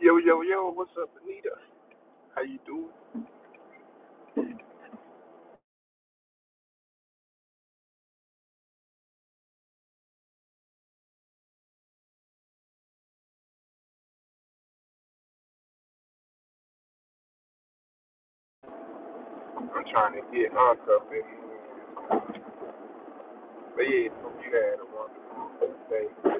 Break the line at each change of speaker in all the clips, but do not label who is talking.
Yo, yo, yo, what's up, Anita? How you doing? I'm trying to get handcuffed in. But yeah, hope you had a wonderful day.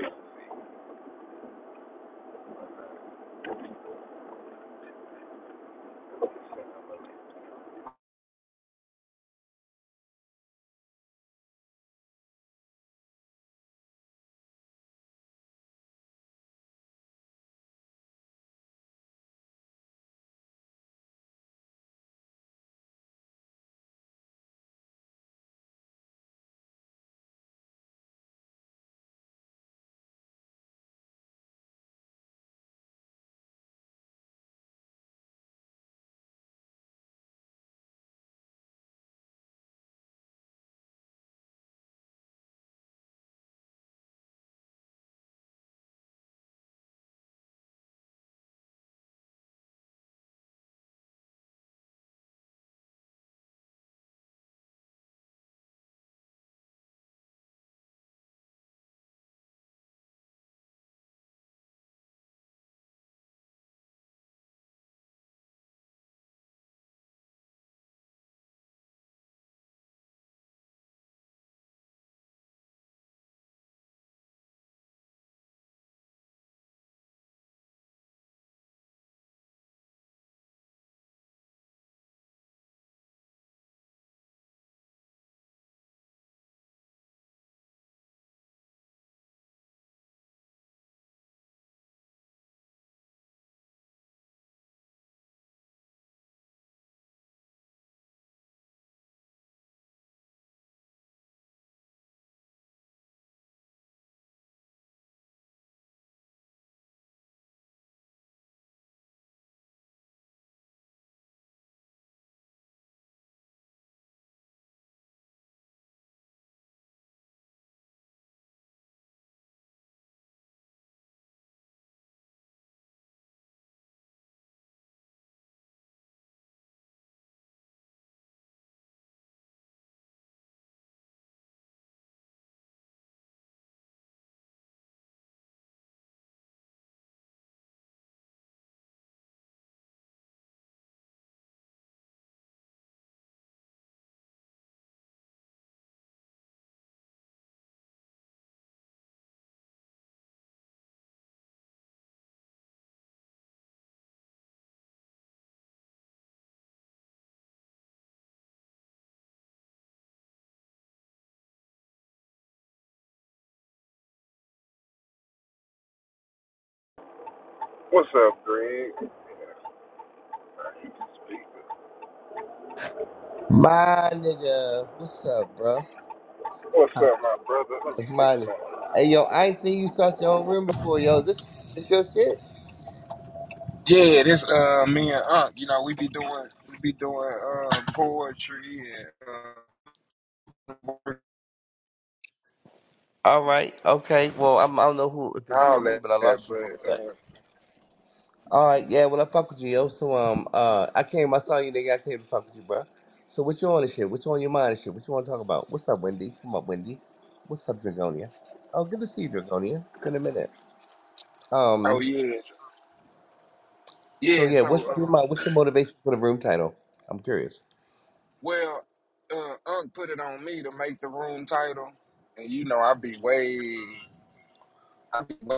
What's up, Greg? I keep speaking.
My nigga, what's up, bro?
What's
Huh,
up, my brother? Let me
It's
fix
money.
my
Hey, yo, I ain't seen you start your own room before, yo. This, this your shit?
Yeah, this uh me and Unc, you know, we be doing we be doing uh poetry and uh,
All right, okay. Well, I'm, I don't know who, if it's you
all
or me,
that,
but I lost you for a
but
sec.
uh
All right, yeah. Well, I fuck with you, yo. So, um, uh, I came, I saw you, nigga. I came to fuck with you, bro. So, what you on and shit? What you on your mind and shit? What you want to talk about? What's up, Wendy? Come up, Wendy. What's up, Dragonia? Oh, good to see you, Dragonia. In a minute.
oh
Um,
yeah.
so
Yeah,
yeah, what's
so
on your
uh,
mind? What's your motivation for the room title? I'm curious.
well uh Unc put it on me to make the room title and you know I be way I be way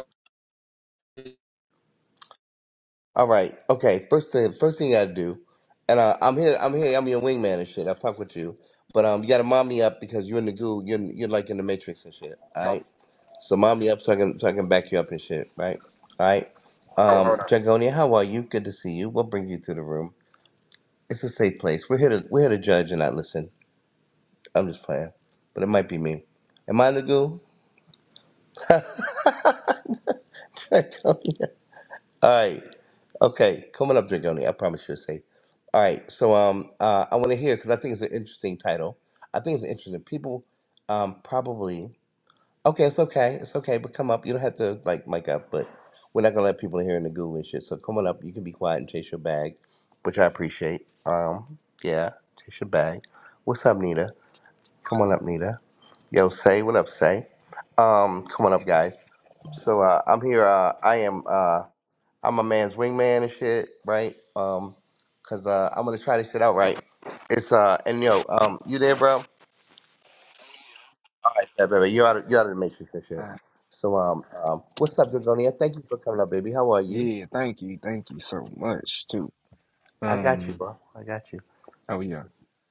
All right. Okay. First thing, first thing you gotta do, and uh, I'm here. I'm here. I'm your wingman and shit. I fuck with you, but um, you gotta mom me up because you're in the goo. You're you're like in the matrix and shit. All
Um,
right. So mom me up so I can so I can back you up and shit. Right. All right.
oh,
Um,
hold on.
Dragonia, how are you? Good to see you. We'll bring you to the room. It's a safe place. We're here to we're here to judge and not listen. I'm just playing, but it might be me. Am I in the goo? Dragonia. All right. Okay, coming up, Dragoni. I promise you're safe. All right, so um, uh, I want to hear because I think it's an interesting title. I think it's interesting. People, um, probably okay. It's okay. It's okay. But come up. You don't have to like mic up. But we're not gonna let people hear in the goo and shit. So come on up. You can be quiet and chase your bag, which I appreciate. Um, yeah, chase your bag. What's up, Nita? Come on up, Nita. Yo, say what up, say. Um, come on up, guys. So uh, I'm here. Uh, I am. Uh, I'm a man's wingman and shit, right? Um, cause uh, I'm gonna try this shit out, right? It's uh, and yo, um, you there, bro? All right, yeah, baby, you out of you out of the matrix and shit.
Uh,
So um, um, what's up, Dragonia? Thank you for coming up, baby. How are you?
yeah, thank you, thank you so much too.
I got you,
Um,
bro. I got you.
oh yeah,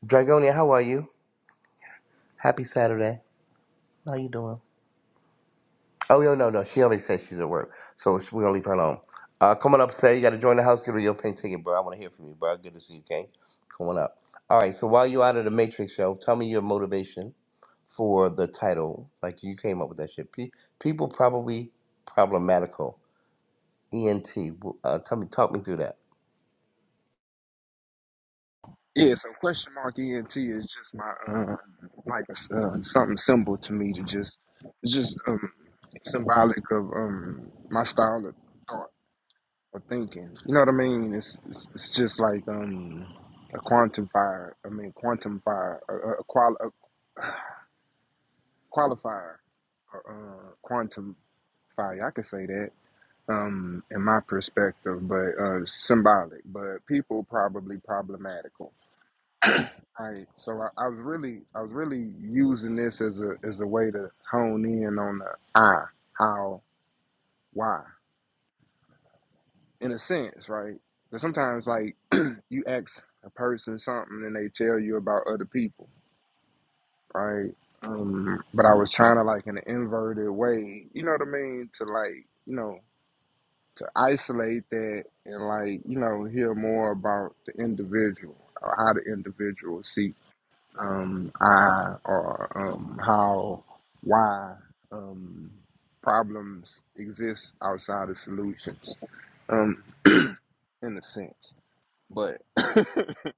Dragonia, how are you? Happy Saturday. How you doing? Oh yo, no, no. She already said she's at work, so she- we gonna leave her alone. Uh, come on up, say you gotta join the house. Give her your pink ticket, bro. I wanna hear from you, bro. Good to see you, King. Come on up. All right. So while you out of the matrix, show, tell me your motivation for the title. Like you came up with that shit. Pe- people probably problematical. ENT. Uh, tell me, talk me through that.
yeah. So question mark ENT is just my uh, like a, uh, something symbol to me to just it's just um symbolic of um my style of thought or thinking. You know what I mean? It's it's, it's just like um a quantifier. I mean quantifier, a, a, qual a qualifier, or uh, quantifier. I can say that um, in my perspective, but uh, symbolic. But people probably problematical. Right. So I, I was really, I was really using this as a as a way to hone in on the I, how, why, in a sense, right? Because sometimes, like, you ask a person something and they tell you about other people, right? Um, but I was trying to like in an inverted way, you know what I mean, to like, you know, to isolate that and like you know hear more about the individual or how the individual seek um i or um how why um problems exist outside of solutions um in a sense but that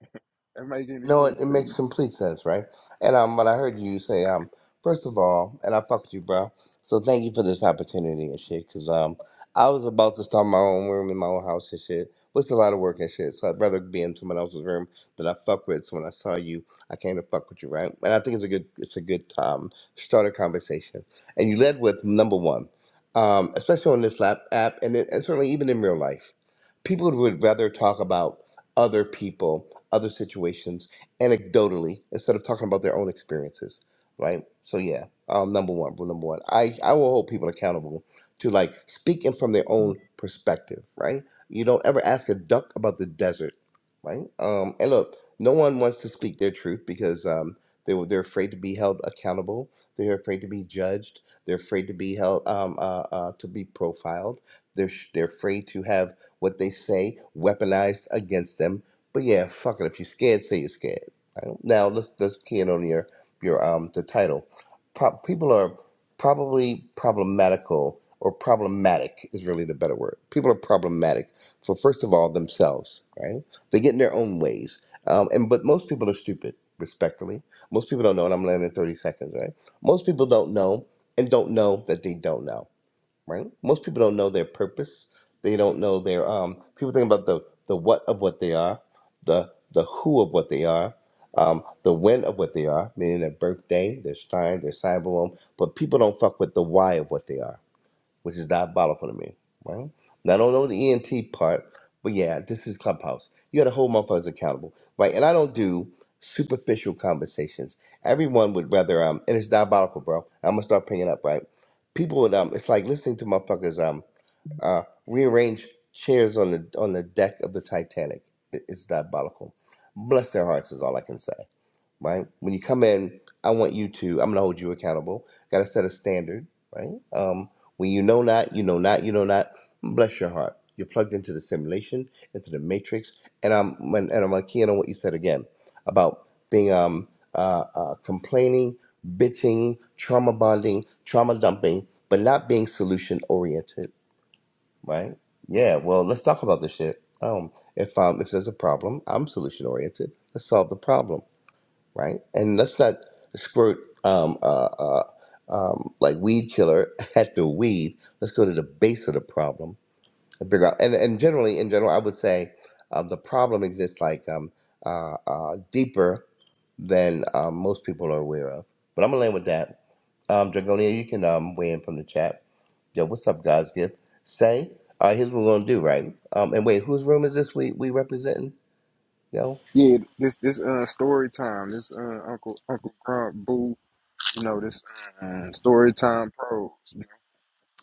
make any
No, it,
sense
it
to
makes
you
complete sense, right? And um, what I heard you say, um, first of all, and I fuck with you, bro. So thank you for this opportunity and shit, cause um, I was about to start my own room in my own house and shit. It's a lot of work and shit, so I'd rather be in someone else's room that I fuck with. So when I saw you, I came to fuck with you, right? And I think it's a good, it's a good um starter conversation. And you led with number one, um, especially on this lap app, and, it, and certainly even in real life, people would rather talk about other people, other situations anecdotally instead of talking about their own experiences, right? So yeah, um, number one, rule number one, I I will hold people accountable to like speaking from their own perspective, right? You don't ever ask a duck about the desert, right? Um, and look, no one wants to speak their truth because um, they were- they're afraid to be held accountable. They're afraid to be judged. They're afraid to be held um, uh, uh, to be profiled. They're sh- they're afraid to have what they say weaponized against them. But yeah, fuck it. If you're scared, say you're scared. Now let's let's key in on your your um the title. Pro- people are probably problematical or problematic is really the better word. People are problematic for first of all themselves, right? They get in their own ways, um, and but most people are stupid. Respectfully, most people don't know, and I'm landing in 30 seconds, right? Most people don't know and don't know that they don't know right? Most people don't know their purpose. They don't know their um. People think about the the what of what they are, the the who of what they are, um, the when of what they are, meaning their birthday, their sign, their cyber but people don't fuck with the why of what they are which is diabolical to me, right? Now, I don't know the ENT part, but yeah, this is Clubhouse. You got to hold motherfuckers accountable, right? And I don't do superficial conversations. Everyone would rather, um, and it's diabolical, bro. I'm gonna start picking up, right? People would, um, it's like listening to motherfuckers, um, uh, rearrange chairs on the on the deck of the Titanic. It- It's diabolical. Bless their hearts is all I can say right? When you come in, I want you to, I'm going to hold you accountable. Got to set a standard, right? Um, when you know not, you know not, you know not, bless your heart. You're plugged into the simulation, into the matrix. And I'm, and and I'm like, keying on what you said again about being um, uh, uh, complaining, bitching, trauma bonding, trauma dumping, but not being solution oriented, right? Yeah, well, let's talk about this shit. Um, if um, if there's a problem, I'm solution oriented. Let's solve the problem right? And let's not squirt um, uh, uh, um, like weed killer at the weed. Let's go to the base of the problem and figure out. And, and generally, in general, I would say um, the problem exists like um, uh, uh, deeper than um, most people are aware of. But I'm gonna land with that. Um, Dragonia, you can um, weigh in from the chat. Yo, what's up, guys? Gift say. All right, here's what we're gonna do, right? Um, and wait, whose room is this? We we representing? Yo.
yeah this this uh story time this uh uncle uncle crump boo you know this uh, story time pros you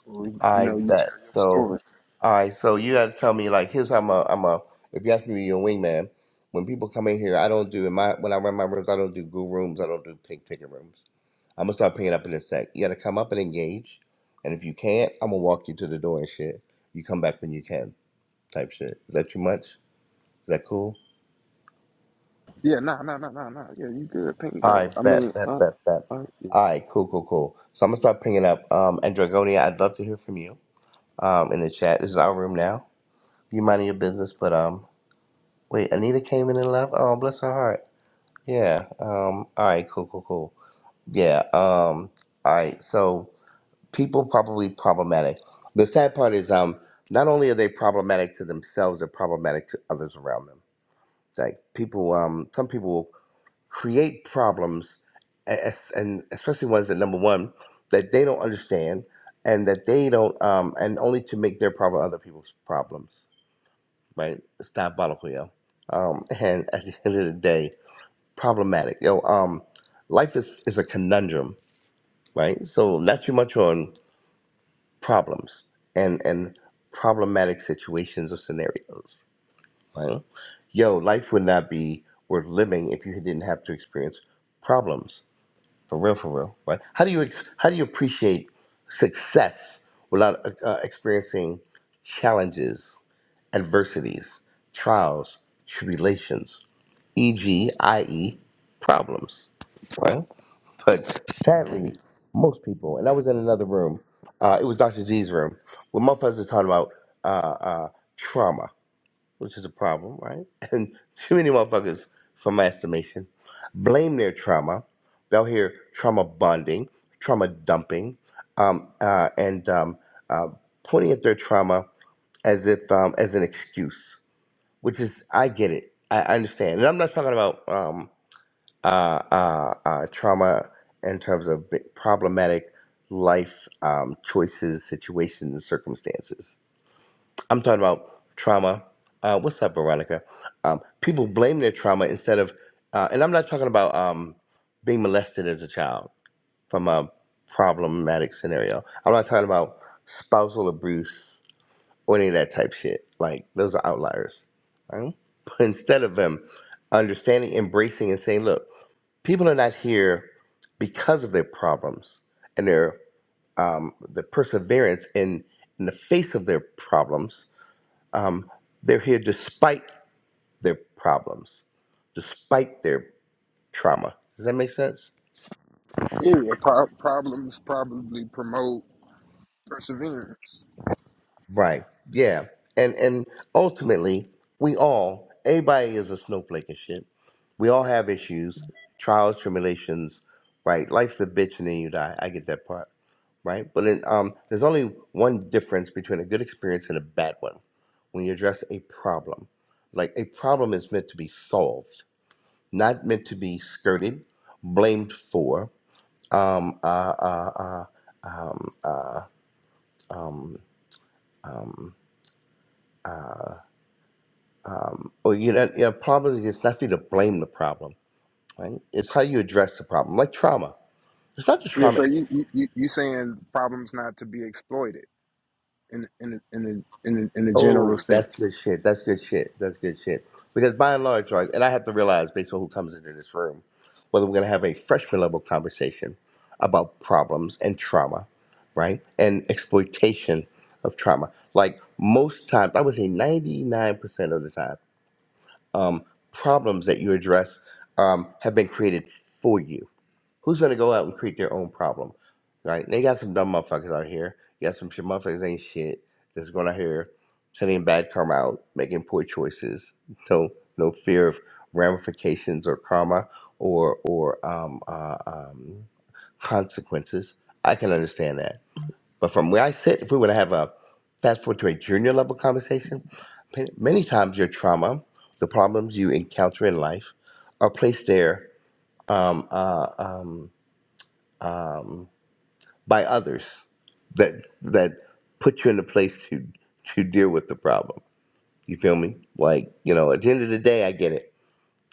know, you
I
know you
bet.
tell your
So,
story
all right. So you got to tell me like, here's how I'm a, I'm a. If you ask me, to be your wingman. When people come in here, I don't do in my when I run my rooms. I don't do goo rooms. I don't do pink ticket rooms. I'm gonna start picking up in a sec. You got to come up and engage. And if you can't, I'm gonna walk you to the door and shit. You come back when you can. Type shit. Is that too much? Is that cool?
Yeah, nah, nah, nah, nah, nah. Yeah, you good. Pink
I
up. I mean,
bet, bet,
uh,
bet, bet.
uh,
All right, cool, cool, cool. So I'm gonna start picking up. Um, and Dragonia, I'd love to hear from you. Um, in the chat. This is our room now. You minding your business, but um, Wait, Anita came in and left. Oh, bless her heart. Yeah. Um. All right. Cool. Cool. Cool. Yeah. Um. All right. So people probably problematic. The sad part is, um, not only are they problematic to themselves, they're problematic to others around them. Like people, um, some people will create problems, as- and especially ones that number one that they don't understand, and that they don't, um, and only to make their problem other people's problems. Right? It's diabolical, yo. Um, and at the end of the day problematic. You know, um, life is, is a conundrum, right? So not too much on problems and and problematic situations or scenarios. Right? Yo, life would not be worth living if you didn't have to experience problems. For real, for real, right? How do you ex- how do you appreciate success without uh, uh, experiencing challenges, adversities, trials, tribulations? e.g., i.e., problems, right? But sadly, most people, and I was in another room, uh, it was Dr. G's room, where motherfuckers are talking about uh, uh, trauma, which is a problem, right? And too many motherfuckers, from my estimation, blame their trauma. They'll hear trauma bonding, trauma dumping, um, uh, and um, uh, pointing at their trauma as if um, as an excuse which is I get it. I I understand, and I'm not talking about um, uh, uh, uh, trauma in terms of bi- problematic life um, choices, situations, circumstances. I'm talking about trauma. Uh, what's up, Veronica? Um, people blame their trauma instead of, uh, and I'm not talking about um, being molested as a child from a problematic scenario. I'm not talking about spousal abuse or any of that type shit. Like those are outliers. Right? But instead of them understanding, embracing, and saying, "Look, people are not here because of their problems and their um, the perseverance in in the face of their problems. They're here despite their problems, despite their trauma." Does that make sense?
yeah, yeah, pro- problems probably promote perseverance.
Right. Yeah. And and ultimately, we all, everybody is a snowflake and shit. We all have issues, trials, tribulations, right? Life's a bitch and then you die. I get that part, right? But then, um, there's only one difference between a good experience and a bad one. When you address a problem, like a problem is meant to be solved, not meant to be skirted, blamed for. Um, uh, uh, uh, or you know, a problems. It's not for you to blame the problem right? It's how you address the problem, like trauma. It's not just
Yeah,
trauma.
so you you you you saying problems not to be exploited in in a- in a, in a, in a general
Oh, that's
sense.
good shit. That's good shit. That's good shit. Because by and large, right, and I have to realize based on who comes into this room, whether we're going to have a freshman level conversation about problems and trauma, right, and exploitation of trauma. Like most times, I would say ninety nine percent of the time, um, problems that you address um, have been created for you Who's gonna go out and create their own problem? Right? They got some dumb motherfuckers out here. You got some shit motherfuckers ain't shit that's going out here sending bad karma out, making poor choices. No no fear of ramifications or karma or or um, uh, um, consequences. I can understand that. But from where I sit, if we were to have a fast forward to a junior level conversation, many many times your trauma, the problems you encounter in life, are placed there. Um, uh, um, by others that that put you in a place to to deal with the problem. You feel me? Like you know, at the end of the day, I get it.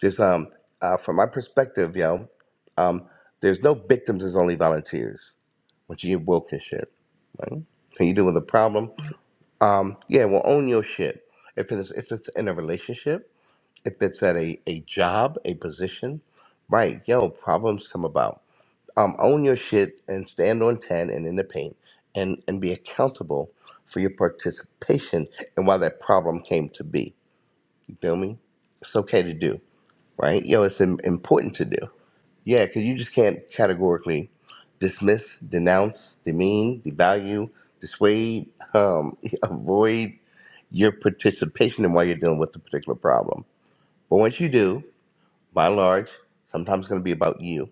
There's um uh, from my perspective, yo, um, there's no victims. There's only volunteers. Once you get woke and shit, right? And you deal with a problem. Um, yeah, well, own your shit. If it's if it's in a relationship, if it's at a a job, a position, right? Yo, problems come about um, own your shit and stand on 10 and in the paint and, and be accountable for your participation and why that problem came to be. You feel me? It's okay to do, right? Yo, it's im- important to do. Yeah, because you just can't categorically dismiss, denounce, demean, devalue, dissuade, um, avoid your participation in why you're dealing with the particular problem. But once you do, by and large, sometimes it's going to be about you,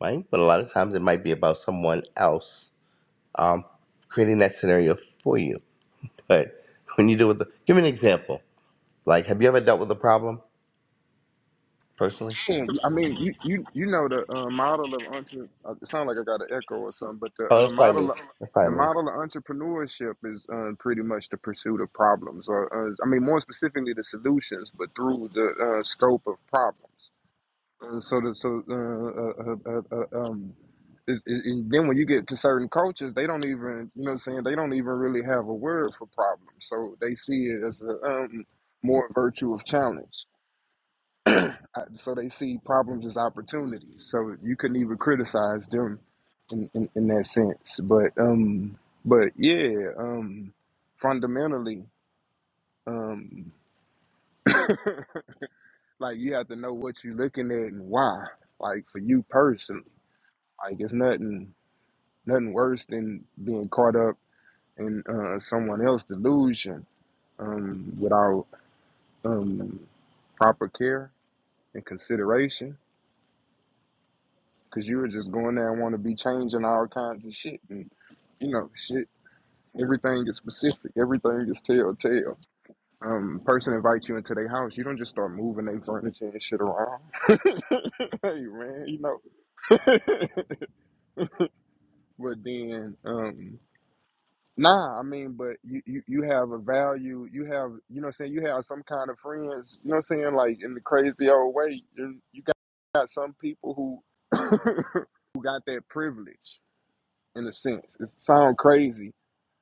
right? But a lot of times it might be about someone else creating that scenario for you. But when you deal with the, give me an example. Like, have you ever dealt with a problem personally?
Yeah, I mean, you you you know the uh, model of entre. uh, It sounds like I got an echo or something, but the
Oh,
uh,
that's probably me.
model.
That's
the
probably me.
model of entrepreneurship is uh, pretty much the pursuit of problems, or uh, I mean, more specifically, the solutions, but through the uh, scope of problems. Uh, so the, so uh, uh, uh, uh, uh, um is, is, and then when you get to certain cultures they don't even you know what I'm saying they don't even really have a word for problems so they see it as a um more virtue of challenge Uh, so they see problems as opportunities so you couldn't even criticize them in, in, in that sense but um but yeah um fundamentally um like you have to know what you're looking at and why like for you personally Like it's nothing nothing worse than being caught up in uh, someone else's delusion um, without um, proper care and consideration. Cause you were just going there and want to be changing all kinds of shit, and you know, shit. Everything is specific. Everything is telltale. Um, person invites you into their house. You don't just start moving their furniture and shit around. hey man, you know. but then, um, Nah, I mean, but you, you you have a value. You have you know what I'm saying. You have some kind of friends. You know what I'm saying. Like in the crazy old way, you you got, got some people who who got that privilege in a sense. It sound crazy,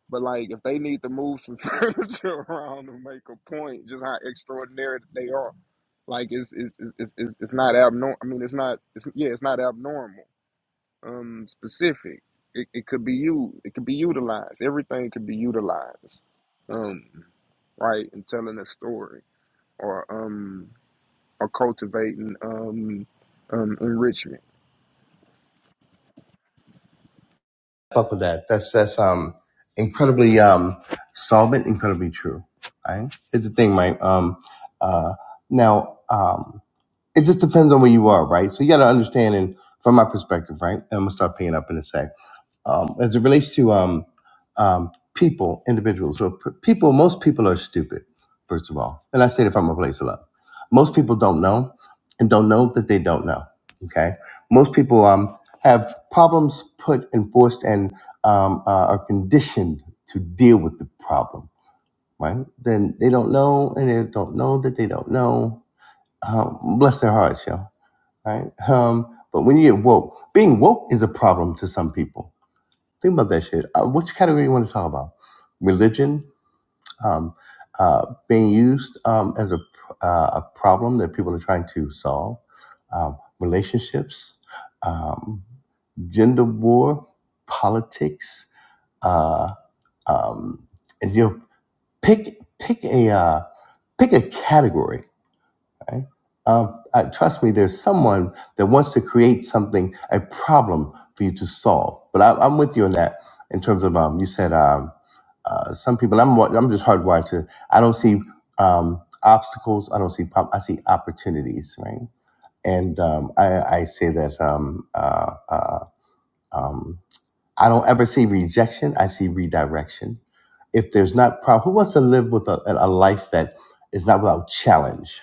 but like if they need to move some furniture around to make a point, just how extraordinary that they are. Like it's it's it's it's, it's it's not abnormal. I mean, it's not. It's yeah, it's not abnormal um specific. It, it could be you. It could be utilized. Everything could be utilized. Um, right, in telling a story or um or cultivating um um enrichment.
Fuck with that. That's that's um incredibly um solvent, incredibly true. Right? It's a thing, Mike. Um, uh, now, um, it just depends on where you are, right? So you got to understand, and from my perspective, right? And I'm gonna start paying up in a sec. Um, as it relates to um, um, people, individuals, so p- people, most people are stupid, first of all. And I say that from a place of love. Most people don't know and don't know that they don't know. Okay. Most people um, have problems put and forced and um, uh, are conditioned to deal with the problem, right? Then they don't know and they don't know that they don't know. Um, bless their hearts, yo right? Um, but when you get woke, being woke is a problem to some people. Think about that shit. Uh, which category you want to talk about? Religion um, uh, being used um, as a uh, a problem that people are trying to solve. Um, relationships, um, gender war, politics. Uh, um, and you know, pick pick a uh, pick a category right? Um, uh, trust me, there's someone that wants to create something, a problem for you to solve. But I, I'm with you on that in terms of um, you said um, uh, some people. I'm wa- I'm just hardwired to. I don't see um, obstacles. I don't see. prob- I see opportunities, right? And um, I, I say that um, uh, uh, um, I don't ever see rejection. I see redirection. If there's not problem, who wants to live with a a life that is not without challenge?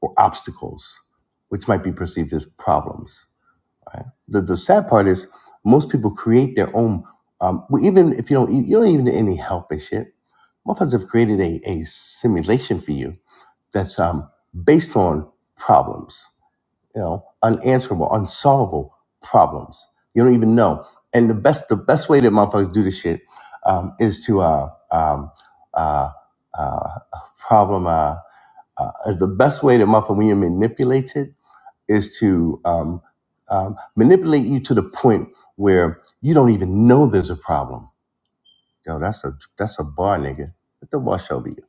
or obstacles, which might be perceived as problems. Right? The, the sad part is most people create their own. Um, well, even if you don't, you don't even need any help and shit. Motherfuckers have created a, a simulation for you that's um, based on problems, you know, unanswerable, unsolvable problems. You don't even know. And the best, the best way that motherfuckers do this shit um, is to uh, um, uh, uh, problem. Uh, uh, the best way that motherfucker when you're manipulated is to um, um, manipulate you to the point where you don't even know there's a problem. Yo, that's a that's a bar nigga. Let the wash over you,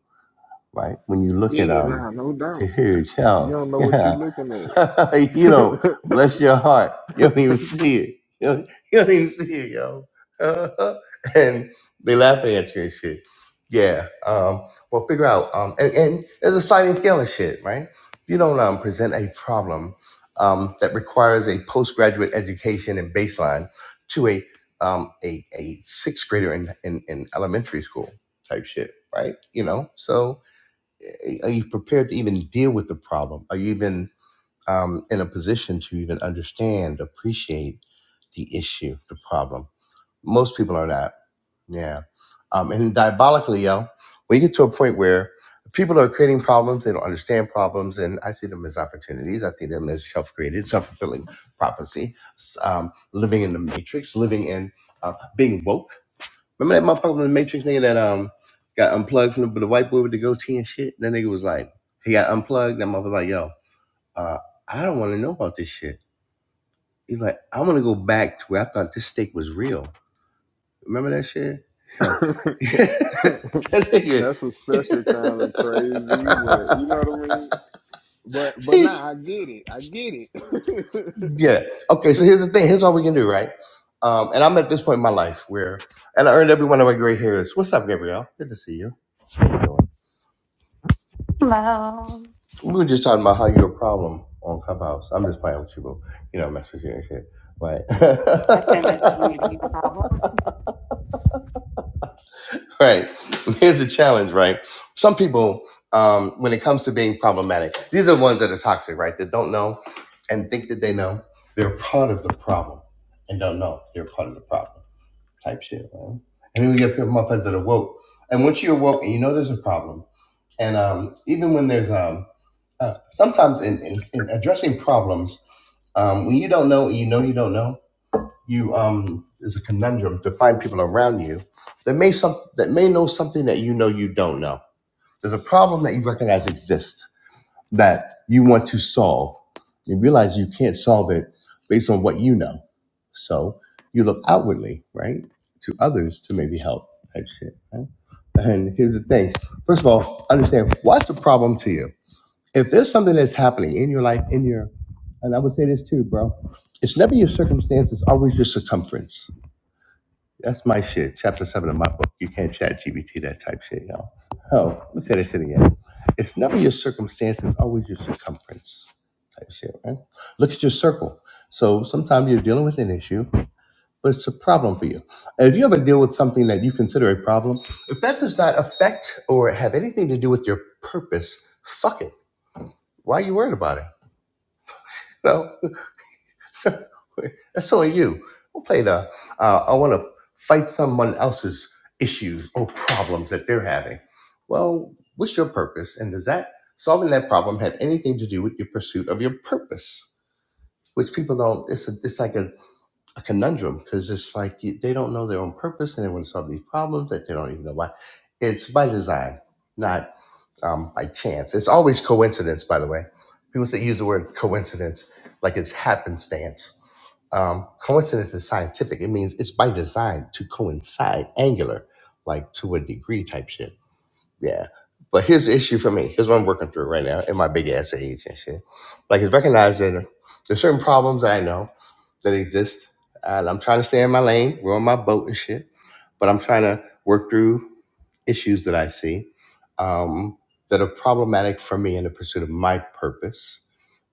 right? When you look at
Yeah,
um,
nah, no doubt.
dude,
You
yo,
don't know what you're looking at.
you know, bless your heart. You don't even see it. You don't, you don't even see it, yo. and they laughing at you and shit. Yeah. Um, well, figure out. Um, and, and there's a sliding scale and shit, right? If you don't um, present a problem um, that requires a postgraduate education and baseline to a um, a, a sixth grader in, in, in elementary school type shit, right? You know, so a- are you prepared to even deal with the problem? Are you even um, in a position to even understand, appreciate the issue, the problem. Most people are not. Yeah. Um, and diabolically, yo, we get to a point where people are creating problems, they don't understand problems, and I see them as opportunities. I see them as self created, self fulfilling prophecy, s- um, living in the matrix, living in uh, being woke. Remember that motherfucker from the matrix nigga that um got unplugged from the, the white boy with the goatee and shit? That nigga was like, he got unplugged. That motherfucker was like, yo, uh, I don't want to know about this shit. He's like, I want to go back to where I thought this steak was real. Remember that shit? Yo, that nigga.
That's a special kind of crazy, but you know what I mean? But but nah, I get it. I get it.
yeah. Okay. So here's the thing. Here's all we can do, right? Um, and I'm at this point in my life where, and I earned every one of my gray hairs. What's up, Gabrielle? Good to see you. How you doing?
Hello.
We were just talking about how you're a problem on Clubhouse. I'm just playing with you, bro. You know, mess with you and shit.
I can't mention
But
eating a problem.
right. Here's the challenge, right? Some people, um, when it comes to being problematic, these are the ones that are toxic, right? That don't know and think that they know. They're part of the problem and don't know they're part of the problem type shit, right? And then we get people motherfuckers that are woke. And once you're woke and you know there's a problem, and um, even when there's um, uh, sometimes in, in, in addressing problems, um, when you don't know, you know you don't know you um is a conundrum to find people around you that may some that may know something that you know you don't know. There's a problem that you recognize exists that you want to solve. You realize you can't solve it based on what you know. So you look outwardly, right, to others to maybe help type shit, right? And here's the thing. First of all, understand what's the problem to you. If there's something that's happening in your life, in your and I would say this too, bro. It's never your circumstance, it's always your circumference that's my shit. Chapter seven of my book. You can't chat GBT that type shit, y'all. Oh, let me say this shit again. It's never your circumstances, always your circumference type shit, right? Look at your circle. So sometimes you're dealing with an issue, but it's a problem for you. If you ever deal with something that you consider a problem, if that does not affect or have anything to do with your purpose, fuck it. Why are you worried about it? You know? That's only you. Don't play the. Uh, I want to fight someone else's issues or problems that they're having. Well, what's your purpose, and does that solving that problem have anything to do with your pursuit of your purpose? Which people don't. It's a, it's like a a conundrum because it's like you, they don't know their own purpose and they want to solve these problems that they don't even know why. It's by design, not um, by chance. It's always coincidence, by the way. People that use the word coincidence like it's happenstance. Um, coincidence is scientific. It means it's by design to coincide, angular, like to a degree type shit. Yeah. But here's the issue for me. Here's what I'm working through right now in my big ass age and shit. Like, it's recognized that there's certain problems that I know that exist. And I'm trying to stay in my lane. We're on my boat and shit. But I'm trying to work through issues that I see um, that are problematic for me in the pursuit of my purpose.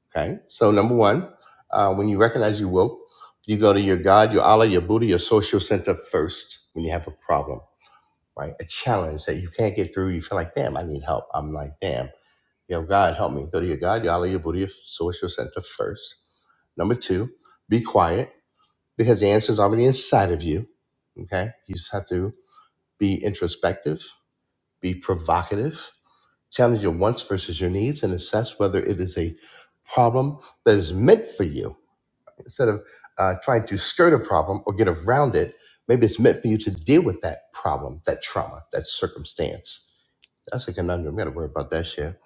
Okay. So, number one, uh, when you recognize you woke, you go to your God, your Allah, your Buddha, your social center first when you have a problem, right? A challenge that you can't get through. You feel like, damn, I need help. I'm like, damn, yo, God, help me. Go to your God, your Allah, your Buddha, your social center first. Number two, be quiet because the answer is already inside of you. Okay. You just have to be introspective, be provocative, challenge your wants versus your needs, and assess whether it is a problem that is meant for you. Instead of uh, trying to skirt a problem or get around it, maybe it's meant for you to deal with that problem, that trauma, that circumstance. That's a conundrum. Got to worry about that shit.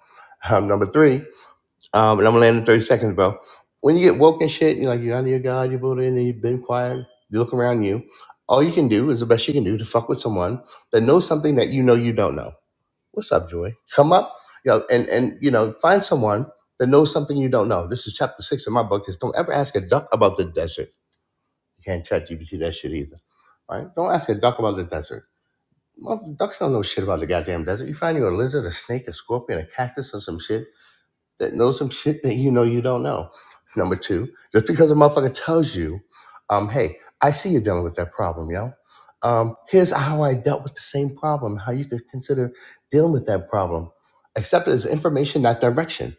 Um, number three, um, and I'm gonna land in 30 seconds, bro. When you get woke and shit, you're like, you're out of your God, you built in, and you've been quiet, you look around you. All you can do is the best you can do to fuck with someone that knows something that you know you don't know. What's up, Joy? Come up, you know, and, and you know, find someone that knows something you don't know. This is chapter six of my book is don't ever ask a duck about the desert. You can't chat GPT that shit either. All right? Don't ask a duck about the desert. Well, ducks don't know shit about the goddamn desert. You find you a lizard, a snake, a scorpion, a cactus, or some shit that knows some shit that you know you don't know. Number two, just because a motherfucker tells you, um, hey, I see you're dealing with that problem, yo. Um, here's how I dealt with the same problem, how you could consider dealing with that problem. Accept it as information, not direction.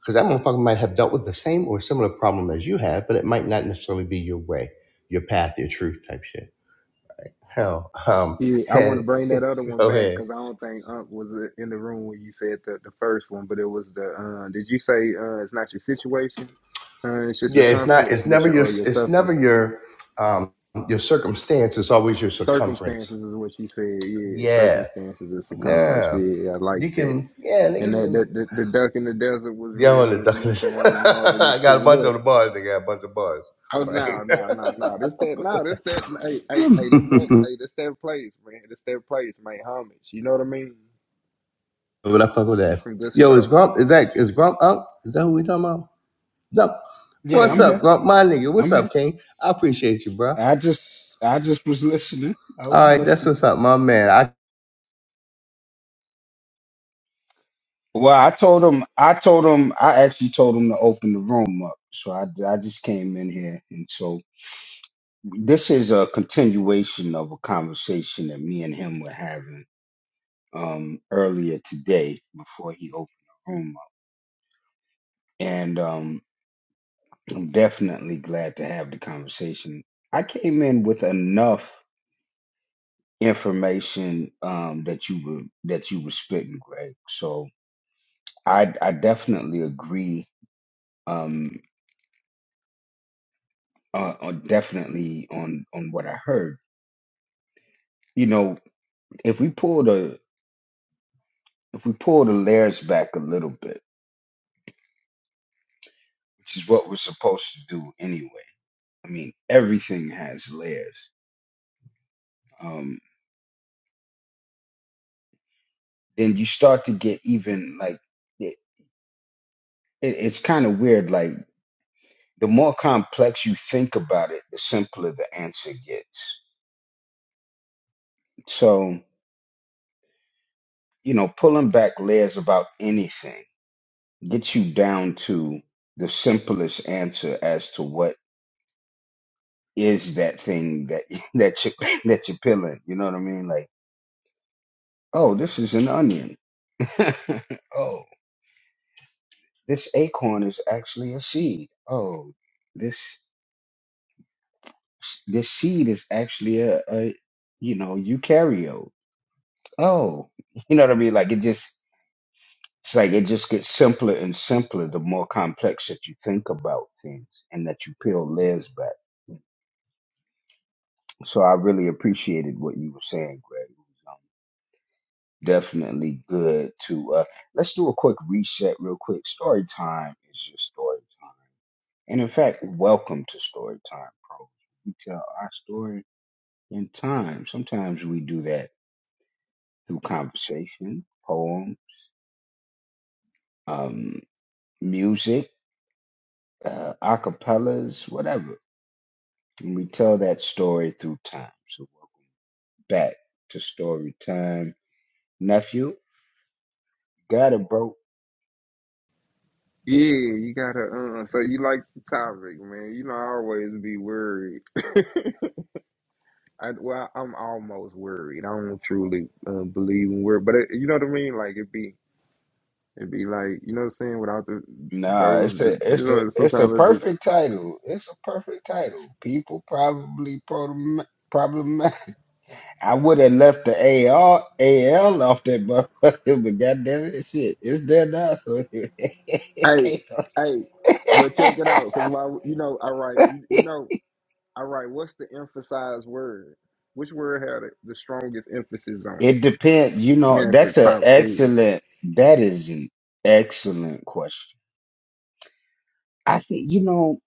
Because that motherfucker might have dealt with the same or similar problem as you have, but it might not necessarily be your way, your path, your truth type shit. Hell, um,
Yeah, I want to
and
bring that other one
go
back
ahead.
because I don't think Unc was uh, in the room when you said the, the first one, but it was the uh, did you say uh, it's not your situation, uh, it's just a
Yeah, it's not.
conference,
It's
but
never
your
your.
or your
It's never
suffering
your. Um, your circumstance. It's always your circumference.
circumstances is what you said. Yeah,
Yeah.
circumstances is a conference.
Yeah.
Yeah, I like
You
that.
can. Yeah,
And
niggas
that,
can.
that the, the duck in the desert was
Y'all on the
real. You
duck
know, what I'm saying that was marvelous
I got
too.
a bunch of
Look,
the bars. They got a bunch of bars,
oh
right?
no, no, no, no, this that, no, this that, hey, hey, hey, this that, hey, this that place, man, this that place, man, homage. You know what I mean?
but I fuck with that.
Some good
Yo, is
stuff.
Grump? Is that is Grump up? Is that who we talking about? No.
Oh
Yeah,
What's
I'm
yeah,
up,
here.
Grump? My nigga. What's
I'm
up,
here.
King? I appreciate you, bro.
I just I just was listening. I
All
was
right, that's
listening.
what's up, my man. I.
Well, I told him I told him I actually told him to open the room up. So I I just came in here and so this is a continuation of a conversation that me and him were having um earlier today before he opened the room up. And um I'm definitely glad to have the conversation. I came in with enough information um that you were that you were spitting, Greg. So I I definitely agree. Um, uh, uh, definitely on on what I heard. You know, if we pull the if we pull the layers back a little bit, which is what we're supposed to do anyway. I mean, everything has layers. Um, then you start to get even like it, it, it's kind of weird. Like the more complex you think about it, the simpler the answer gets. So you know, pulling back layers about anything get you down to the simplest answer as to what is that thing that that you that you're peeling. You know what I mean? Like, oh, this is an onion. oh, this acorn is actually a seed. Oh, this this seed is actually a, a you know eukaryote. Oh, you know what I mean? Like it just it's like it just gets simpler and simpler the more complex that you think about things and that you peel layers back So I really appreciated what you were saying, Greg. It was, um, definitely good to uh let's do a quick reset real quick. Story time is your story time. And in fact, welcome to story time, pros. We tell our story in time. Sometimes we do that through conversation, poem, um, music, uh acapellas, whatever. And we tell that story through time. So welcome back to story time. Nephew, got it, bro.
yeah. You gotta. Uh, so you like the topic, man? You know, I always be worried. I well, I'm almost worried. I don't truly uh, believe in worry, but it, you know what I mean. Like it be, it be like you know what I'm saying. Without the
Nah, it's
those, the,
a
you
it's a
know,
it's a
sometimes it be.
perfect title. It's a perfect title. People probably problem problem. I would have left the A R A L off that motherfucker, but goddamn it, shit, it's there now. So it
Hey,
can't.
hey, but check it out, cause why? You know, all right, you, you know, all right. What's the emphasized word? Which word had the the strongest emphasis on it?
It depends. You
Let
know,
me ask a
that's an
pop quiz.
excellent. That is an excellent question. I think you know.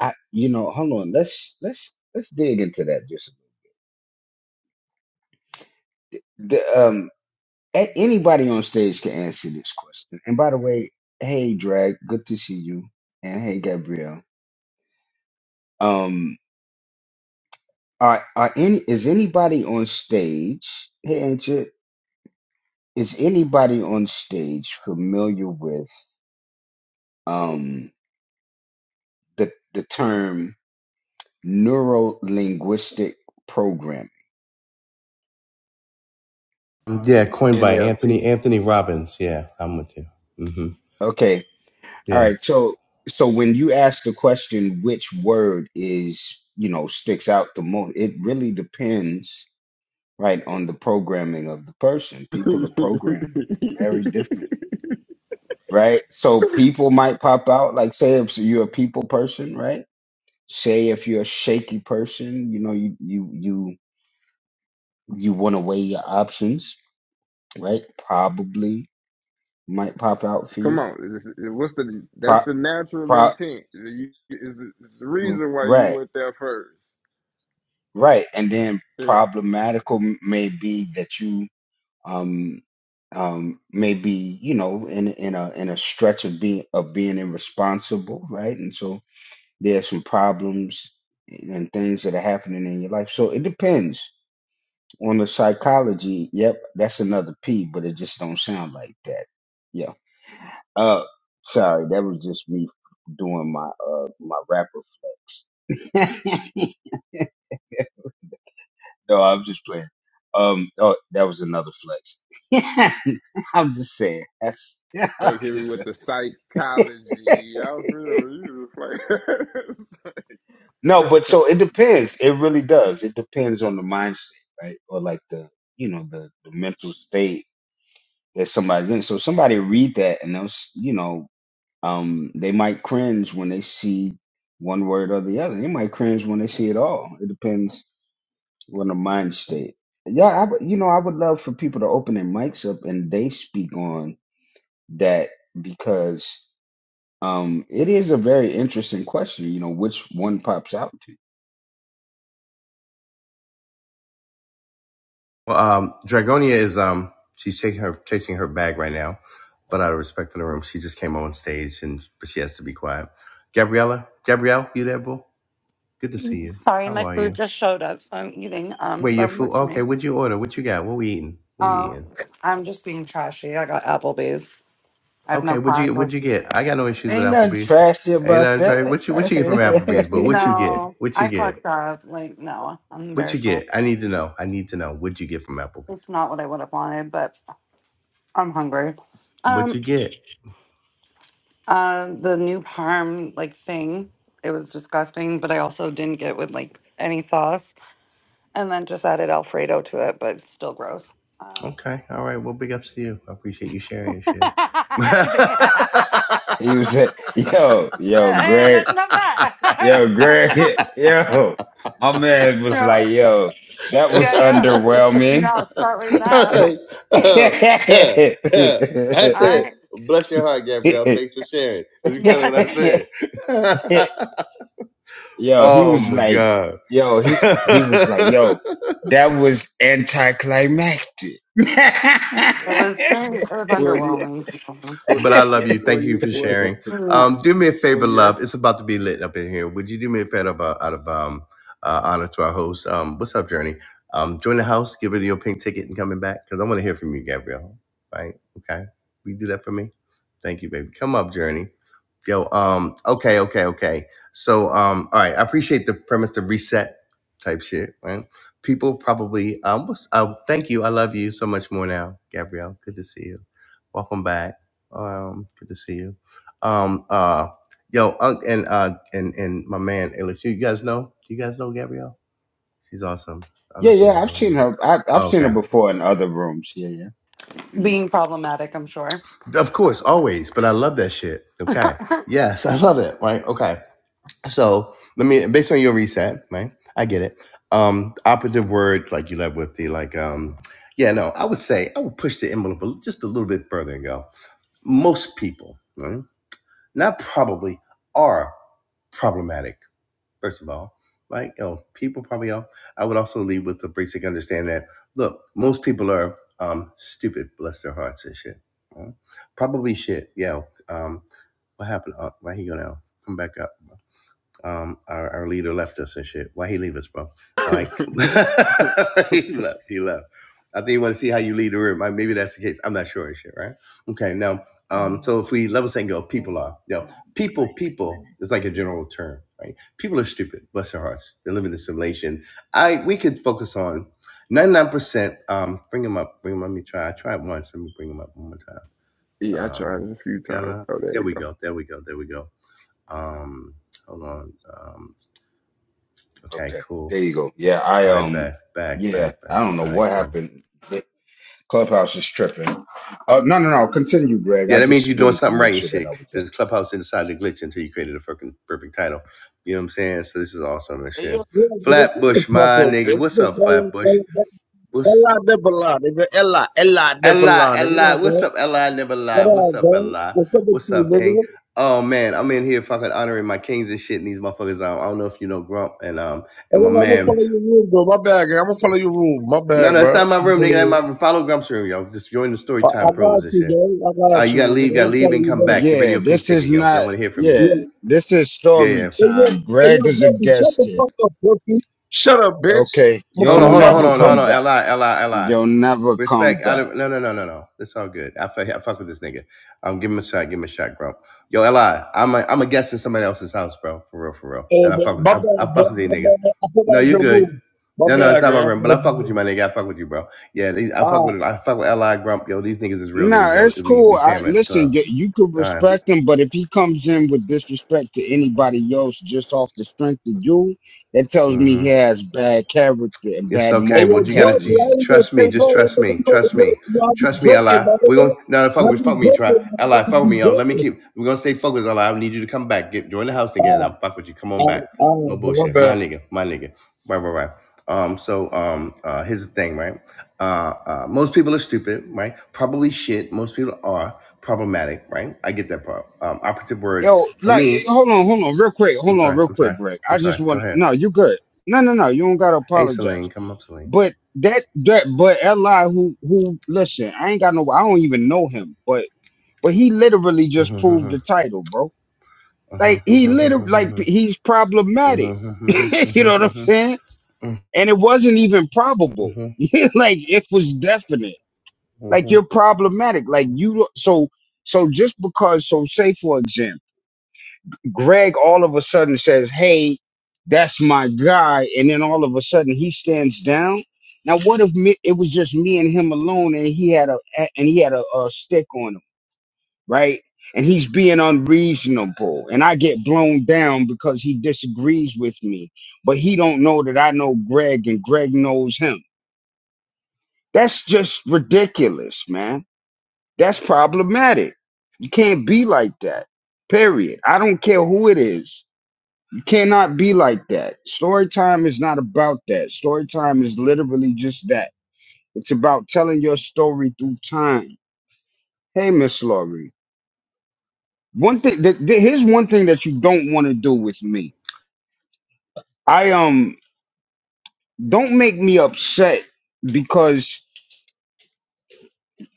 I you know. Hold on. Let's let's let's dig into that just. a bit. The Um. A- anybody on stage can answer this question. And by the way, hey Drag, good to see you. And hey Gabrielle. Um are are any is anybody on stage? Hey Ancient, is anybody on stage familiar with um the the term neuro linguistic programming?
Yeah, coined by Anthony
NLP.
Anthony Robbins. Yeah, I'm with you. hmm
Okay. All
Yeah.
right. So so when you ask the question which word is, you know, sticks out the most, it really depends right on the programming of the person people are programmed very differently right so people might pop out like say if so you're a people person right say if you're a shaky person you know you you you, you want to weigh your options right probably might pop out for
Come
you
on, it's- it- what's the?
pro,
That's the natural
pro,
intent. You, is the reason why you
right
went there first.
right and then
Yeah.
problematical may be that you um, um, maybe you know in in a in a stretch of being of being irresponsible, right? And so there's some problems and things that are happening in your life. So it depends on the psychology. Yep, that's another P, but it just don't sound like that. Yeah. Uh, sorry, that was just me doing my uh my rapper flex. No, I'm just playing. Um, oh, that was another flex. I'm just saying. That's yeah.
Okay, we
Just
with the psychology. I don't feel like you was
no,
like,
but so it depends. It really does. It depends on the mindset, right? Or like the you know the, the mental state that somebody's in. So somebody read that and they'll s- you know um they might cringe when they see one word or the other. They might cringe when they see it all. It depends We're in a mind state. Yeah, I, would- you know, I would love for people to open their mics up and they speak on that because um, it is a very interesting question. You know, which one pops out to you?
Well, um, Dragonia is um, she's taking her chasing her bag right now, but out of respect for the room, she just came on stage and but she has to be quiet. Gabriella, Gabrielle, you there, boo? Good to see you.
Sorry,
How
my
are
food
you?
just showed up, so I'm eating. Um,
Wait,
but
your
I'm
food? Okay,
listening.
what'd you order? What you got? What we eating? What we
Um,
eating?
I'm just being trashy. I got Applebee's. I have no
Okay, what'd
class.
you
or-
what'd you get? I got no issues with
Ain't nothing
Applebee's.
trashy
Ain't
about
nothing
that.
Trey. What you what you get from Applebee's, boo? What you get?
No,
What you
I
get?
fucked up. Like, no, I'm
What you
embarrassed.
get? I need to know. I need to know. What'd you get from Applebee's?
It's not what I would have wanted, but I'm hungry.
What
Um,
you get?
uh, the new parm like thing. It was disgusting, but I also didn't get it with like any sauce, and then just added Alfredo to it, but it's still gross. Um,
Okay. All right. Well, big ups to you. I appreciate you sharing and shit.
and
he was like, "Yo, yo,
I
Greg,
love that. All right,
yo,
fuck them
Greg, yo." My man was
No,
like, "Yo, that was
yeah, yeah. No,
underwhelming."
I'll start with that.
Oh, yeah, yeah. I
All
said,
right.
bless your heart, Gabrielle. Thanks for sharing. That's
Yeah,
kind of what I said.
yo, he
oh
was
my
like,
God.
yo, he he was like, yo, that was anticlimactic. yeah,
it was it was
well, you,
underwhelming. to be
well,
honest.
but I love you.
well,
Thank you
you,
for
well,
sharing.
No,
Um, do me a
well,
favor, love.
yes.
It's about to be lit up in here. Would you do me a favor about, out of um, uh, honor to our host? Um, what's up, Journey? Um, join the house, give it your pink ticket, and coming back because I want to hear from you, Gabrielle. Right? Okay. Will you do that for me? Thank you, baby. Come up, Journey. Yo, um, okay, okay, okay. So, um, all right, I appreciate the premise to reset type shit, right? People probably, um, what's, uh, thank you. I love you so much more now, Gabrielle. Good to see you. Welcome back. Um, good to see you. Um, uh, yo, Unc and uh and and my man Alex, you guys know? Do you guys know Gabrielle? She's awesome. I don't know if you
yeah,
guys
I've
know her,
seen
but
her. I've
oh,
I've seen her
okay,
before in other rooms. Yeah, yeah. hmm
being problematic, I'm sure.
of course, always. But I love that shit. Okay, yes, I love it. Right? Okay. So let me, based on your reset, right? I get it. Um, operative word like you led with the like um. Yeah, no, I would say I would push the envelope a- just a little bit further and go. Most people, right? not probably, are problematic first of all, like you know, people probably are. I would also leave with the basic understanding that look, most people are um stupid, bless their hearts and shit. Uh, Probably shit. Yeah. Um, what happened? Uh, why he go now? Come back up um our, our leader left us and shit. Why he leave us, bro? All right, come he left. He left. I think you want to see how you lead the room. Uh, Maybe that's the case. I'm not sure and shit, right? Okay, now, um,
Amen.
so if we level set and go, people are,
Amen.
you know,
Ma'am,
people,
Correct. Man
people
is
is like a
grace.
general term, right? People are stupid, bless their hearts. They're living in the simulation. I we could focus on 99%. Um, bring them up, bring them up. Let me try. I tried once. Let me bring them up one more time.
yeah, I
Uh,
tried it a few times.
gonna,
Oh, there
there
you
we
go.
go, there we go, there we go. Um, hold on. um, Okay,
Okay,
cool.
there you go. Yeah, I
All right,
um,
back, back,
yeah,
back,
I
back.
don't know
All right,
what
cool.
happened. Clubhouse is tripping. Uh, no, no, no. Continue, Greg.
Yeah,
I
that means
just
you're doing
wanted to
something
make
right and
sure that
shit.
I was up.
Because Clubhouse didn't decide to glitch until you created a fucking perfect title. You know what I'm saying? So this is awesome and
Yo,
shit.
yo, yo, shut the
Flatbush,
fuck
my
up,
nigga.
bitch.
What's up, Flatbush?
Ella, Ella,
What's
Ella de Balon, nigga. Ella, Ella de
Ella?
Balon,
Ella?
nigga.
What's up, Ella? I never
What
lie.
up, man? What
What's
up,
up,
man?
Ella?
What's up with
What's
you,
up, King?
nigga?
Oh man, I'm in here fucking honoring my kings and shit. And these motherfuckers. Um, I don't know if you know Grump and um and my
I'm gonna
man.
follow your room, though. My bad, gang. I'm gonna follow your room. My
No,
bad,
no, it's
bro.
not my room, nigga. That's my follow Grump's room, y'all. Just join the
I, I
Storytime
got
Pros and
you,
shit.
gang. I
Uh,
got
you gotta
you,
leave,
nigga.
you
I'm
gotta
gonna
leave
follow
and
you,
come
man.
back. Get ready,
Yeah,
your pink
this is
ticket, yo, because I
not.
want to hear from you.
Yeah,
Yeah.
this is
Yeah,
story
yeah.
Hey, yo,
time.
hey,
Greg
yo,
is a
Griffy, shut
guest
the
here.
fuck up, Griffy. Shut up, bitch.
Okay,
I'm gonna
you'll
Hold on,
follow
hold on,
my
hold
never
nigga,
on,
man.
come
hold on.
back.
Li, li, li.
You'll never come
Respect. Out
back.
of no, no, no, no, no. It's all good. I fuck, I fuck with this nigga. Um, give him a shot. Give him a shot, bro. Yo, li, I'm a, I'm a guest in somebody else's house, bro. For real, for real.
Hey,
And I
man.
fuck with,
My
I, I
bad,
fuck
gang.
with these
My
niggas.
bad. I put
No,
out
you
your room.
good.
My
No, no, it's
bad,
not my room, but I fuck
gang.
with you, my nigga. I fuck with you, bro. Yeah, these- I fuck with I fuck with Li Grump. Yo, these niggas is real niggas,
Nah,
yo.
it's
We
cool.
we
I
family at the club.
listen. You, you could
All right.
respect him, but if he comes in with disrespect to anybody else just off the strength of you, that tells me
Mm-hmm.
he has bad character and
It's
bad
okay.
Hey,
moral
yo,
Well, you
bro,
gotta
character.
dude,
you,
I ain't gonna
trust
say
me. Just
no,
trust
nigga.
me.
You know, you
Trust
know,
me.
you know, I be
Trust me, Li.
joking, my
We're gonna no, no fuck
nigga. I
with
be
fuck me, try
joking, my nigga. I
Li, fuck
just
with
be
me, yo. Let me
joking.
keep we're gonna stay focused, Li. I need you to come back. Get join the house again. I'll
Ah,
fuck with you. Come on back.
ah,
No
ah,
bullshit.
bro,
My nigga, my nigga. Right, right, right. Um, so um uh here's the thing, right? Uh uh most people are stupid, right? Probably shit. Most people are problematic, right? I get that part. Um operative word
Yo,
for
like, eh,
me.
hold on, hold on, real quick,
I'm
hold on,
sorry,
real
I'm sorry,
quick, Greg.
I'm
I
sorry.
just
Go
want.
ahead.
No, you good. No, no, no. You don't gotta
Hey Celine,
apologize.
come up, Celine.
But that, that, but Eli, who, who? Listen, I ain't got no. I don't even know him, but, but he literally just proved the title, bro. Like he literally, like
I'll
he's problematic. you know what I'm saying? And it wasn't even probable. like it was definite. Like you're problematic. Like you. don't- So so just because. So say for example, Greg all of a sudden says, "Hey, that's my guy," and then all of a sudden he stands down. Now what if me, it was just me and him alone, and he had a and he had a, a stick on him? right? And he's being unreasonable. And I get blown down because he disagrees with me. But he don't know that I know Greg and Greg knows him. That's just ridiculous, man. That's problematic. You can't be like that. Period. I don't care who it is. You cannot be like that. Story time is not about that. Story time is literally just that. It's about telling your story through time. Hey, Miss Laurie. One thing that that- here's one thing that you don't want to do with me. I um don't make me upset because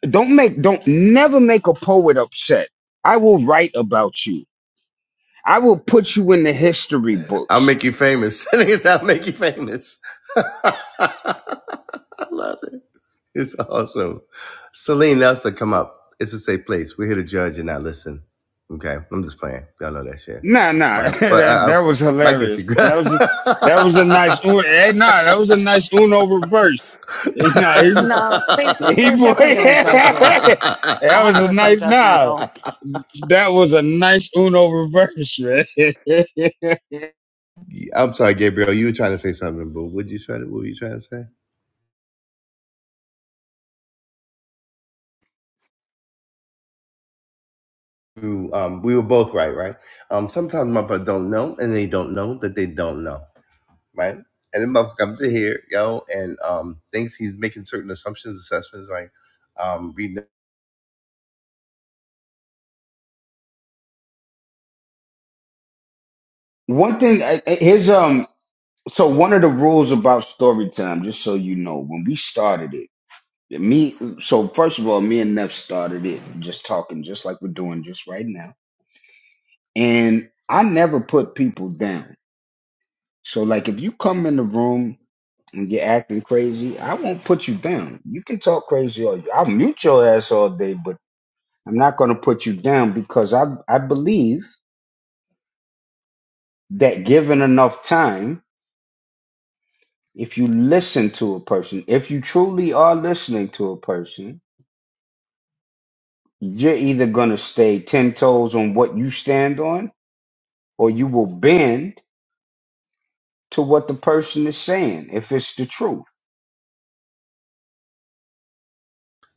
don't make don't never make a poet upset. I will write about you. I will put you in the history books.
make you famous. Niggas, I'll make you famous. I love it. It's awesome. Celine Nelson, come up. It's a safe place. We're here to judge and not listen. Okay, I'm just playing. Y'all know that shit,
Nah, nah,
right? But
that
I, I,
that was
I get you.
hilarious. That was a, that was a nice un- eh, nah, that was a nice Uno reverse. Nah, he,
no, they
He
they're
boy,
definitely gonna judge you.
that was a
100%
nice. Nah,
judgmental.
that was a nice Uno reverse, man.
I'm sorry, Gabriel. You were trying to say something, but what you try to? What were you trying to say? you, um, we were both right, right? Um, sometimes motherfuckers don't know, and they don't know that they don't know, right? And then motherfucker comes in here, yo, and um, thinks he's making certain assumptions, assessments, like um, reading.
One thing, I- I- here's um. So one of the rules about story time, just so you know, when we started it, me. So first of all, me and Neff started it just talking, just like we're doing just right now. And I never put people down. So like, if you come in the room. and you're acting crazy, I won't put you down. You can talk crazy all you. I'll mute your ass all day, but I'm not going to put you down because I I believe that given enough time, if you listen to a person, if you truly are listening to a person, you're either going to stay ten toes on what you stand on, or you will bend to what the person is saying if it's the truth.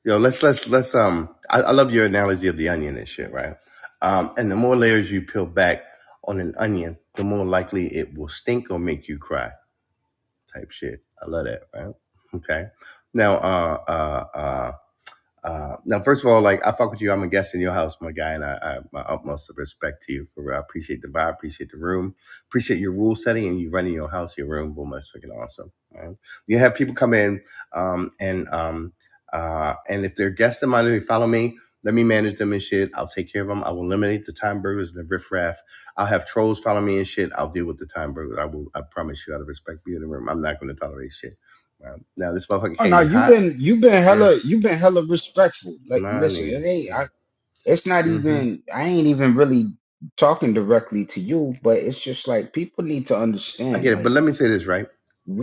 Yo, let's let's let's um, I, I love your analogy of the onion and shit, right? Um, and the more layers you peel back on an onion, the more likely it will stink or make you cry, type shit. I love that, right? Okay. Now, uh, uh, uh, Uh, now, first of all, like I fuck with you. I'm a guest in your house, my guy, and I, I my utmost respect to you. For I appreciate the vibe, appreciate the room, appreciate your rule setting, and you running your house, your room. Boom, that's freaking awesome. Right? You have people come in, um, and um, uh, and if they're guests of mine, they follow me. Let me manage them and shit. I'll take care of them. I will eliminate the time burgers and the riffraff. I'll have trolls follow me and shit. I'll deal with the time burgers. I will. I promise you, out of respect for you in the room, I'm not going to tolerate shit. Right? Now, this motherfucker
Oh
came
no,
in
you've
hot.
been you've been
Yeah,
hella you've been hella respectful. Like
my
listen,
nigga.
it ain't.
Yeah
I, it's not
hmm
even I ain't even really talking directly to you, but it's just like people need to
I
understand.
get it, but
Like
let me say this right.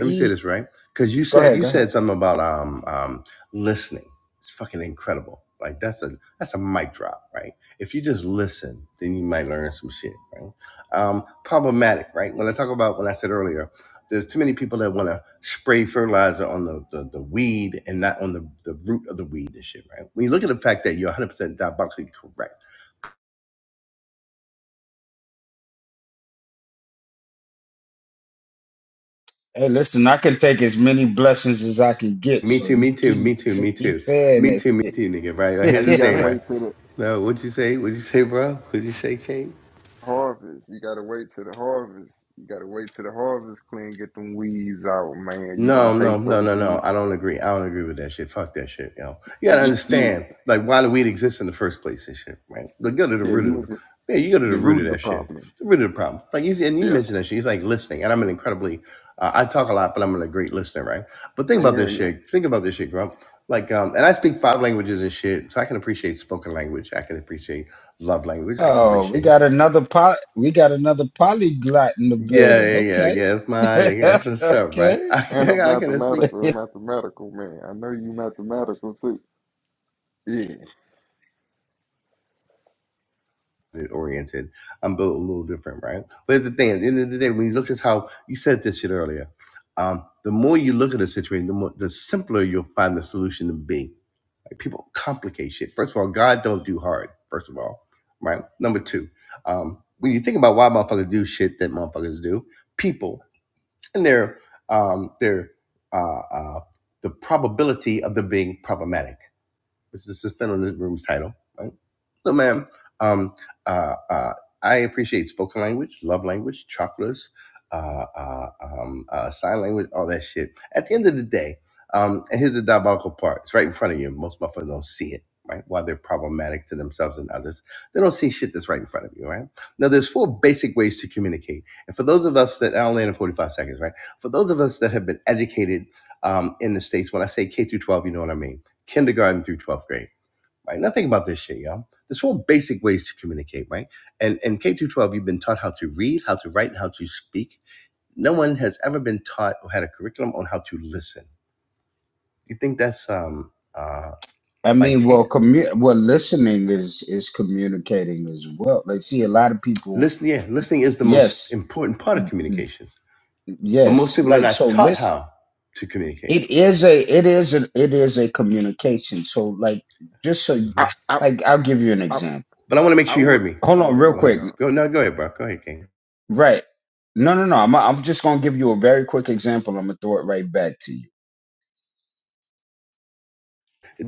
Let me say this right, because you
go
said
ahead,
you
go ahead.
said something about um um listening. It's fucking incredible. Like that's a that's a mic drop, right? If you just listen, then you might learn some shit, right? Um, problematic, right? When I talk about when I said earlier, there's too many people that want to spray fertilizer on the, the the weed and not on the the root of the weed and shit, right? When you look at the fact that you're 100 percent diabolically correct
Hey, listen, I can take as many blessings as I can get,
Me
so
too,
you
me too,
keep
me too, me
keep
too.
saying
Me
that
too, me too, nigga, right? Like, here's
And
the
you
thing,
gotta
shit.
right?
wait till the
No, what'd you say? What'd you say, bro? What'd you say, King?
harvest. You gotta wait till the harvest. You gotta wait till the harvest clean, get them weeds out, man. You gonna
No, no,
take
no,
some
no, no.
yeah.
I don't agree. I don't agree with that shit. Fuck that shit, yo. You gotta
Yeah, yeah,
understand, like, why do weed exist in the first place and shit, right? Like, go to the
yeah, you
root of the,
was
yeah, you go to the
the
root
root of
of
the
that shit,
problem.
the root of the problem. Like, you and you
Yeah,
mentioned that shit. He's like listening, and I'm an incredibly, uh, I talk a lot, but I'm a great listener, right? But think about
yeah,
this
yeah.
shit. Think about this shit, Grump. Like, um, and I speak five languages and shit, so I can appreciate spoken language. I can appreciate love language. I can
oh, we
appreciate,
got another pot. We got another polyglot in the
yeah,
building.
yeah, yeah,
Okay,
yeah. It's mine. Yeah, that's what's up, right?
okay.
And a
I, I can speak
mathematical, a mathematical man. I know you mathematical too. Yeah,
oriented. I'm built a little different, right? But it's the thing. At the end of the day, when you look at how you said this shit earlier, um, the more you look at a situation, the more the simpler you'll find the solution to be. Like people complicate shit. First of all, God don't do hard. First of all, right? Number two, um, when you think about why motherfuckers do shit that motherfuckers do, people and their um, their uh, uh, the probability of them being problematic. This is suspend on this room's title, right? So, ma'am, um, uh, uh, I appreciate spoken language, love language, chakras, uh, uh, um, uh, sign language, all that shit. At the end of the day, um, and here's the diabolical part: it's right in front of you. Most motherfuckers don't see it, right? While they're problematic to themselves and others, they don't see shit that's right in front of you, right? Now, there's four basic ways to communicate, and for those of us that I'll land in 45 seconds, right? For those of us that have been educated um, in the states, when I say K through 12, you know what I mean kindergarten through 12th grade, right? Now think about this shit, y'all. This whole basic ways to communicate, right? And in K through 12, you've been taught how to read, how to write, and how to speak. No one has ever been taught or had a curriculum on how to listen. You think that's um, uh,
I
by
mean, well,
chance?
commu- well, listening is is communicating as well. Like, see, a lot of people,
Listen, yeah, listening is the most
yes,
important part of communication, but most
Yes,
people are
like
not
so
taught
listen
how to communicate.
it is a it is a, it is a communication. So like just so you-
I,
Mhm.
I,
like I'll give you an
I,
example.
But I want to make
I
sure you heard
would.
me.
Hold
All
on
right,
real
Go
go ahead.
quick.
ahead.
Uh,
Go no, go ahead, bro. Go ahead, King.
Right. No, no, no. I'm I'm just going to give you a very quick example. I'm going to throw it right back to you.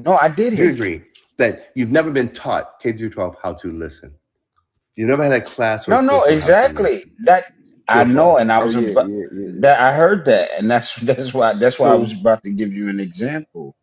No, I did
Do
hear
you
you.
agree that you've never been taught K through 12 how to listen? You never had a class or a
No, no,
course on how to
exactly.
listen.
That I
True or
know
false?
and I
oh
was
yeah,
about
yeah, yeah, yeah.
that I heard that and that's that's why that's why I was
So
about to give you an example.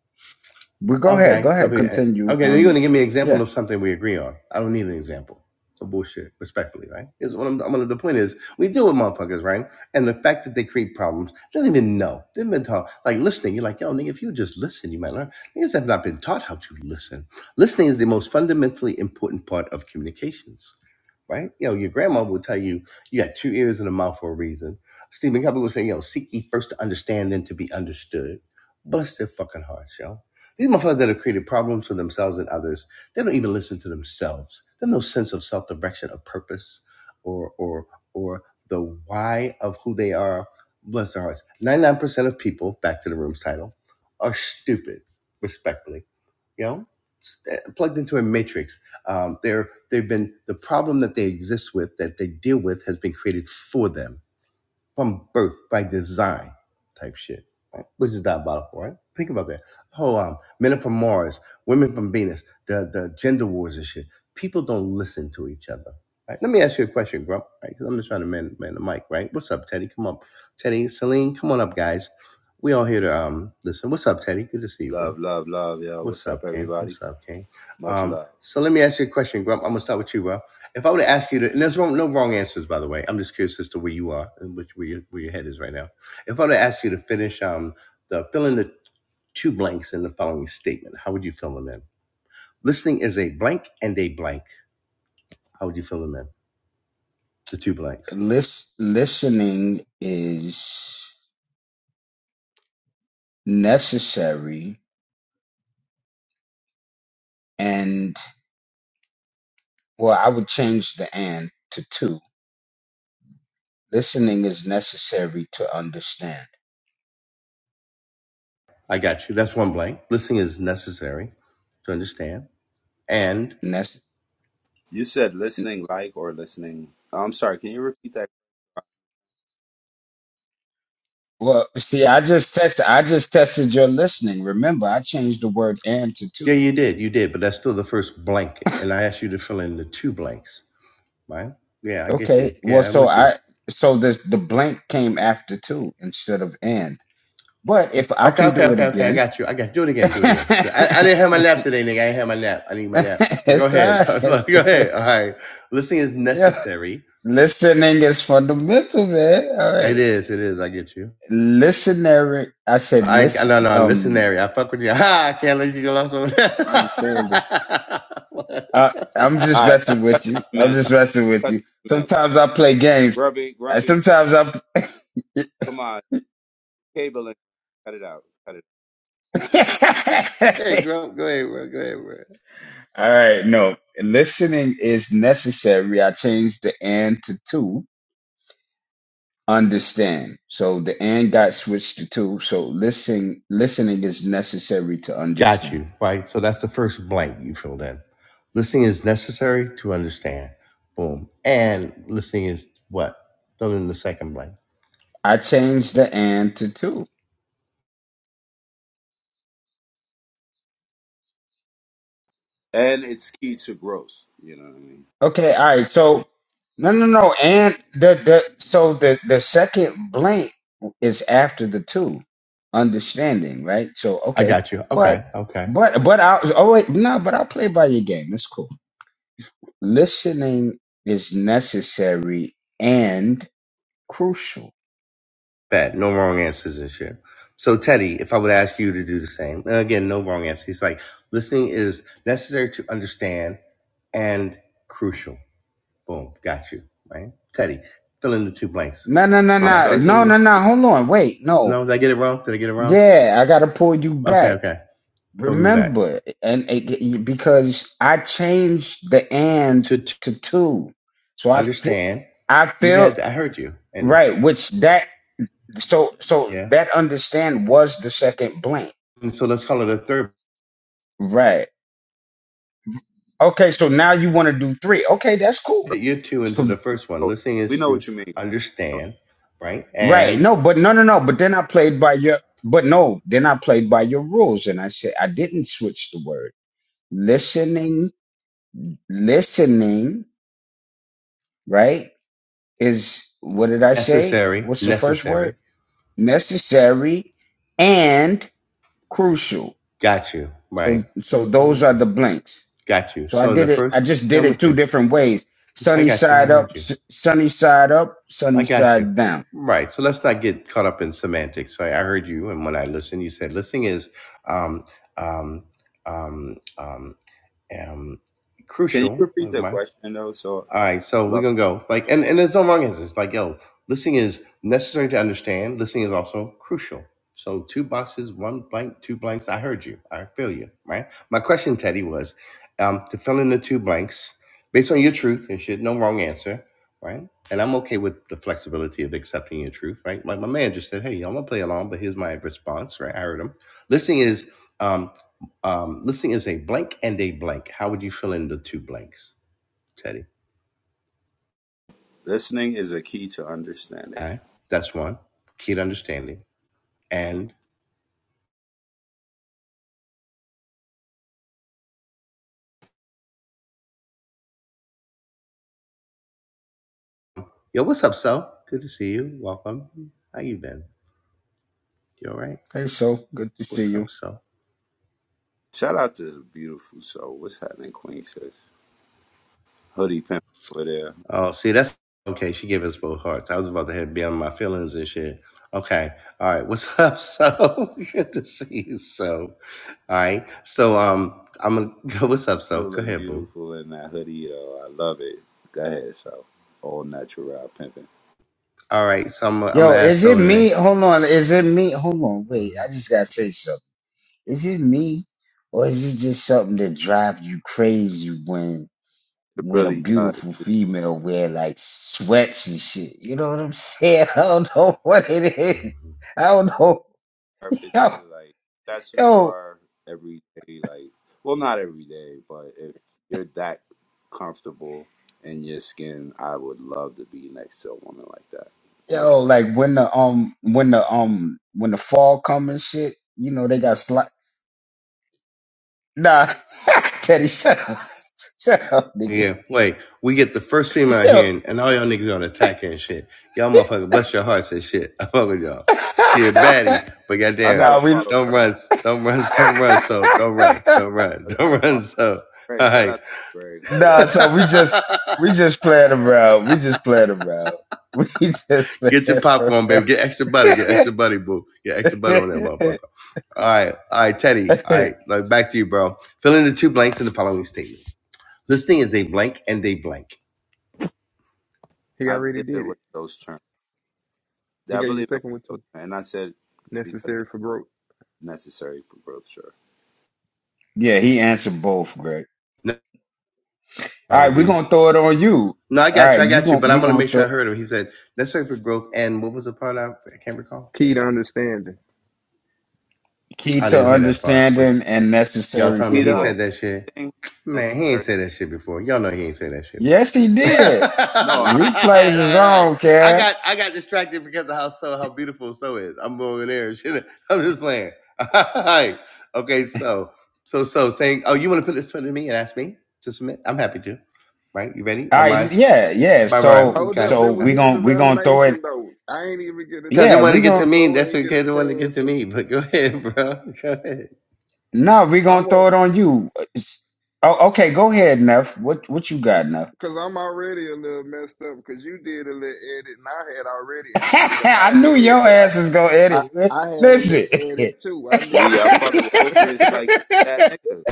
But go ahead.
Okay.
Go
I
ahead.
mean, uh,
Continue
Okay, now you're
and
gonna give me an example
yeah.
of something we agree on. I don't need an example of bullshit, respectfully, right? Is what I'm, I'm gonna, the point is we deal with motherfuckers, right? And the fact that they create problems, they don't even know. They've been taught like listening, you're like, yo, nigga, if you just listen, you might learn. Niggas have not been taught how to listen. Listening is the most fundamentally important part of communications. Right? You know, your grandma will tell you you got two ears and a mouth for a reason. Stephen Covey will say, yo, seek ye first to understand, then to be understood. Bless their fucking hearts, yo these motherfuckers that have created problems for themselves and others, they don't even listen to themselves. There's no sense of self-direction, of purpose, or or or the why of who they are. Bless their hearts. 99% of people, back to the room's title, are stupid, respectfully. You know? plugged into a matrix. Um, they're they've been the problem that they exist with, that they deal with, has been created for them from birth by design type shit, right? which is diabolical, right? Think about that. Oh, um, men are from Mars, women from Venus, the the gender wars and shit. People don't listen to each other. Right? Let me ask you a question, Grump, right? Because I'm just trying to man, man the mic, right? What's up, Teddy? Come up. Teddy, Celine, come on up, guys. We all here to um listen. What's up, Teddy? Good to see you, bro.
Love, love, love, yo.
What's
What's up,
up, King?
everybody?
What's up, King?
Much
Um,
love.
so let me ask you a question, Grump. I'm gonna start with you, bro. If I were to ask you to, and there's wrong, no wrong answers, by the way. I'm just curious as to where you are and which where your where your head is right now. If I were to ask you to finish um the fill in the two blanks in the following statement, how would you fill them in? Listening is a blank and a blank. How would you fill them in? The two blanks.
Lis- listening is necessary and well i would change the and to two listening is necessary to understand
I got you. That's one blank. Listening is necessary to understand. And
Nece-
You said listening like or listening. I'm sorry. Can you repeat that?
well see i just tested i just tested your listening remember i changed the word and to two
yeah, you did, you did, but that's still the first blank. And I asked you to fill in the two blanks. Right? Yeah, I get you.
okay well
Yeah, I'm
so
with you.
i so this the blank came after two instead of and but if i
Okay,
can
okay,
do it
okay, okay. I
again
got you. I got. Do it again. Do it again. Do it- I, I didn't have my nap today, nigga. I didn't have my nap. I need my nap. But go
it's
ahead.
all
So, so,
right.
go ahead. All right. Listening is
yeah
necessary.
listening is fundamental man all right
It is. It is. I get you.
listenary. I said
I I- no
listen.
no
Um,
listenary. I fuck with you. Ha! I can't let you go lost over there.
For understanding,
I, I'm just
All right, let's
messing with
cut the
you. I'm
semantics.
just messing with
Cut
you.
the semantics.
Sometimes I play games.
Grumpy,
Uh,
grumpy.
Sometimes I.
Come on, cable and cut it out. Cut it.
hey, go go ahead, bro. Go ahead, bro.
All right, no. Listening is necessary. I changed the and to two. Understand. So the and got switched to two. So listening, listening is necessary to
Got
understand.
you, right? So that's the first blank you filled in. Listening is necessary to understand. Boom. And listening is what? Fill in the second blank.
I changed the and to two.
And it's key to growth. You know what I mean?
Okay, all right. So no, no, no. And the the so the the second blank is after the two, understanding, right? So
I
okay,
got you.
but
Okay, okay.
but but I oh wait no, but I'll play by your game. That's cool. Listening is necessary and crucial.
Bad. No wrong answers this year. So, Teddy, if I would ask you to do the same, and again, no wrong answer. He's like, listening is necessary to understand and crucial. Boom. Got you, right? Teddy, fill in the two blanks.
No, no, no,
You
I'm
know,
no,
sorry.
based on
no,
Can you?
no,
your.
no. Hold on, wait, no.
No, did I get it wrong? Did I get it wrong?
Yeah, I gotta pull you
Okay,
back.
okay. Pull me back.
Remember, and it, because I changed the and
to.
to two, so I fe-
understand.
I
You
felt
had I heard you, and
right, which that so so
yeah.
that understand was the second blank,
And so let's call it a third.
right? Okay, so now you want to do three? Okay, that's cool.
Put your two into the
So
first one.
Oh,
Listening
we
is
know
to
what you mean.
understand, right?
right,
And
no, but no, no, no, but then I played by your, but no, then I played by your rules, and I said I didn't switch the word listening, listening, right? is what did I say?
necessary,
What's the first word?
necessary.
Necessary and crucial.
Got you,
So
right?
so
I'm
those
with
are
you.
the blanks.
Got you.
So I
So in the
did it.
first,
I just
yeah,
did
I'm
it
with
two
you.
different ways:
I
sunny
got you. I
side up,
heard you.
s- sunny side up,
I
sunny
got you.
side down.
Right. So let's not get caught up in semantics. I, I heard you, and when I listened, you said listening is um um um um, um
Can you
crucial.
repeat
Am
the
I
question though? So
All
I, I
right,
would
so we're
love.
gonna go like, and and there's no wrong answers. Like, yo, listening is necessary to understand. Listening is also crucial. So two boxes, one blank, two blanks. I heard you. I feel you. Right. My question, Teddy, was um, to fill in the two blanks based on your truth and shit. No wrong answer. Right. And I'm okay with the flexibility of accepting your truth. Right. Like my man just said, hey, I'm gonna play along, but here's my response. Right. I heard him. Listening is um, um, listening is a blank and a blank. How would you fill in the two blanks, Teddy?
Listening is a key to understanding.
All right. That's one. Keen understanding. And yo, what's up, so? Good to see you. Welcome. How you been? You all right?
Hey, so good to see
What's
you.
up, so?
Shout out to the beautiful soul. What's happening, Queen Sis? Hoodie pimp over there.
Oh, see, that's okay. She gave us both hearts. I was about to head beyond my feelings and shit. Okay. All right. What's up, so? Good to see you, so. All right. So, um, I'm gonna go. What's up, so? Go
feeling
ahead, boo.
beautiful in that hoodie, though. I love it. Go ahead, so all natural pimping.
All right. So I'm I'm gonna
Yo,
ask
is it
so
me?
next.
Hold on. Is it me? Hold on. Wait,
Mhm.
I just gotta say something. Is it me, or is it just something that drives you crazy when?
It
when a
really does.
beautiful female wear like sweats and shit. You know what I'm saying? I don't know what it is. I don't know.
Our
Yo,
picture, like that's who you
yo,
are every day. Like, well, not every day, but if you're that comfortable in your skin, I would love to be next to a woman like that. No, sh-
yo, like when the um when the um when the fall come and shit, you know they got sli Nah, Teddy, shut up, shut up, nigga.
Yeah, wait. We get the first female out
Yo,
here, and and all y'all niggas on attack her and shit. Y'all motherfucker, bless your hearts and shit. I fuck with y'all. She a baddie, but
I
goddamn,
nah,
gotta
we.
follow
don't
Greg.
run, s- don't run, s- don't run.
bro.
So don't run, don't run,
I gotta
don't run.
follow
So all
Greg. Shout
right.
out to Greg. I ain't
nah,
gonna.
so we just we just playing around. We just playing around. We just
get your
playing
popcorn,
around.
baby. Get extra butter. Get extra butter, boo. Get extra butter
yeah,
on that motherfucker. All right, all right, Teddy. All right, like back to you, bro. Fill in the two blanks in the following statement. Listing is a blank and a blank.
he
I
already
believe it
did it.
was those terms.
He
I
got you the
believe it was
second one
those
too.
terms, and I said because
Necessary
it's
for growth.
necessary for growth. Sure.
he answered both, Greg.
No
All right, we're
apologies.
gonna throw it on you.
No, I
All
got you.
right,
I
you
got you.
gonna
But I
we
want to
gonna
make sure I
throw
heard him. He said necessary for growth. And what was the part I, I can't recall?
Key to understanding.
key
I
to
didn't hear that part. But
understanding and
y'all
necessary
told me
for
he
either.
growth.
said that shit.
thing
Man, he ain't
necessary.
said that shit before. Y'all know he ain't said that shit. before.
Yes, he
all
did.
No, I
right, all
Replays
right,
is
all right.
on,
I
Cat.
got I got distracted because of how so how beautiful so is. I'm going there and shit. I'm just playing. All right. Okay. So so so saying. Oh, you want to put it in front of me and ask me to submit? I'm happy to. Right. You ready?
All
Well, my
right, yeah, yeah.
my
So
rhyme.
Hold
Okay.
up,
so
it
okay.
was
we
his
gonna we gonna throw it.
examination though. I ain't even get a
Cause they
Yeah,
want to
we
chance,
get to
and
gonna
me.
so
That's
ain't
what
get
they
a
want to get
chance.
to
And
me. But go ahead, bro. Go ahead.
no, we
I
gonna
won't,
throw it on you. It's- oh, okay, go ahead, Neff. What what you got, Neff?
cause I'm already a little messed up. Cause you did a little edit, and I had already answered it in my
I knew
head,
your
but I,
ass was gonna
I,
edit. man.
I had a
Listen,
little edit too. I need,
see. I fucking with Ophius like that nigga.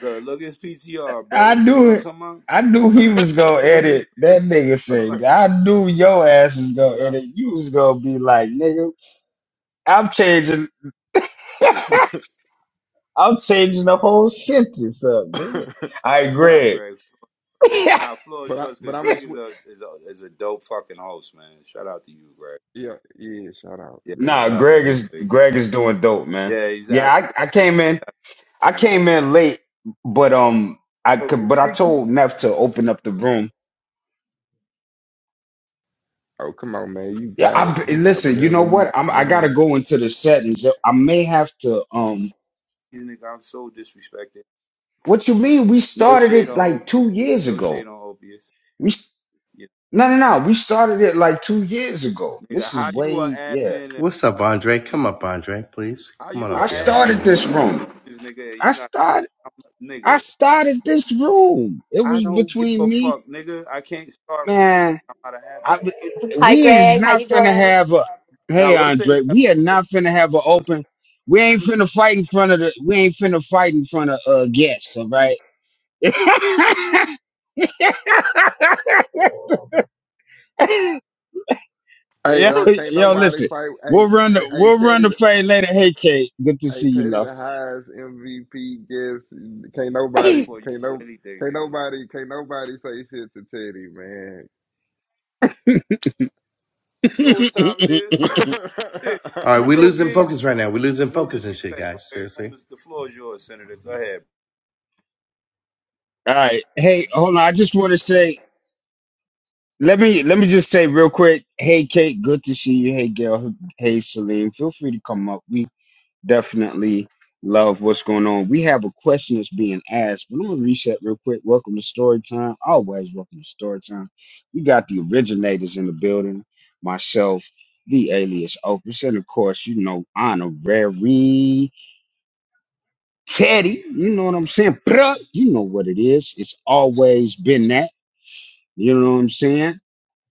Look, look at his PTR,
I
bro. You know
knew
what
it.
I'm talking about?
I knew he was gonna
Junior
edit
super
that nigga
like
shit. I knew your ass was gonna
but
edit. You was gonna be like, nigga, I'm changing. I'm changing the whole sentence
I,
up, nigga. All
by
right,
but I,
itself,
Greg.
Greg. Nah, floor is
but I,
yours
but
because
I'm a
Greg
sw-
is a is a is a dope fucking host, man. Shout out to you, Greg.
yeah, yeah. Shout out,
Yeah,
nah,
man,
shout out
for
Greg
real.
is
to you, Greg.
Greg is doing dope, man.
Yeah, he's
Yeah,
absolutely.
I, I came in. I
Yo,
came in late, but um, I
give
could.
me
But I
the
told
keys,
Neff to open up the room
Oh, come on, man, you
Yeah,
got
I'm
it. You got
listen, you
whatever
know what?
you,
I'm I
man.
gotta go into the settings. I may have to um
nigga. I'm so disrespected.
what you mean? We
No
started
shade
it
on
like
Ophius.
two years
No shade
ago.
on Ophius.
We s-
Yeah,
no no no, we started it like two years ago.
nigga.
This
How
is
you an
way yeah.
admin
What's up, Andre?
and
Come up, Andre, please.
how
Come
you
on up,
I
were
Gail and
admin,
started
Selena.
this room.
this nigga? and
I
You not.
started
I'm a
I
nigga.
started this room. It
I
was
don't give a
between me,
fuck, nigga. I can't start rooms.
man.
I'm not a hat
I,
man.
Hi,
we is
Greg. How
not
you
finna
doing?
have a hey
Now we'll say
Andre,
that.
we are not finna have an
We'll say
open we ain't finna fight in front of the we ain't finna fight in front of uh guests, all right? yo,
Hey, uh, can't
yo,
that's
nobody
listen.
fight. Hey,
We'll run the
hey, hey,
we'll run
Teddy,
the
the-
play later. Hey Kate, good to
hey,
see you,
Teddy,
love.
the highest MVP guest. Can't
All
nobody,
before you
can't
do
no,
anything,
can't
nigga. You
nobody, can't nobody say shit to Teddy, man.
know what time it is? Yeah.
All right, we
Zero
losing
games.
focus right now. we losing
No
focus and shit,
disrespect,
guys.
Greg. Room
Seriously.
is- the floor is yours, Senator. Go ahead.
right. Hey, hold on. I just want to say let me let me just say real quick. Hey Kate, good to see you. Hey Gail. Hey Celine, feel free to come up. We. definitely love what's going on. We have a question that's being asked, but I'm gonna reset real quick. Welcome to story time. Always welcome to story time. We got the originators in the building, myself, the alias Opus, and of course, you know, honorary Teddy. You know what I'm saying? Bruh, you know what it is. It's always been that. You know what I'm saying?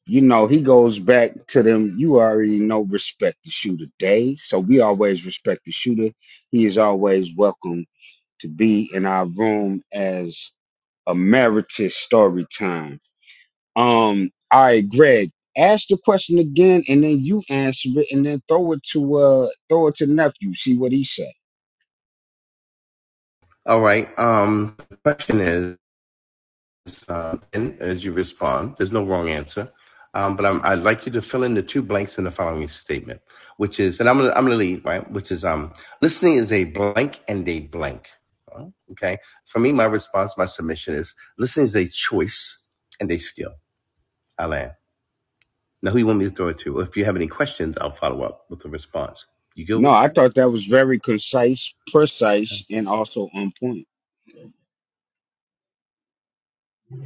You know, he goes back to them. You already know respect the shooter days. So we always respect the shooter. He is always welcome to be in our room as emeritus story time. Um, all right, Greg, ask the question again, and then you answer it, and then throw it to uh, throw it to nephew. See what he said.
All right. Um, question is. uh, in as you respond. There's no wrong answer. Um, but I'm, I'd like you to fill in the two blanks in the following statement, which is, and I'm gonna, I'm gonna lead, right? Which is, um, listening is a blank and a blank. Uh, Okay. For me, my response, my submission is listening is a choice and a skill. Alan. Now, who you want me to throw it to? Or if you have any questions, I'll follow up with a response. You good
No,
with
I
that?
thought that was very concise,
Okay.
precise, and also on point.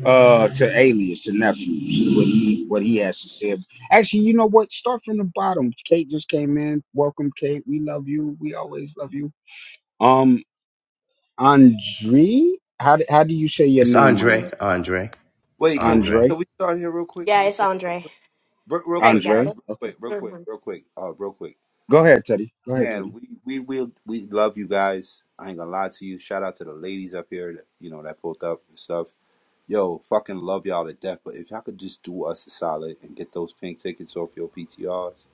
Uh, to alias to nephew, see what he what he has to say. Actually, you know what? Start from the bottom. Kate just came in. Welcome, Kate. We love you. We always love you. Um. Andre? How do, how do you say your
It's
name, my
Andre,
love?
Andre,
Wait, can we
Andre.
Andre?
can we start here real quick?
Yeah,
Can we
it's
start here real
Andre.
quick? Real, real
Greg
quick,
got
Andre?
guys.
it.
Real
Okay.
quick, real quick,
Mhm.
real quick. Uh, real quick.
Go ahead, Teddy. Go ahead,
Man,
Teddy.
we we will we love you guys. I ain't gonna lie to you. Shout out to the ladies up here, that, you know, that pulled up and stuff Yo, fucking love y'all to death, but if y'all could just do us a solid and get those pink tickets off your PTRs,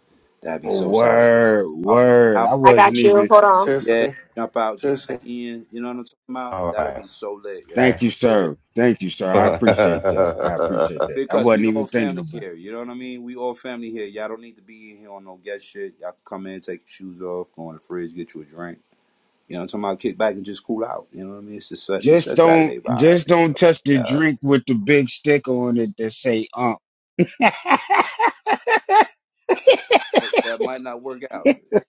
that'd be
Oh,
so solid for us.
word,
Just pop
word.
Out,
I
I
wasn't
got you.
even.
Hold on.
yeah,
Seriously?
jump out, jump
Seriously?
back in. You know what I'm talking about?
All
That'd be
right.
so lit, yo.
Okay.
Thank you,
Really,
sir. Thank you, sir. I
I'd
appreciate that. I appreciate that. I
because
wasn't
we
even
all
thinking
family
about
here. You know what I mean? We all family here. Y'all don't need to be in here on no guest shit. Y'all can come in, take your shoes off, go in the fridge, get you a drink. You know what I'm talking about? Kick back and just cool out. You know what I mean? It's just a,
it.
it's
Just
a
don't,
Saturday vibe.
just don't touch the
yeah.
drink with the big sticker on it that say "ump."
that, that might not work out.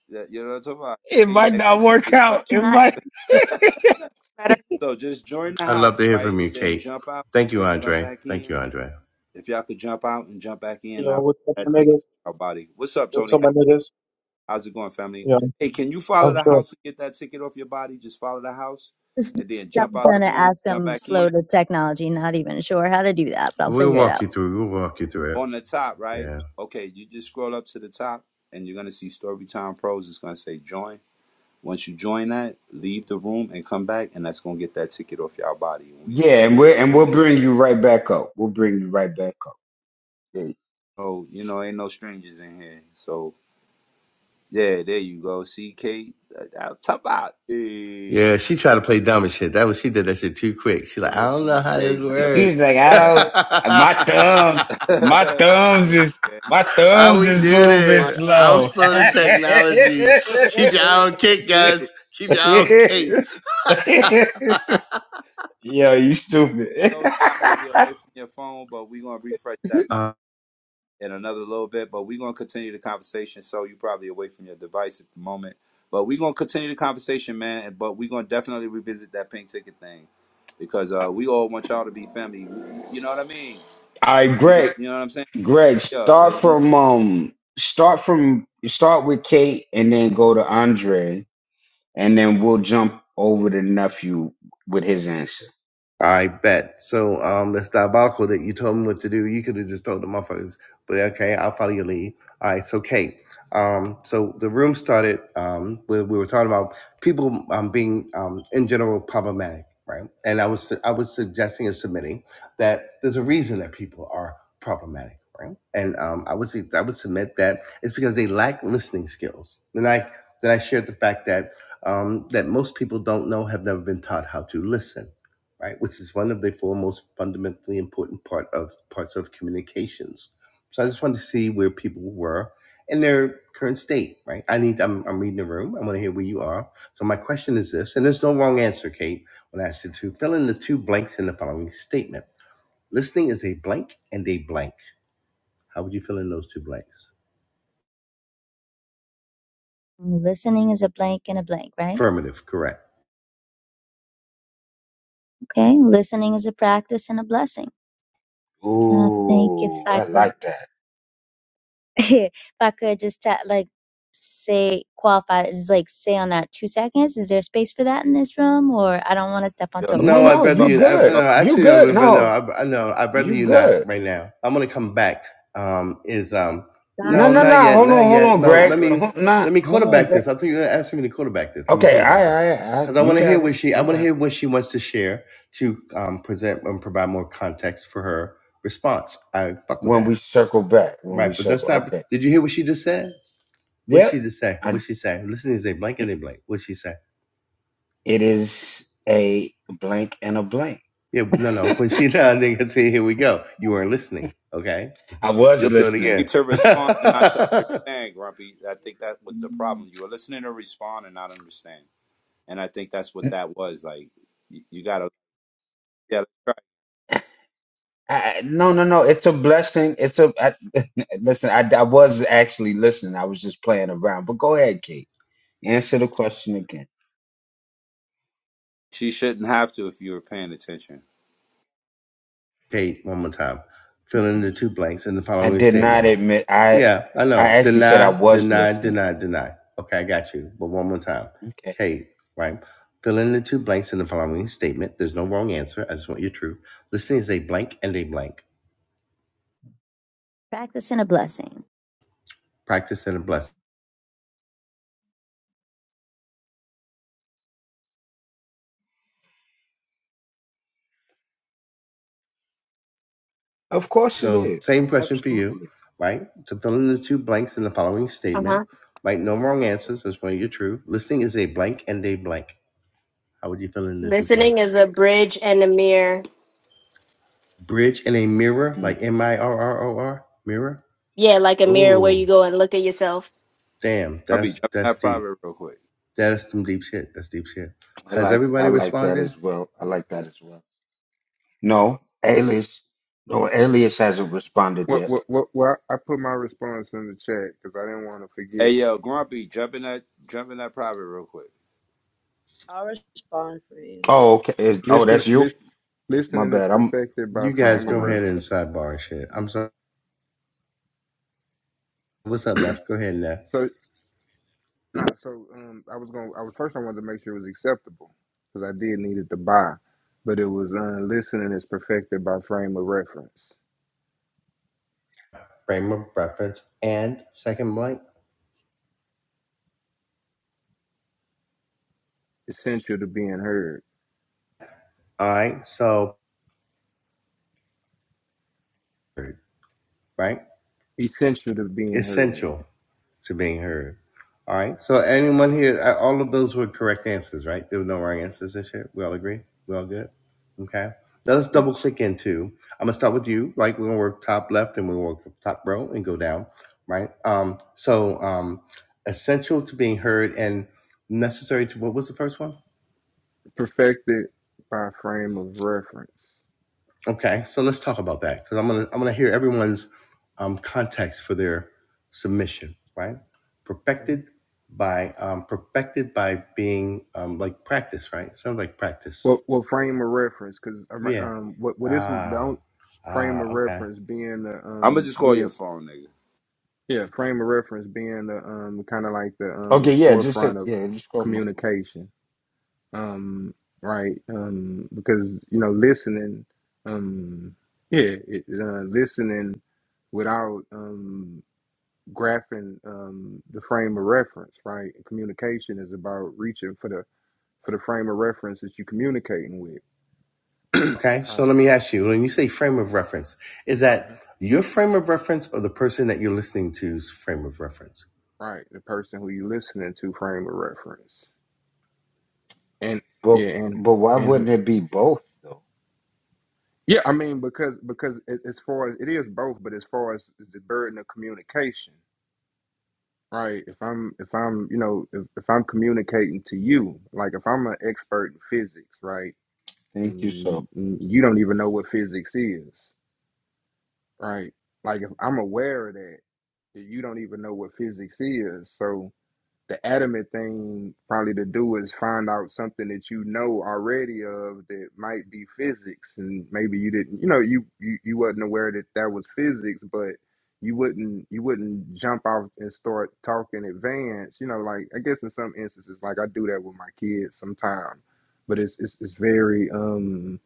That you know what I'm talking about. You
it
made
might
that
not work
Kool-Aid special.
out. It
Can I
might.
Better.
So just join the house,
love to hear from
right,
you,
and then
Kate.
jump out,
Thank you,
then jump
Andre.
back
Thank you,
in.
Andre.
If y'all could jump out and jump back in,
Yo,
now
what's up,
that
my
ticket
niggas?
off our body. What's up,
with
Tony?
some my niggas?
How's it going, family?
Yeah,
Hey, can you follow
I'm
the
sure.
house and get that ticket off your body? Just follow the house,
just?
and then
I
jump
was
out the
going to
room,
ask.
jump
I'm
back
slow
in
to technology, not even sure how to do that, but I'll
We'll
figure it
walk
out.
you through. We'll walk you through it.
on the top, right?
Yeah.
Okay, you just scroll up to the top, and you're gonna see Storytime Pros. It's gonna say join Once you join that, leave the room and come back, and that's gonna get that ticket off your body. And we
Yeah, and
really
we'll and we'll
appreciate.
bring you right back up. We'll bring you right back up.
it. Oh, you know, ain't no strangers in here. So yeah, there you go. See, Kate, uh, uh, top out. Hey,
Yeah, she tried to play dumb and shit. That was she did that shit too quick. She
good
like, I
look
don't
for
know
you,
how this
Kate. Man,
He
works.
appreciate
was like, I
you
don't, my thumbs, my
guys.
thumbs
Appreciate
is,
you guys.
my
how
thumbs
we
is
do
moving
My
this?
thumbs
I'm
slow.
ain't
slow to
coming
technology.
today.
Keep your eye on Kate, guys. Keep your eye on Kate.
Yo,
hey,
you stupid.
those probably away from your phone, but we gonna refresh that.
Um,
in another little bit, but we're gonna continue the conversation. So you are probably away from your device at the moment. But we're gonna continue the conversation, man. But we're gonna definitely revisit that pink ticket thing. Because uh we all want y'all to be family. You know what I mean?
All right,
We could
Greg,
you know what I'm saying?
Greg,
Yeah,
start
let's move.
from, um, start from, start with Kate and then go to Andre and then we'll jump over to nephew with his answer.
I bet. So um it's diabolical that you told me what to do. You could have just told the motherfuckers, but okay, I'll follow your lead. All right, so Kate. Um, so the room started um where we were talking about people um being um in general problematic, right? And I was I was suggesting and submitting that there's a reason that people are problematic, right? And um I would I would submit that it's because they lack listening skills. Then I then I shared the fact that um that most people don't know have never been taught how to listen right? Which is one of the four most fundamentally important part of parts of communications. So I just wanted to see where people were in their current state, right? I need I'm I'm reading the room. I want to hear where you are. So my question is this, and there's no wrong answer, Kate, when I asked you to fill in the two blanks in the following statement. Listening is a blank and a blank. How would you fill in those two blanks?
Listening is a blank and a blank, right?
Affirmative, correct.
Okay. Listening is a practice and a blessing. And I think if
Ooh,
I
I
could,
like that.
if I could just ta- like say qualify, it, just like say on that two seconds. Is there space for that in this room, or I don't want to step on
Yeah.
No,
No,
toes?
I'd
no,
rather
you
you. I, no,
good.
So,
You
actually, I
good.
yeah.
would. No,
No,
I, I- no, I'd rather
you
you not
good.
right now. I'm gonna come back. Um, is um,
Got
No,
no,
no,
you.
not
no.
yet,
Hold
not
on, hold
yet.
on,
No,
Hold on,
let
Greg.
Greg.
me
Hold, nah,
let me
hold on,
quarterback
Greg.
this. I think you're asking me to quarterback this. Let me
Okay, I,
quarterback it
I, I,
because I
you
want to hear
got it.
what she. I
You
want to
got
hear
it.
what she wants to share to um present and provide more context for her response. I fuck with
When we
that,
circle back, when
right?
we
But that's
circle,
not.
okay.
Did you hear what she just said? What she
Yep.
just say?
I,
What she say? Listen, is a blank and a blank. What she say?
it is a blank and a blank.
Yeah, no, no. When she
I
done, nigga, say, here we go. You weren't listening. Okay,
There
was
You're
let's do it
listening.
listening
again.
to respond and not to understand, Grumpy. I
you
think
go.
that was the problem. You were listening to respond and not understand. And I think that's what that was. Like you, you gotta yeah.
I, I- no, no, no. It's a blessing. It's a I, listen. I, I was actually listening. I was just playing around. But go ahead, Kate. Answer the question again.
She shouldn't have to if you were paying attention.
Kate, one more time. Fill in the two blanks in the
I
following
did not
statement.
admit. I
Yeah, I
I
know.
actually said I
Deny,
was
deny,
listening.
deny, deny. Okay, I got you. But one more time.
Okay.
Kate, right? Fill in the two blanks in the following statement. There's no wrong answer. I just want your truth. Listening is a blank and a blank.
Practice and a blessing.
Practice and a blessing.
Of course it
So,
is.
same question for you,
Absolutely.
right? To fill in the two blanks in the following
Uh
statement,
huh.
right? No wrong answers. That's why you're true. Listing is a blank and a blank. How would you fill in the two
Listening
blanks?
is a bridge and a mirror.
Bridge and a mirror,
Mm.
like M I R R O R, mirror.
Yeah, like a mirror where you
Oh,
go and look at yourself.
damn,
Grumpy,
that's
jump in
that's
that
deep.
private real quick.
That's some deep shit. That's deep shit.
I
Has
like I
everybody
like that
responded?
as well. I like that as well. No, Alias. No, Alias hasn't responded
what,
yet.
what, what, what? I put my response in the chat because I didn't want to
Hey
forget it.
yo, Grumpy, jump in that jump in that private real quick.
I'll respond for you.
Oh, okay. Is- oh,
Listen,
that's you.
listen,
My
listening is
bad. I'm.
perfected by
You
All right.
guys
frame of
Hold
go
on
ahead
one
and
second.
reference.
sidebar and shit. I'm sorry. What's up, Neff? Go ahead, Neff.
So. Uh, So um, I was going. to I was first. I wanted to make sure it was acceptable because I did need it to buy, but it was uh, listening is perfected by frame of reference.
Frame of reference and second blank.
Essential to being heard.
All right, so right?
Essential to being heard.
essential to being heard. All right. So anyone here, uh, all of those were correct answers, right? There were no wrong answers this year. We all agree. We all good. Okay. Now let's
It,
double click into. I'm gonna start with you. Right. We're gonna work top left and we will work top row and go down. Right. Um. So um, essential to being heard and necessary to what was the first one?
perfected by frame of reference.
Okay, so let's talk about that because I'm gonna I'm gonna hear everyone's um, context for their submission, right?
Mhm.
Perfected by um, perfected by being um, like practice, right? Sounds like practice.
Well, well, frame of reference because um,
Yeah.
um, what what this would-
Ah.
don't frame
Ah.
of
Okay.
reference being the
I'ma
um
just call your
being
phone, nigga.
yeah frame of reference being the um kind of like the um
Okay. Yeah. Just
forefront
hit-
of
yeah. Just scroll. My,
communication um, right? Um, because you know, listening, um, yeah, it, uh, listening without um, graphing um, the frame of reference, right? Communication is about reaching for the for the frame of reference that you're communicating with,
Okay, so
right?
let me ask you when you say frame of reference, is that
Mhm.
your frame of reference or the person that you're listening to's frame of reference?
Right, the person who you listening to frame of reference, and
but
yeah, and
but why
and who-
wouldn't it be both though?
yeah, I mean because because a- as far as it is both, but as far as the burden of communication, right if i'm if i'm you know if, if i'm communicating to you like if i'm an expert in physics right
Thank you so.
and, and you don't even know what physics is right like if i'm aware of that that you don't even know what physics is so the adamant thing probably to do is find out something that you know already of that might be physics and maybe you didn't you know you you, you wasn't aware that that was physics but you wouldn't you wouldn't jump off and start talking advanced you know like i guess in some instances like i do that with my kids sometimes but it's it's, it's very um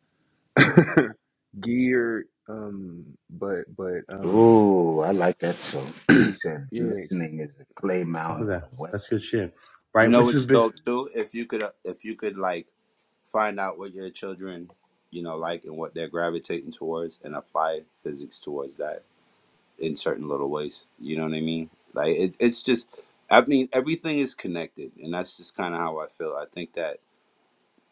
geared um but but um
Ooh, I like that so. She said
yeah
listening is a clay
Fuck
mound
with
and a
that.
weapon.
That's good shit,
You
right?
know
Which is
what's
big.
dope too? If you could uh, if you could like find out what your children, you know, like and what they're gravitating towards and apply physics towards that in certain little ways. You know what I mean? Like it, it's just I mean, everything is connected and that's just kinda how I feel. I think that,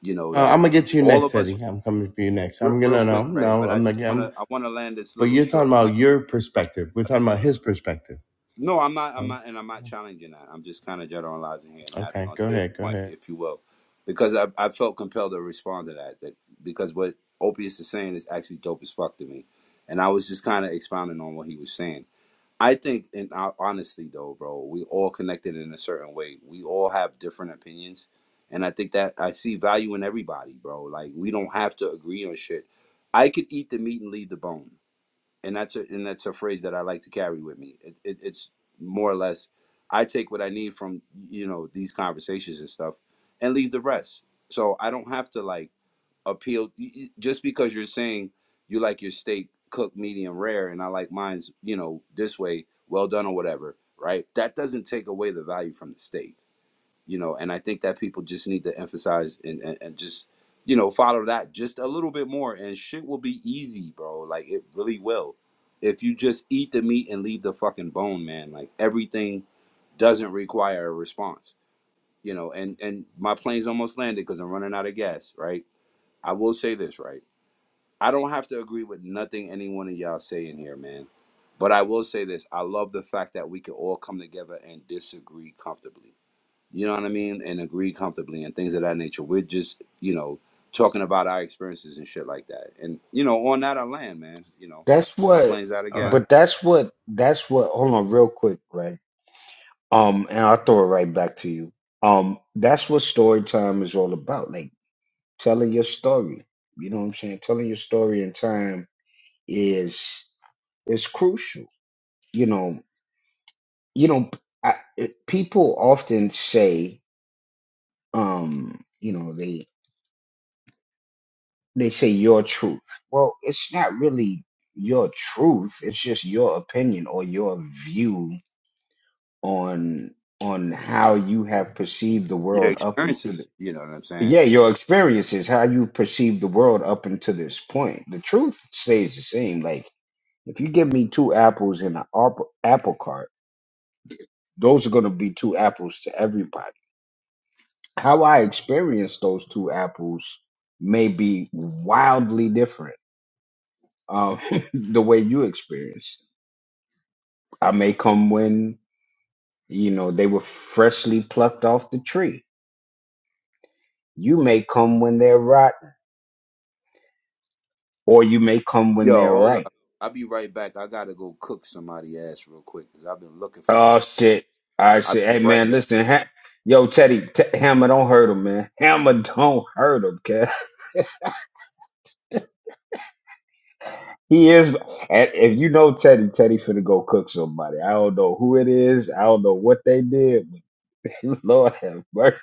you know,
Uh,
that
I'm gonna
we
get to you
all
next,
of us
Eddie. I'm coming for you next.
Real,
I'm
real
gonna no,
quick, right?
no.
But I
I'm
just
not.
wanna
I'm
I wanna land this
But
little
you're talking
short plane.
about your
So
perspective. We're
I
talking about
guess.
his perspective.
No, I'm not. I'm
Um,
not, and I'm not challenging that. I'm just kind of generalizing here and adding
okay,
on to
go
his
ahead, go
point,
ahead.
if you will, because I I felt compelled to respond to that. That because what Opius is saying is actually dope as fuck to me, and I was just kind of expounding on what he was saying. I think, and I, honestly though, bro, we all connected in a certain way. We all have different opinions, and I think that I see value in everybody, bro. Like we don't have to agree on shit. I could eat the meat and leave the bone, and that's a and that's a phrase that I like to carry with me. It, it, it's more or less, I take what I need from you know these conversations and stuff, and leave the rest. So I don't have to like appeal just because you're saying you like your steak cooked medium rare and I like mine's, you know, this way, well done or whatever, right? That doesn't take away the value from the steak, you know, and I think that people just need to emphasize and, and, and just, you know, follow that just a little bit more and shit will be easy, bro. Like it really will. If you just eat the meat and leave the fucking bone, man, like everything doesn't require a response, you know, and, and my plane's almost landed because I'm running out of gas, right? I will say this, right? I don't have to agree with nothing any one of y'all say in here, man. But I will say this. I love the fact that we can all come together and disagree comfortably. You know what I mean? And agree comfortably and things of that nature. We're just, you know, talking about our experiences and shit like that. And, you know, on that I land, man. You know,
That's
my
what,
plane's out of
All
gas.
right.
but that's what, that's what, hold on real quick, right? Um, and I'll throw it right back to you. Um, that's what story time is all about. Like telling your story. You know what I'm saying? Telling your story in time is is crucial. You know, you know, I, it- people often say, um, you know, they they say your truth. Well, it's not really your truth. It's just your opinion or your view on on how you have perceived the
Your
world up until the
experiences, you know what I'm saying?
yeah your experiences how you've perceived the world up until this point the truth stays the same like if you give me two apples in an apple, apple cart those are going to be two apples to everybody how i experience those two apples may be wildly different um, the way you experience it. i may come when you know they were freshly plucked off the tree you may come when they're rotten or you may come when
Yo,
they're
hold
right.
up. I'll be right back. I gotta go cook somebody ass real quick because I've been looking for this.
Oh shit! I
I'll
said,
be
hey
right
man,
back.
listen, ha- yo Teddy, t- Hammer don't hurt him, man. Hammer don't hurt him, cause he is. And if you know Teddy, Teddy finna go cook somebody. I don't know who it is. I don't know what they did, but Lord have mercy,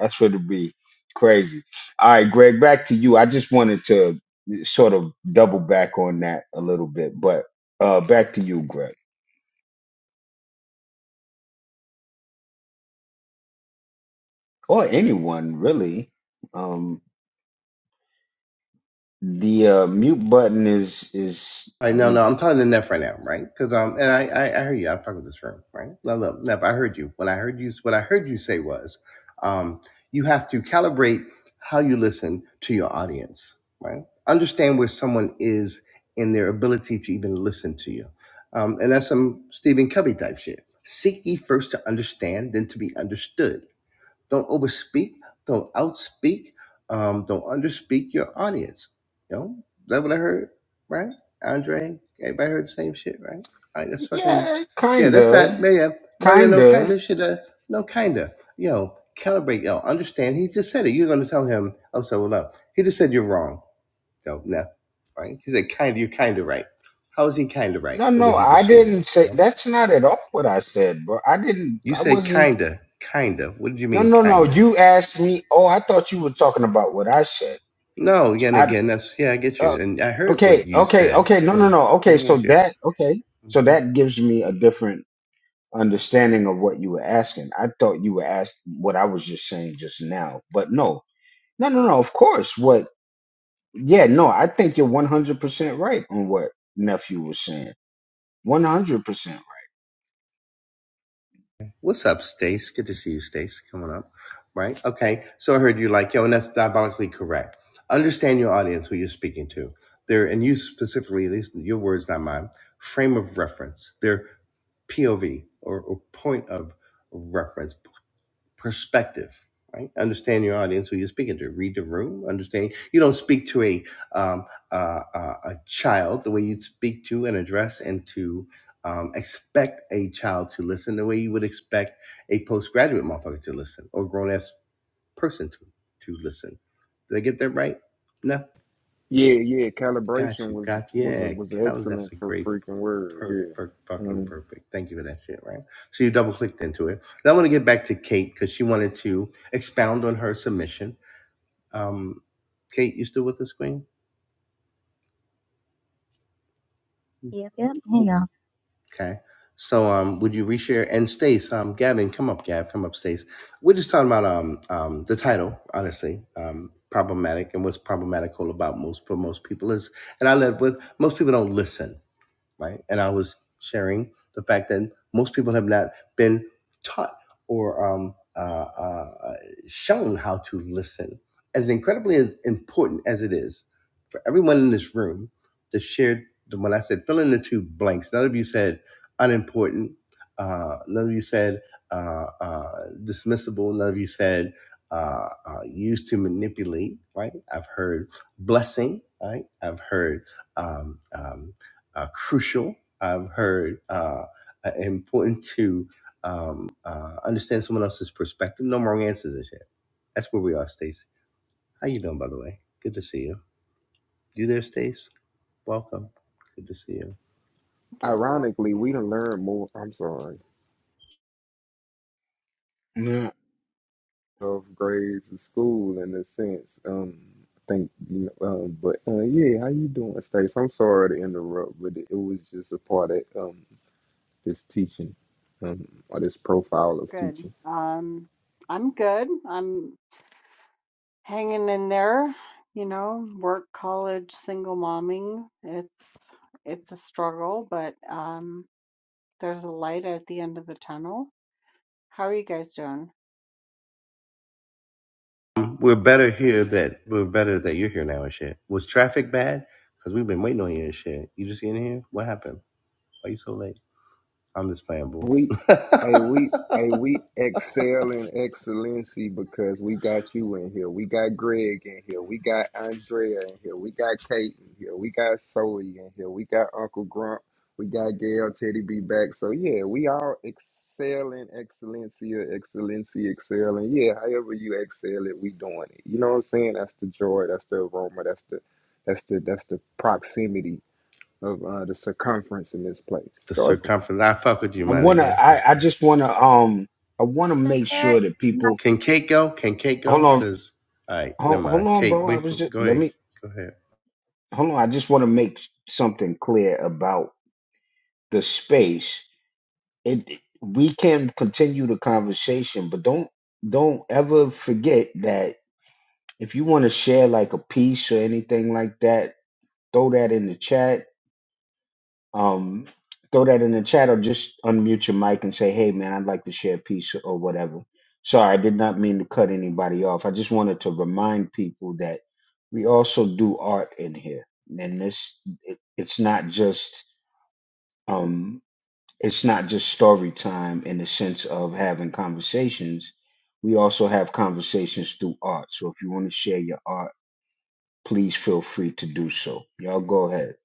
that's finna be crazy. All right, Greg, back to you. I just wanted to sort of double back on that a little bit, but uh back to you, Greg, or anyone really. Um, The uh, mute button is is
All right, no, no, I'm
is
talking to Neff right now, right? Because um, and I, I, I hear you. I'm talking to this room, right? No, no, Neff, I heard you. When I heard you, what I heard you say was, um, you have to calibrate how you listen to your audience, right? Understand where someone is in their ability to even listen to you, um, and that's some Stephen Covey type shit. Seek ye first to understand, then to be understood. Don't overspeak. Don't outspeak. Um, don't underspeak your audience. You know, that what I heard, right? Andre, everybody heard the same shit, right? All right, that's fucking,
yeah,
yeah, that's not,
kinda,
yeah, yeah, but you know, kind
kinda.
of shit, uh, no, kind of, you know, calibrate, yo, understand. He just said it. You're going to tell him, oh, so what up? He just said you're wrong. Yo, no, right? He said, kind of, you're kind of right. How is he kind of right
No,
in what
no,
he just
I
shared?
didn't
You
say
know?
that's not at all what I said, bro. I didn't.
You
I
said
wasn't.
kinda, kinda. What did you
No,
mean
no, no.
kinda?
You asked me. Oh, I thought you were talking about what I said.
No, again,
I
again, that's yeah, I get
uh,
you, and I heard what
okay,
you
okay,
said.
okay. No,
Yeah,
no, no.
I
Okay, so
get you.
that okay, so
hmm
that gives me a different understanding of what you were asking. I thought you were asking what I was just saying just now, but no, no, no, no. Of course, what Yeah, no, I think you're 100% right on what nephew was saying. 100%. Right.
What's up, Stace? Good to see you, Stace. Coming up, right? Okay, so I heard you like yo, and that's diabolically correct. Understand your audience, who you're speaking to. Their and you specifically, at least your words, not mine. Frame of reference. Their POV or, or point of reference perspective right understand your audience who you're speaking to read the room understand you don't speak to a um, uh, uh, a child the way you'd speak to and address and to um, expect a child to listen the way you would expect a postgraduate motherfucker to listen or grown-ass person to to listen did i get that right No.
Yeah, yeah.
Got
Calibration
you.
was
Got you.
was a,
Yeah,
was an
Cal, that's
excellent
a
for
great
freaking word.
per, per,
Yeah.
fucking
Um,
perfect. Thank you for that shit, right? So you double clicked into it. Then I want to get back to Kate because she wanted to expound on her submission. Um, Kate, you still with us, Queen?
Yep. Yep. Hang on.
Okay. So um, would you reshare and Stace? Um, Gavin, come up, Gab, come up, Stace. We're just talking about um, um, the title, honestly. Um, problematic and what's problematical about most for most people is, and I led with most people don't listen right? And I was sharing the fact that most people have not been taught or um, uh, uh, shown how to listen. As incredibly as important as it is for everyone in this room that shared, the- when I said fill in the two blanks, none of you said unimportant, uh, none of you said uh, uh, dismissible, none of you said uh, uh, used to manipulate, right? I've heard blessing, right? I've heard um, um, uh, crucial. I've heard uh, uh, important to um, uh, understand someone else's perspective. No wrong answers this year. That's where we are, Stacy. How you doing, by the way? Good to see you. You there, Stace? Welcome. Good to see
Yeah,
you.
Thank you for
ironically, we
welcoming me.
done learn more. I'm sorry.
Yeah.
Of grades in school, in a sense. Um, I think you know. Um, but uh, yeah, how you doing, Stace? I'm sorry to interrupt, but it, it was just a part of um this teaching, um, or this profile of
Good.
teaching.
Um, I'm good. I'm hanging in there. You know, work, college, single momming. It's it's a struggle, but um, there's a light at the end of the tunnel. How are you guys doing?
Um, We're better here that we're better that you're here now and shit. Was traffic bad? Cause we've been waiting on you and shit. You just getting here? What happened? Why you so late? I'm just playing, boo.
We, hey, we,
the
hey, we excel in excellency because we got you in here. We got Greg in here. We got Andrea in here. We got Kate in here. We got Zoe in here. We got Uncle Grump. We got Gail Teddy B back. So yeah, we all excel in excellency or excellency excel. And yeah, however you excel it, we doing it. You know what I'm saying? That's the joy. That's the aroma. That's the, that's the, that's the proximity of uh, the circumference in this place. Joyful.
circumference. I fuck with you,
I
Yeah.
man. I
want to
guess.
I I just want to um I want to
But
make sure that
there.
people
Can Kate go? Can Kate
Hold
go?
on.
Because, all right,
Hold,
never
hold
mind.
on,
Kate,
bro. I
wait
was
for,
just
go
let
ahead.
me
Go ahead.
Hold on. I just want to make something clear about the space. It we can continue the conversation, but don't don't ever forget that if you want to share like a piece or anything like that, throw that in the chat Um, throw that in the chat or just unmute your mic and say, hey, man, I'd like to share a piece or whatever. Sorry, I did not mean to cut anybody off. I just wanted to remind people that we also do art in here. And this, it, it's not just, um, it's not just story time in the sense of having conversations. We also have conversations through art. So if you want to share your art, please feel free to do so. Y'all go ahead.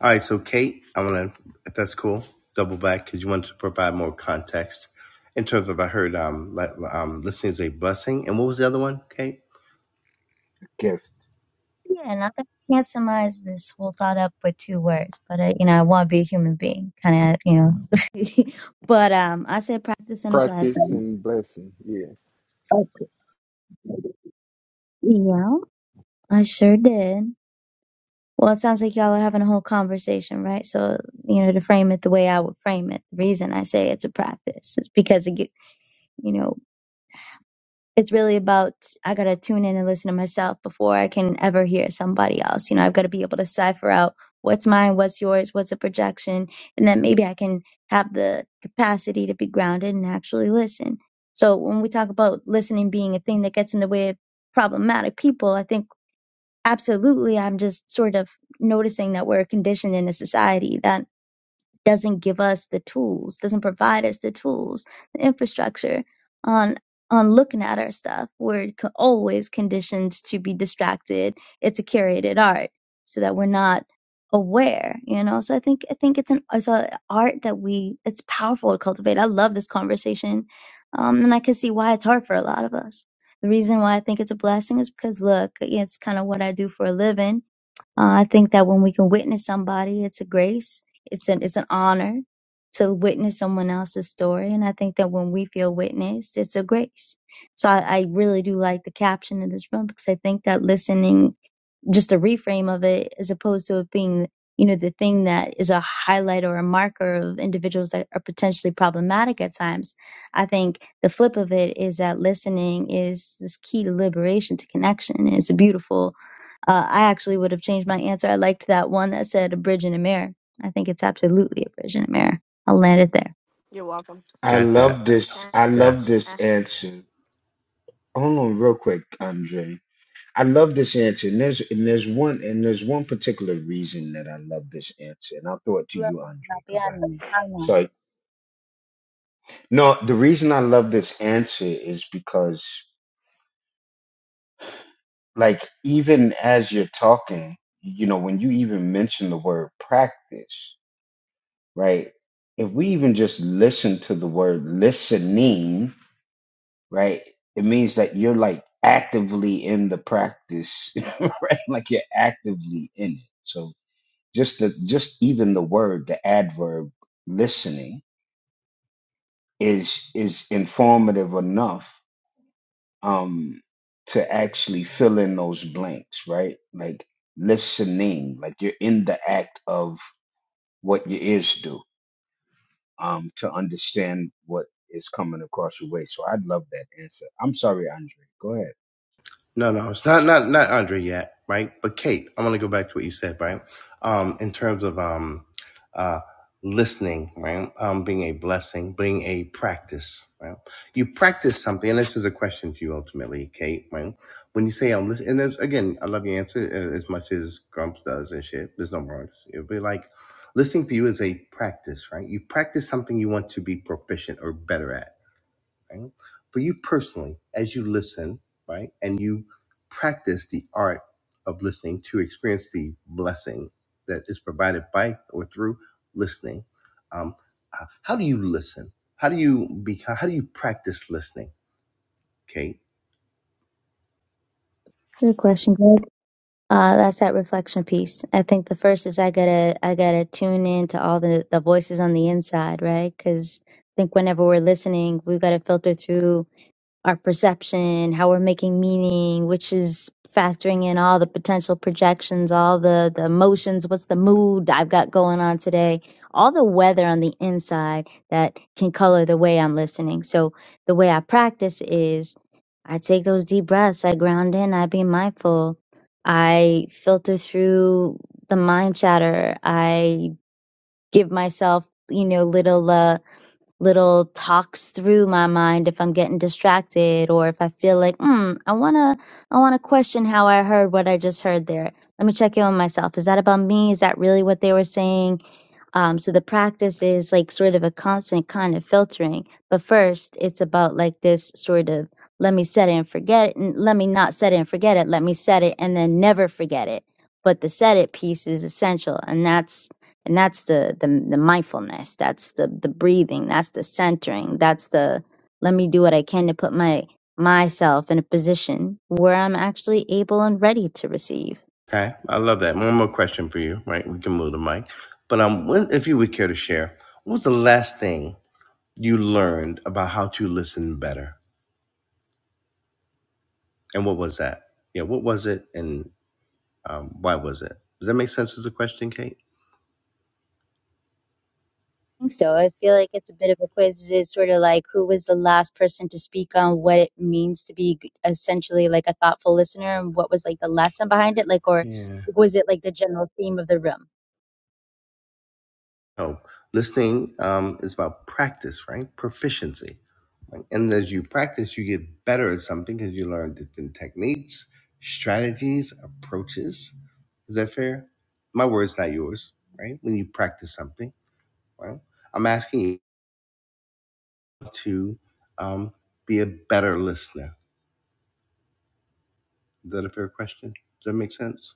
All right, so Kate, I want to, if that's cool, double back because you wanted to provide more context in terms of, I heard um, li- um, listening is a blessing. And what was the other one, Kate?
Gift.
Yeah, not that I can't surmise this whole thought up with two words, but uh, you know, I want to be a human being, kind of, you know. but um, I said practice and a
Practice
blessing.
and blessing. Yeah.
Okay. Yeah, I sure did. Well, it sounds like y'all are having a whole conversation, right? So, you know, to frame it the way I would frame it, the reason I say it's a practice is because it, get- you know, it's really about I gotta tune in and listen to myself before I can ever hear somebody else. You know, I've got to be able to cipher out what's mine, what's yours, what's a projection, and then maybe I can have the capacity to be grounded and actually listen. So when we talk about listening being a thing that gets in the way of problematic people, I think absolutely I'm just sort of noticing that we're conditioned in a society that doesn't give us the tools, doesn't provide us the tools, the infrastructure on on looking at our stuff. We're co- always conditioned to be distracted. It's a curated art, so that we're not aware, you know. So I think I think it's an it's a art that we it's powerful to cultivate. I love this conversation, um, and I can see why it's hard for a lot of us. The reason why I think it's a blessing is because look, it's kind of what I do for a living uh, I think that when we can witness somebody, it's a grace. It's an it's an honor to witness someone else's story, and I think that when we feel witnessed, it's a grace. So I, I really do like the caption in this room because I think that listening just a reframe of it as opposed to it being you know the thing that is a highlight or a marker of individuals that are potentially problematic at times i think the flip of it is that listening is this key to liberation to connection it's a beautiful uh, i actually would have changed my answer i liked that one that said a bridge and a mirror i think it's absolutely a bridge and a mirror i'll land it there
You're welcome.
I
Got that.
love this. I love
Yes.
this answer. Hold on, real quick, Andre. I love this answer, and there's and there's one and there's one particular reason that I love this answer, and I'll throw it to
Love
you,
you, not
Andre, because I
beyond me. I don't know.
sorry. No, the reason I love this answer is because, like, even as you're talking, you know, when you even mention the word practice, right? If we even just listen to the word listening, right? It means that you're like actively in the practice, right? Like you're actively in it. So just the just even the word, the adverb listening is is informative enough um to actually fill in those blanks, right? Like listening, like you're in the act of what your ears do um to understand what is coming across your way. So I'd love that answer. I'm sorry, Andre. Go ahead.
No, no, it's not not not Andre yet, right? But Kate, I want to go back to what you said, right? Um, in terms of um, uh, listening, right? Um, being a blessing, being a practice, right? You practice something, and this is a question to you ultimately, Kate, right? When you say I'm listening, and there's, again, I love your answer uh, as much as Grumps does and shit. There's no wrong. It'd be like listening for you is a practice, right? You practice something you want to be proficient or better at right? For you personally, as you listen, right, and you practice the art of listening to experience the blessing that is provided by or through listening, um, uh, how do you listen? How do you become? How do you practice listening, Kate?
good question Greg. Uh, that's that reflection piece. I think the first is I gotta I gotta tune in to all the the voices on the inside, right? Because I think whenever we're listening, we've got to filter through our perception, how we're making meaning, which is factoring in all the potential projections, all the, the emotions, what's the mood I've got going on today, all the weather on the inside that can color the way I'm listening. So the way I practice is I take those deep breaths, I ground in, I be mindful, I filter through the mind chatter, I give myself, you know, little uh little talks through my mind if I'm getting distracted or if I feel like, hmm, I wanna I wanna question how I heard what I just heard there. Let me check in with myself. Is that about me? Is that really what they were saying? Um, so the practice is like sort of a constant kind of filtering. But first, it's about like this sort of let me set it and forget it, and let me not set it and forget it, let me set it and then never forget it. But the set it piece is essential, and that's and that's the the, the mindfulness, that's the the breathing, that's the centering, that's the let me do what I can to put my myself in a position where I'm actually able and ready to receive.
Okay, I love that. One more question for you, right? We can move the mic, but um, when, if you would care to share, what was the last thing you learned about how to listen better, and what was that? Yeah, what was it, and. Um, why was it? Does that make sense as a question, Kate?
think so. I feel like it's a bit of a quiz. It's sort of like who was the last person to speak on what it means to be g- essentially like a thoughtful listener and what was like the lesson behind it? Like, or
Yeah.
was it like the general theme of the room?
Oh, listening um, is about practice, right? Proficiency. Like, And as you practice, you get better at something because you learn different techniques, strategies, approaches. Is that fair? My word's not yours, right? When you practice something, right? I'm asking you to um, be a better listener. Is that a fair question? Does that make sense?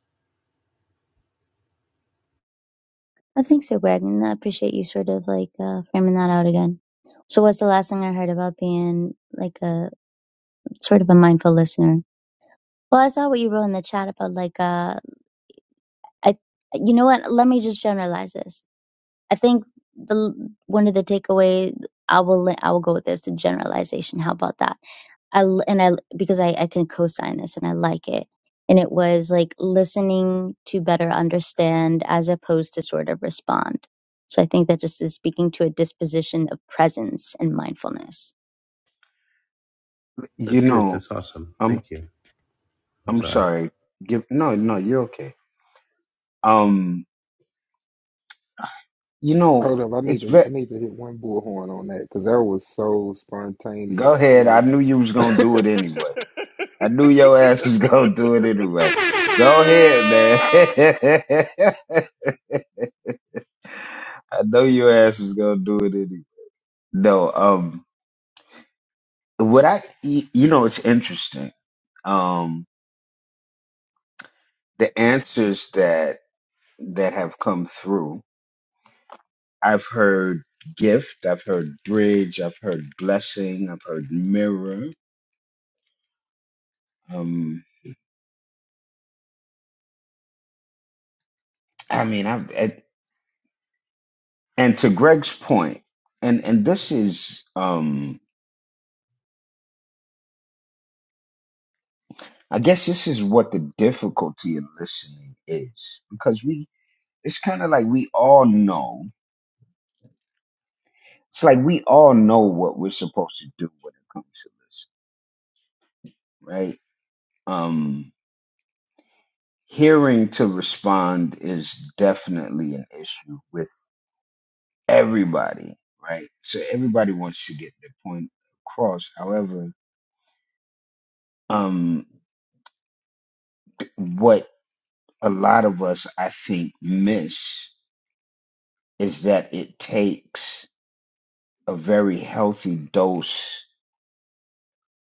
I think so, Greg. And I appreciate you sort of like uh, framing that out again. So, what's the last thing I heard about being like a sort of a mindful listener? Well, I saw what you wrote in the chat about like, uh, I, you know what? Let me just generalize this I think the one of the takeaway I will I will go with this generalization. How about that? I and I because I I can co-sign this and I like it. And it was like listening to better understand as opposed to sort of respond. So I think that just is speaking to a disposition of presence and mindfulness.
You
That's good.
know,
That's awesome.
I'm.
Thank you. I'm
I'm
sorry.
sorry. Give no, no, you're okay. Um, you know,
Hold up. I need
it's
to.
ve-
I need to hit one bullhorn on that because that was so
go
spontaneous. It
ahead. I
was.
knew you was gonna do it anyway. I knew your ass was gonna do it anyway. Go ahead, man. I know your ass was gonna do it anyway. No, um, what I y- you know, it's interesting. Um, the answers that that have come through. I've heard gift. I've heard bridge. I've heard blessing. I've heard mirror. um, I mean, I, I and to Greg's point, and and this is, um, I guess this is what the difficulty in listening is because we, it's kind of like we all know. It's like we all know what we're supposed to do when it comes to listening, right? Um, hearing to respond is definitely an issue with everybody, right? So everybody wants to get their point across. However, um, what a lot of us, I think, miss is that it takes a very healthy dose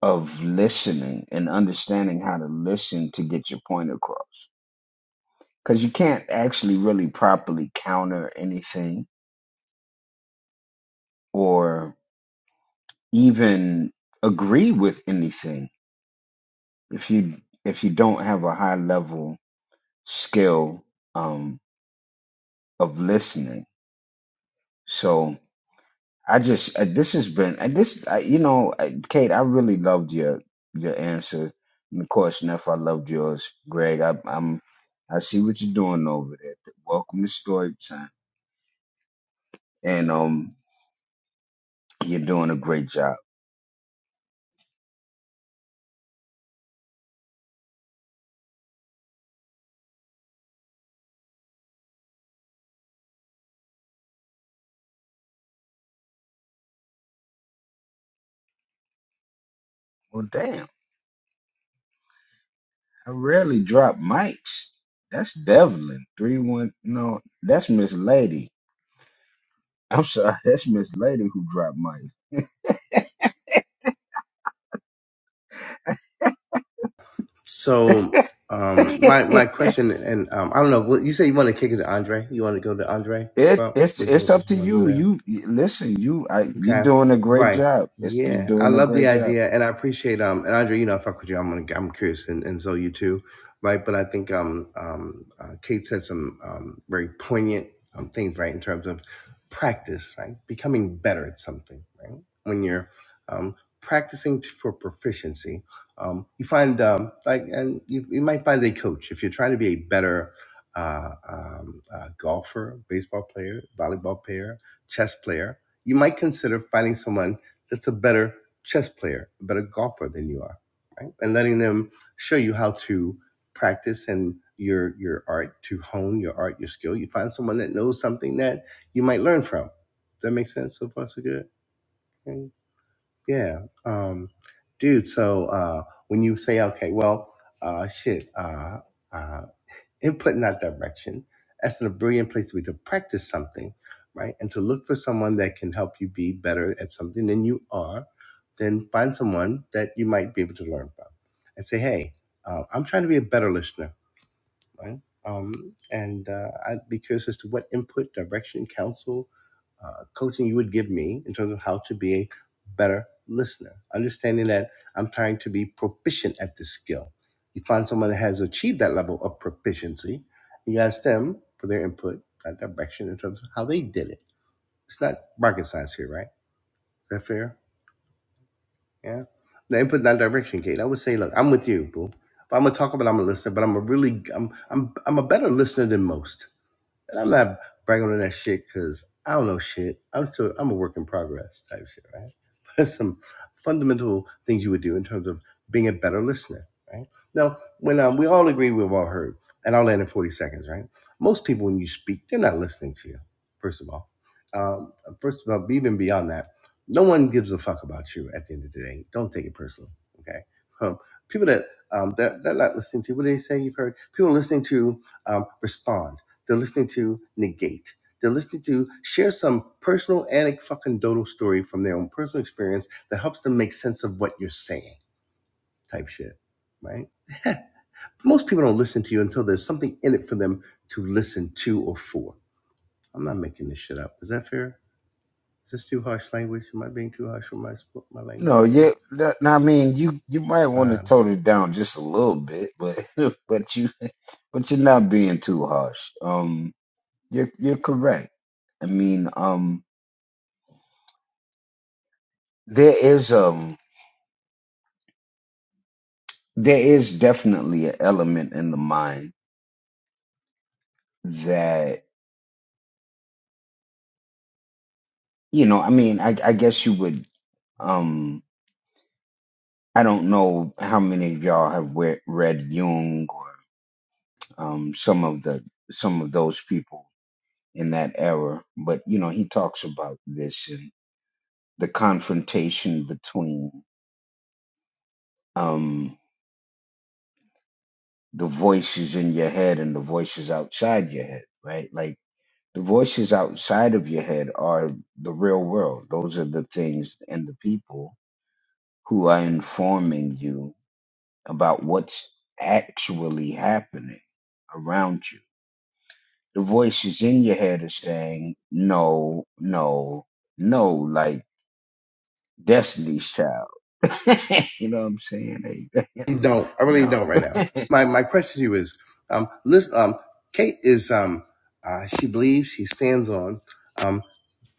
of listening and understanding how to listen to get your point across. Because you can't actually really properly counter anything or even agree with anything if you if you don't have a high level skill um, of listening. So I just uh, this has been uh, this uh, you know uh, Kate I really loved your your answer and of course Neff I loved yours Greg I, I'm I see what you're doing over there welcome to story time and um you're doing a great job well damn I rarely drop mics that's Devlin three one no that's Miss Lady I'm sorry that's Miss Lady who dropped mics
So um, my my question, and um, I don't know. What, you say you want to kick it to Andre? You want to go to Andre?
It
Well,
it's
would
it's
you
up
did
to
you want to go
you.
there?
You you- listen. You I, you're
Okay.
doing a great
Right.
job. It's, you're
Yeah. I
doing a
love the
great job.
idea and I appreciate um and Andre, you know, I fuck with you. I'm gonna, I'm curious and, and so you too. Right. But I think um um uh, Kate said some um very poignant um things, right, in terms of practice, right? Becoming better at something, right? When you're um practicing t- for proficiency. Um you find um like and you, you might find a coach if you're trying to be a better uh, um, uh, golfer, baseball player, volleyball player, chess player, you might consider finding someone that's a better chess player, a better golfer than you are, right? And letting them show you how to practice and your your art to hone your art, your skill. You find someone that knows something that you might learn from. Does that make sense? So far, so good. Okay. Yeah, um, dude. So uh, when you say, okay, well, uh, shit. Uh, uh, input in that direction. That's a brilliant place to be to practice something, right? And to look for someone that can help you be better at something than you are. Then find someone that you might be able to learn from and say, hey, uh, I'm trying to be a better listener right? Um, and uh, I'd be curious as to what input, direction, counsel, uh, coaching you would give me in terms of how to be a better listener. Understanding that I'm trying to be proficient at this skill. You find someone that has achieved that level of proficiency, and you ask them for their input, that direction in terms of how they did it. It's not rocket science here, right? Is that fair? Yeah. The input, not direction, Kate. I would say, look, I'm with you, boo. But I'm gonna talk about I'm a listener, but I'm a really I'm I'm I'm a better listener than most and I'm not bragging on that shit because I don't know shit. I'm still I'm a work in progress type shit, right? But it's some fundamental things you would do in terms of being a better listener, right? Now, when um, we all agree we've all heard, and I'll land in 40 seconds, right? Most people, when you speak, they're not listening to you, first of all. Um, first of all, even beyond that, no one gives a fuck about you at the end of the day. Don't take it personally, okay? Um, people that um, they're, they're not listening to, what do they say you've heard? People listening to um, respond they're listening to negate. They're listening to share some personal anecdotal story from their own personal experience that helps them make sense of what you're saying, type shit, right? Most people don't listen to you until there's something in it for them to listen to or for. I'm not making this shit up. Is that fair? Is this too harsh language? Am I being too harsh with my my language
No,
right
yeah.
now?
that- I mean, you you might want to
Um,
tone it down just a little bit, but but you but you're not being too harsh. Um, you're you're correct. I mean, um, there is um there is definitely an element in the mind that you know. I mean, I I guess you would um. I don't know how many of y'all have read, read Jung um, some of the some of those people in that era. But you know, he talks about this and the confrontation between um, the voices in your head and the voices outside your head, right? Like the voices outside of your head are the real world. Those are the things and the people who are informing you about what's actually happening around you The voices in your head are saying, no, no, no, like Destiny's Child. you know what I'm saying? Like,
you don't. I really
no.
don't right now. My my question to you is, um, listen, um, Kate is um, uh, she believes she stands on. um,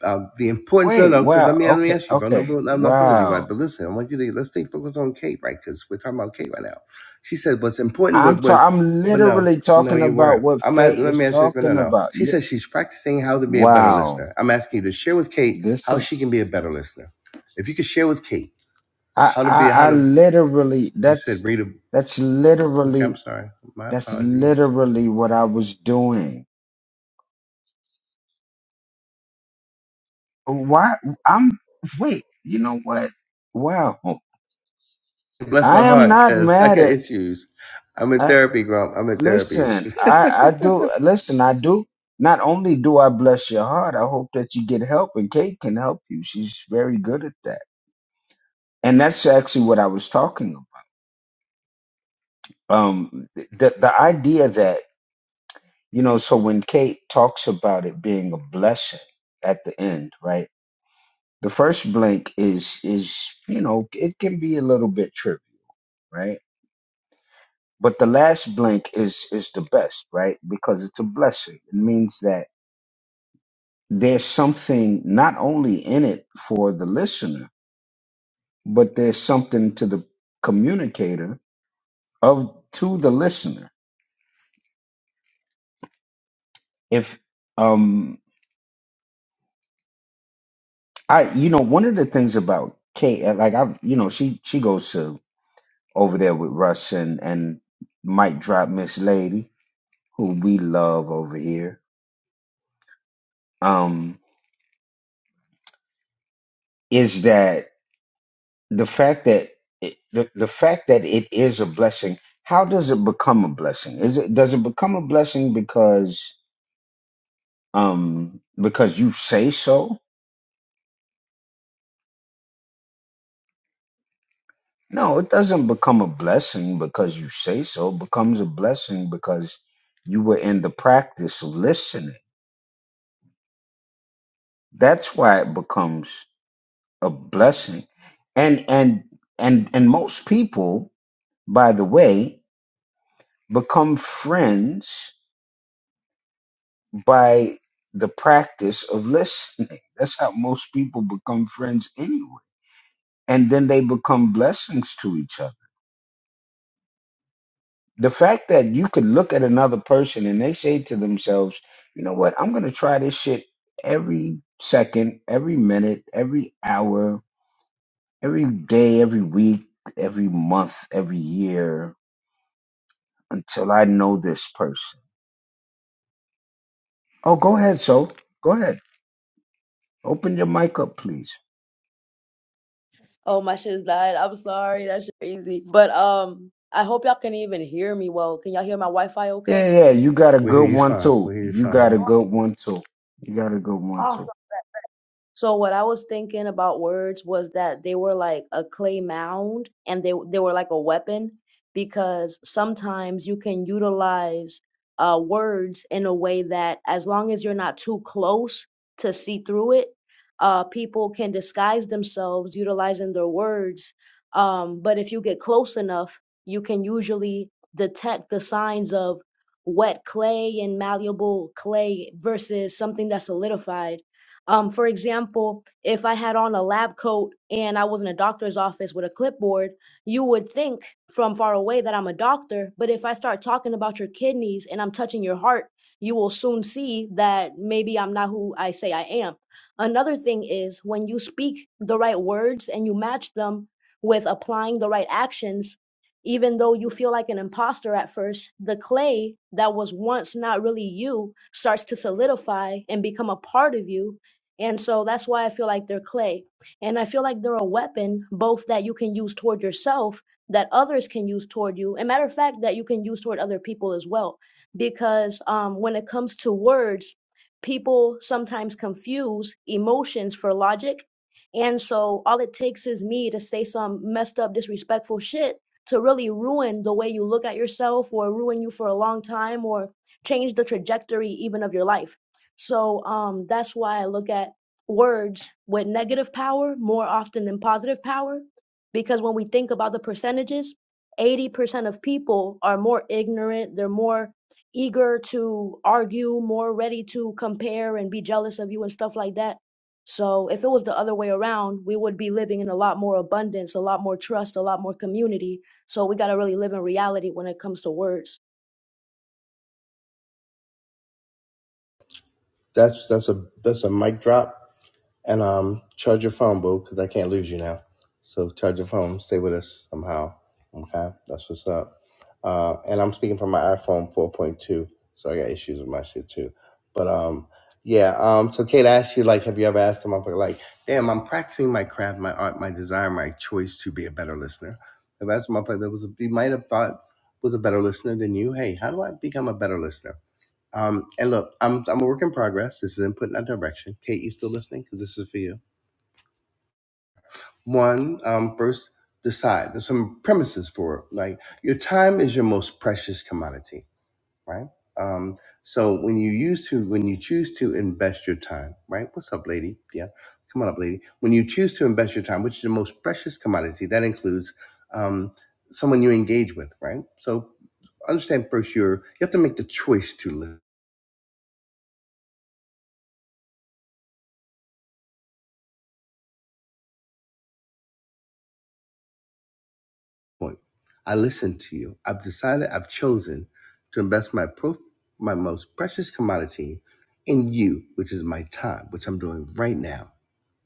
uh, the importance no
Wait,
no because let
wow.
me let me
Okay,
ask you bro no
okay.
bro, I'm not talking with you right
Wow.
but listen I want you to let's stay focused on Kate right because we're talking about Kate right now she said what's important
I'm
but but
ta- I'm
but no
literally
no
talking
you
about
weren't
what
I'm at,
fate
let me
is
ask you but no
talking
no
about.
she
Yeah.
says she's practicing how to be a better
Wow.
listener I'm asking you to share with Kate
This
how
is
she can be a better listener if you could share with Kate
I
how to
I,
be how
I
to
literally
you said
that's
read a
that's
okay I'm
literally
sorry my
that's
apologies
literally what I was doing Why? I'm wait. You know what? Wow.
bless my
I am
heart
not
because I
mad
got
at.
issues I'm in
I,
therapy Grump I'm in therapy
listen. I I do. Listen. I do. Not only do I bless your heart, I hope that you get help, and Kate can help you. She's very good at that, and that's actually what I was talking about. Um, the the idea that you know. So when Kate talks about it being a blessing at the end, right? The first blink is is you know it can be a little bit trippy, right? But the last blank is is the best, right? Because it's a blessing. It means that there's something not only in it for the listener, but there's something to the communicator of to the listener. If um I you know one of the things about Kate uh, like I you know she she goes to over there with Russ and and Mike drop Miss Lady who we love over here um is that the fact that it, the, the fact that it is a blessing how does it become a blessing is it does it become a blessing because um because you say so no it doesn't become a blessing because you say so it becomes a blessing because you were in the practice of listening that's why it becomes a blessing and and and and most people by the way become friends by the practice of listening. That's how most people become friends anyway. And then they become blessings to each other. The fact that you could look at another person and they say to themselves, you know what, I'm going to try this shit every second, every minute, every hour, every day, every week, every month, every year until I know this person. Oh, go ahead, Soul. go ahead. Open your mic up, please.
Oh, my shit's died. I'm sorry. That's crazy. But um, I hope y'all can even hear me well. Can y'all hear my Wi-Fi
Yeah,
okay?
yeah, yeah, you got a
We hear
good
you
one
fine. We
too.
hear you
You got
fine.
a good one too. You got a good one
Oh,
too.
So what I was thinking about words was that they were like a clay mound and they they were like a weapon because sometimes you can utilize uh words in a way that as long as you're not too close to see through it, uh people can disguise themselves utilizing their words. Um but if you get close enough, you can usually detect the signs of wet clay and malleable clay versus something that's solidified um, for example, if I had on a lab coat and I was in a doctor's office with a clipboard, you would think from far away that I'm a doctor. But if I start talking about your kidneys and I'm touching your heart, you will soon see that maybe I'm not who I say I am. Another thing is when you speak the right words and you match them with applying the right actions, even though you feel like an imposter at first, the clay that was once not really you starts to solidify and become a part of you and so that's why I feel like they're clay. And I feel like they're a weapon, both that you can use toward yourself, that others can use toward you, and matter of fact, that you can use toward other people as well. Because um, when it comes to words, people sometimes confuse emotions for logic. And so all it takes is me to say some messed up, disrespectful shit to really ruin the way you look at yourself or ruin you for a long time or change the trajectory even of your life. So um, that's why I look at words with negative power more often than positive power, because when we think about the percentages, 80% of people are more ignorant, they're more eager to argue, more ready to compare and be jealous of you and stuff like that. So if it was the other way around, we would be living in a lot more abundance, a lot more trust, a lot more community. So we got to really live in reality when it comes to words.
That's that's a that's a mic drop. And um, charge your phone, boo, because I can't lose you now. So charge your phone. Stay with us somehow. Okay, that's what's up. Uh, and I'm speaking from my iPhone 4.2, so I got issues with my shit too. But um, yeah. Um, so Kate asked you like, have you ever asked a motherfucker like, damn, I'm practicing my craft, my art, my desire, my choice to be a better listener. If that's a motherfucker that was, a, you might have thought was a better listener than you. Hey, how do I become a better listener? Um, and look, I'm I'm a work in progress. This is input, not direction. Kate, you still listening? Because this is for you. One, um, first decide. There's some premises for it. Like your time is your most precious commodity, right? Um, so when you use to when you choose to invest your time, right? What's up, lady? Yeah, come on up, lady. When you choose to invest your time, which is the most precious commodity, that includes um, someone you engage with, right? So understand first, you're you have to make the choice to live point. I listened to you. I've decided, I've chosen to invest my pro- my most precious commodity in you, which is my time, which I'm doing right now,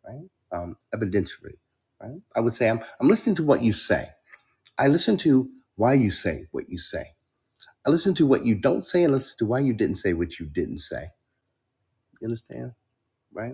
right? Um, evidentiary, right? I would say I'm, I'm listening to what you say. I listen to why you say what you say. I listen to what you don't say and listen to why you didn't say what you didn't say. You understand? Right?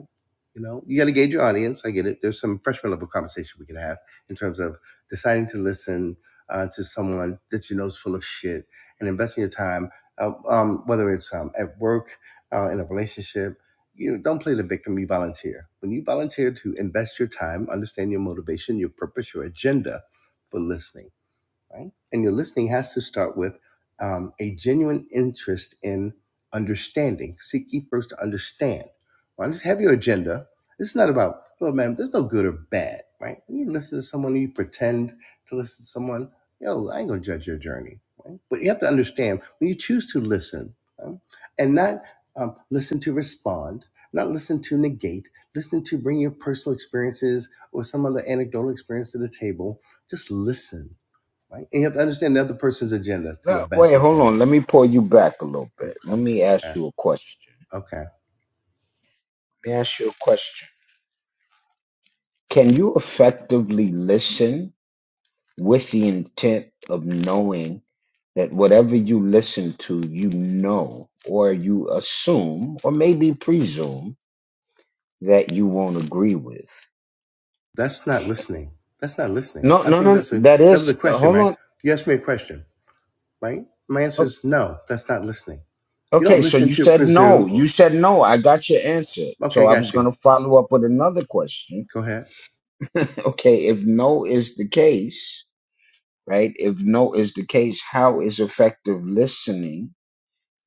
You know, you got to gauge your audience. I get it. There's some freshman level conversation we can have in terms of deciding to listen uh, to someone that you know is full of shit and investing your time, uh, um, whether it's um, at work, uh, in a relationship. You know, don't play the victim. You volunteer. When you volunteer to invest your time, understand your motivation, your purpose, your agenda for listening right? And your listening has to start with um, a genuine interest in understanding. Seek ye first to understand. Well, just have your agenda. This is not about, well, man, there's no good or bad, right? When you listen to someone, you pretend to listen to someone, yo, I ain't gonna judge your journey, right? But you have to understand when you choose to listen right? and not um, listen to respond, not listen to negate, listen to bring your personal experiences or some other anecdotal experience to the table, just listen right? And you have to understand the other person's agenda to the
Now,
best
wait,
you
hold
can.
on. Let me pull you back a little
Okay,
bit. Let me
okay,
ask you a question.
okay.
Let me ask you a question. Can you effectively listen with the intent of knowing that whatever you listen to, you know, or you assume, or maybe presume that you won't agree with?
That's not listening. That's not listening.
No,
I
no,
think
no.
that's a
That
that was
is,
a
uh,
question,
hold
right?
on.
You asked me a question, right? My answer is no. That's not listening. You
Okay,
don't
so
listen
you
to
said no.
presume.
You
Or,
said no. I got your answer.
okay,
So I was
got you.
going to follow up with another question.
Go ahead.
Okay, if no is the case, right? If no is the case, how is effective listening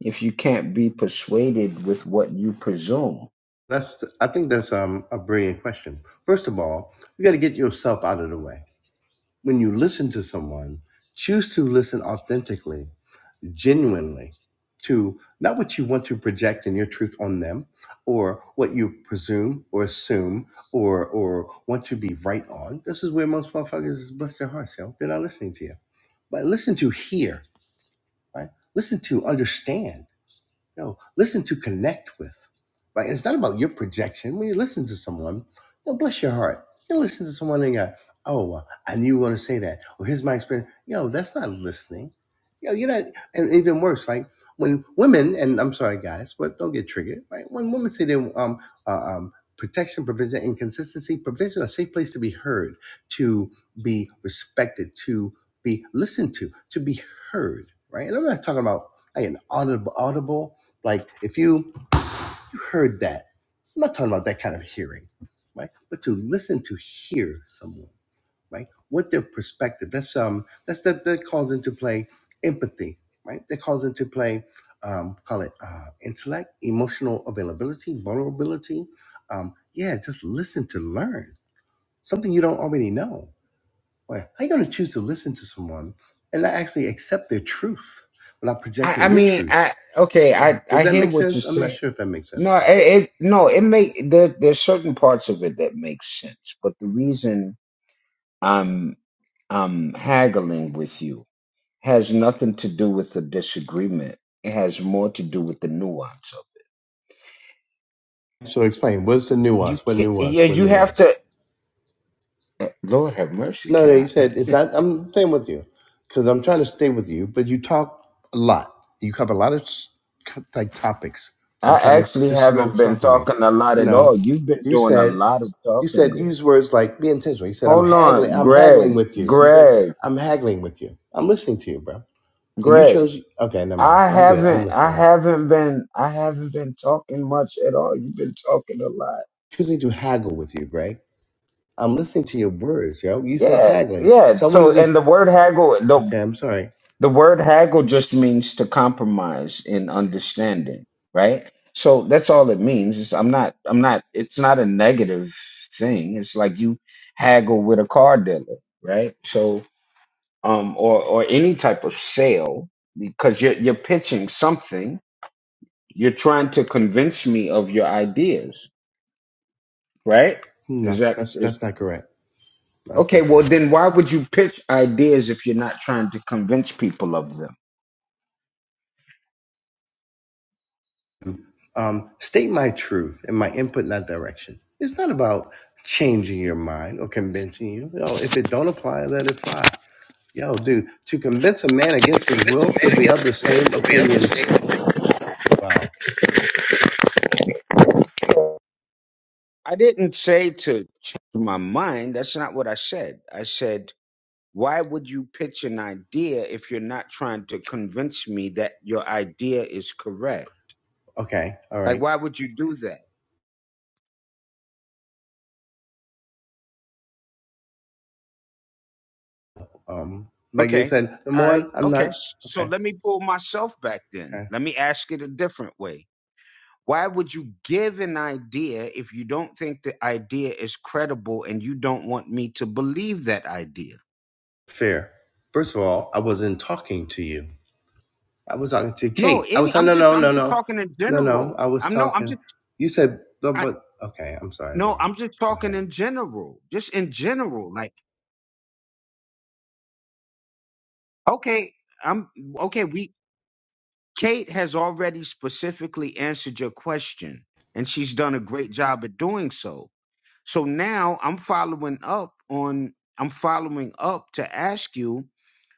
if you can't be persuaded with what you presume?
That's I think that's um, a brilliant question. First of all, you got to get yourself out of the way. When you listen to someone, choose to listen authentically genuinely to not what you want to project in your truth on them or what you presume or assume or or want to be right on. This is where most motherfuckers bless their hearts, yo. They're not listening to you. But listen to hear, right? Listen to understand you know, listen to connect with, right? And It's not about your projection. When you listen to someone, you know, bless your heart. You listen to someone and you go, oh, uh, I knew you were going to say that. Or here's my experience. You know, that's not listening. You know, you're not, and even worse, like when women, and I'm sorry, guys, but don't get triggered, right? When women say they, um, uh, um, protection, provision, and consistency, provision, a safe place to be heard, to be respected, to be listened to, to be heard, right? And I'm not talking about like an audible, audible. Like if you you heard that, I'm not talking about that kind of hearing, right? But to listen to hear someone, right? What their perspective. That's um that's that that calls into play empathy, right? That calls into play um call it uh intellect, emotional availability, vulnerability. Um, yeah, just listen to learn. Something you don't already know. Right? How you gonna choose to listen to someone and not actually accept their truth without
I,
projecting
I
your
mean,
truth?
I okay,
Yeah.
I
Does
I
that
hear
make
what you're
sense? I'm not
saying.
sure if that makes sense
No, it,
though.
it no, it make there there's certain parts of it that make sense, but the reason I'm I'm haggling with you has nothing to do with the disagreement. It has more to do with the nuance of
So explain. What's the
it. You
nuance? What
can't, yeah,
nuance? What
you have
nuance?
to. Lord have mercy,
No,
can
no. You
I?
said it's not. I'm staying with you because I'm trying to stay with you. But you talk a lot. You cover a lot of s- co- like topics. So I'm
I
trying to
actually
just go
haven't been
talk with me.
talking a lot at
No,
all. You've been
you
doing a
said
lot of
you
talking,
said
Greg.
use words like be intentional. You said I'm
Hold
haggling.
on,
I'm
Greg,
haggling with you. You said
Greg,
I'm haggling with you. I'm listening to you, bro. And you
Greg.
chose. Okay, never mind.
I
I'm good. I'm
haven't, I
listening.
haven't been, I haven't been talking much at all. You've been talking a lot.
Choosing to haggle with you, Greg. I'm listening to your words, yo. You said
Yeah,
haggling.
yeah. So,
Someone
and the word haggle, the
Okay, I'm sorry.
The word haggle just means to compromise in understanding, right? So that's all it means. It's, I'm not, I'm not, it's not a negative thing. It's like you haggle with a car dealer, right? So, um, or, or any type of sale because you're, you're pitching something. You're trying to convince me of your ideas, right? Is
No,
that,
that's
is,
that's not correct. No, that's
okay,
not
well
correct.
then why would you pitch ideas if you're not trying to convince people of them?
Um, state my truth and my input in that direction. It's not about changing your mind or convincing you. No, if it don't apply, let it fly. Yo, dude, to convince a man against his will, he'll be of the same opinions. Wow.
I didn't say to change my mind. That's not what I said. I said, why would you pitch an idea if you're not trying to convince me that your idea is correct?
Okay. All
Like,
right.
why would you do that?
Um, like you
Okay.
said, number
All right.
one, I'm
Okay.
not
S- So
okay.
let me pull myself back then.
Okay.
Let me ask it a different way. Why would you give an idea if you don't think the idea is credible and you don't want me to believe that idea?
Fair. First of all, I wasn't talking to you. I was talking to
No,
Kate. I was
any
talking,
I'm
no,
just
no,
I'm
no,
just
no,
talking in
no, no.
general.
I was
I'm no, I'm
talking.
just
You said, but, but okay. I'm sorry,
No,
bro.
I'm just
Go
talking
ahead.
in general. Just in general. Like, okay, I'm okay, we Kate has already specifically answered your question, and she's done a great job at doing so. So now I'm following up on I'm following up to ask you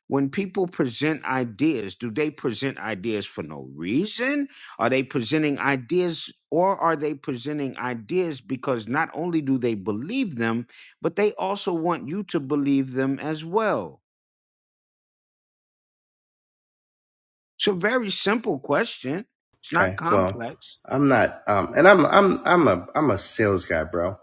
When people present ideas, do they present ideas for no reason? Are they presenting ideas or are they presenting ideas because not only do they believe them, but they also want you to believe them as well? It's a very simple question. It's not
Okay. Well,
complex.
I'm not. Um, and I'm, I'm, I'm a, I'm a sales guy, bro.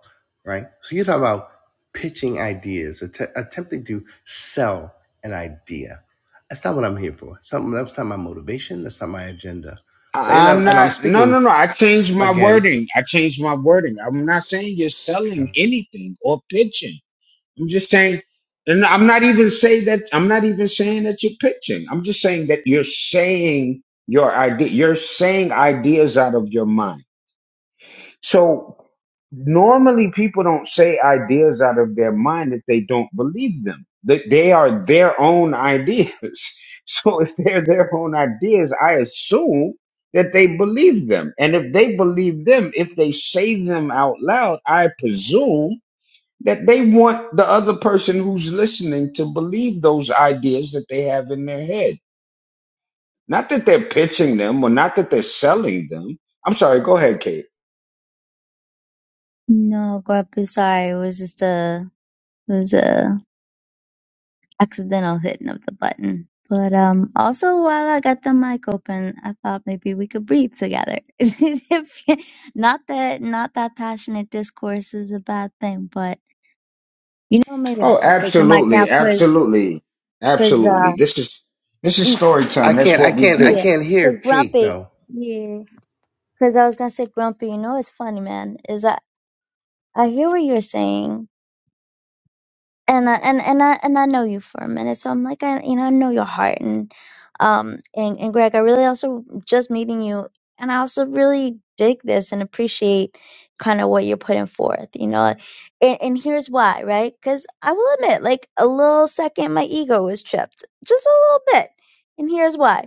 Right. So you talk about pitching ideas, att- attempting to sell an idea. That's not what I'm here for. Something that's not my motivation. That's not my agenda. But you
I-
know,
I'm
and I'm
not, no, no,
speaking
no. I changed my
again.
wording. I changed my wording. I'm not saying you're selling anything or pitching. I'm just saying, and I'm not even saying that. I'm not even saying that you're pitching. I'm just saying that you're saying your idea. You're saying ideas out of your mind. So normally people don't say ideas out of their mind if they don't believe them. That they are their own ideas. So if they're their own ideas, I assume that they believe them. And if they believe them, if they say them out loud, I presume that they want the other person who's listening to believe those ideas that they have in their head. Not that they're pitching them or not that they're selling them. I'm sorry, go ahead, Kate.
No, Guapusai was just a was a accidental hitting of the button. But um, also while I got the mic open, I thought maybe we could breathe together. If- you- not that not that passionate discourse is a bad thing, but you know maybe I'll,
Oh,
I'll take the mic now
absolutely,
because
absolutely,
cause
absolutely.
uh
This is this is
e-
story
I
time. That's
can't, I
what we
can't, I
do.
yeah
can't hear
because
Kate
grumpy
though.
yeah because I was gonna say grumpy. You know it's funny man is I I hear what you're saying and I, and and I and I know you for a minute, so I'm like I you know I know your heart and um and and Greg, I really also just meeting you, and I also really dig this and appreciate kind of what you're putting forth, you know, and and here's why, right? Because I will admit, like a little second, my ego was tripped, just a little bit, and here's why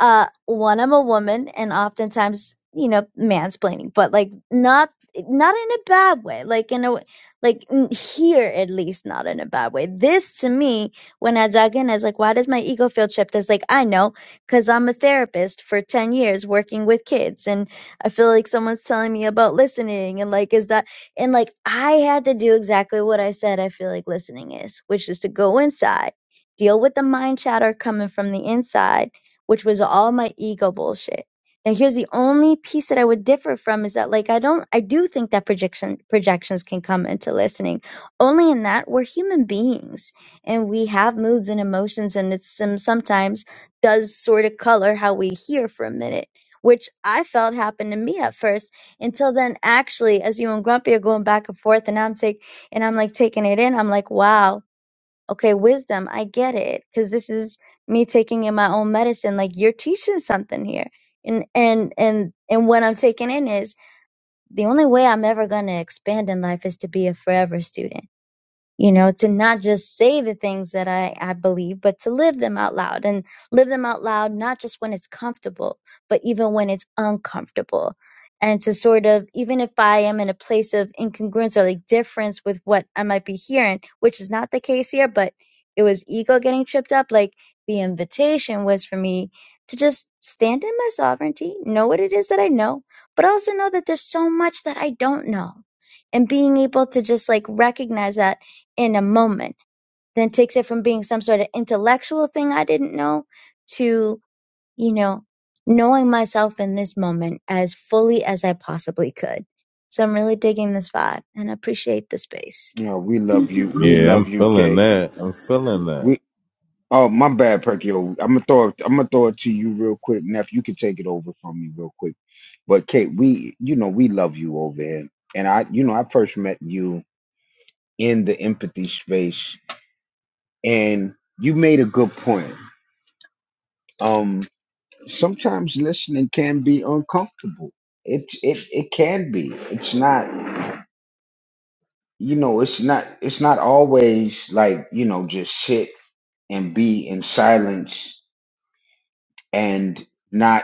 uh one i'm a woman and oftentimes you know mansplaining but like not not in a bad way like in a w- like n- here at least not in a bad way this to me when i dug in i was like why does my ego feel tripped it's like i know because i'm a therapist for 10 years working with kids and i feel like someone's telling me about listening and like is that and like i had to do exactly what i said i feel like listening is which is to go inside deal with the mind chatter coming from the inside which was all my ego bullshit. Now here's the only piece that I would differ from is that like I don't I do think that projection projections can come into listening. Only in that we're human beings and we have moods and emotions and it's some sometimes does sort of color how we hear for a minute, which I felt happened to me at first until then actually as you and Grumpy are going back and forth and I'm take and I'm like taking it in, I'm like, wow, okay, wisdom, I get it, because this is me taking in my own medicine. Like you're teaching something here, and and and and what I'm taking in is the only way I'm ever gonna expand in life is to be a forever student you know to not just say the things that I, I believe but to live them out loud and live them out loud not just when it's comfortable but even when it's uncomfortable and to sort of even if i am in a place of incongruence or like difference with what i might be hearing which is not the case here but it was ego getting tripped up like the invitation was for me to just stand in my sovereignty know what it is that i know but also know that there's so much that i don't know and being able to just like recognize that in a moment then takes it from being some sort of intellectual thing I didn't know to, you know, knowing myself in this moment as fully as I possibly could. So I'm really digging this vibe and appreciate the space.
You know, we love you. We
Yeah, I'm
love you,
feeling
Kate.
that. I'm feeling that.
We oh my bad, Perkyo. I'm gonna throw it I'm gonna throw it to you real quick. Neff, you can take it over from me real quick. But Kate, we you know, we love you over here. And I you know, I first met you in the empathy space. And you made a good point. Um, sometimes listening can be uncomfortable. It it it can be. It's not you know, it's not it's not always like, you know, just sit and be in silence and not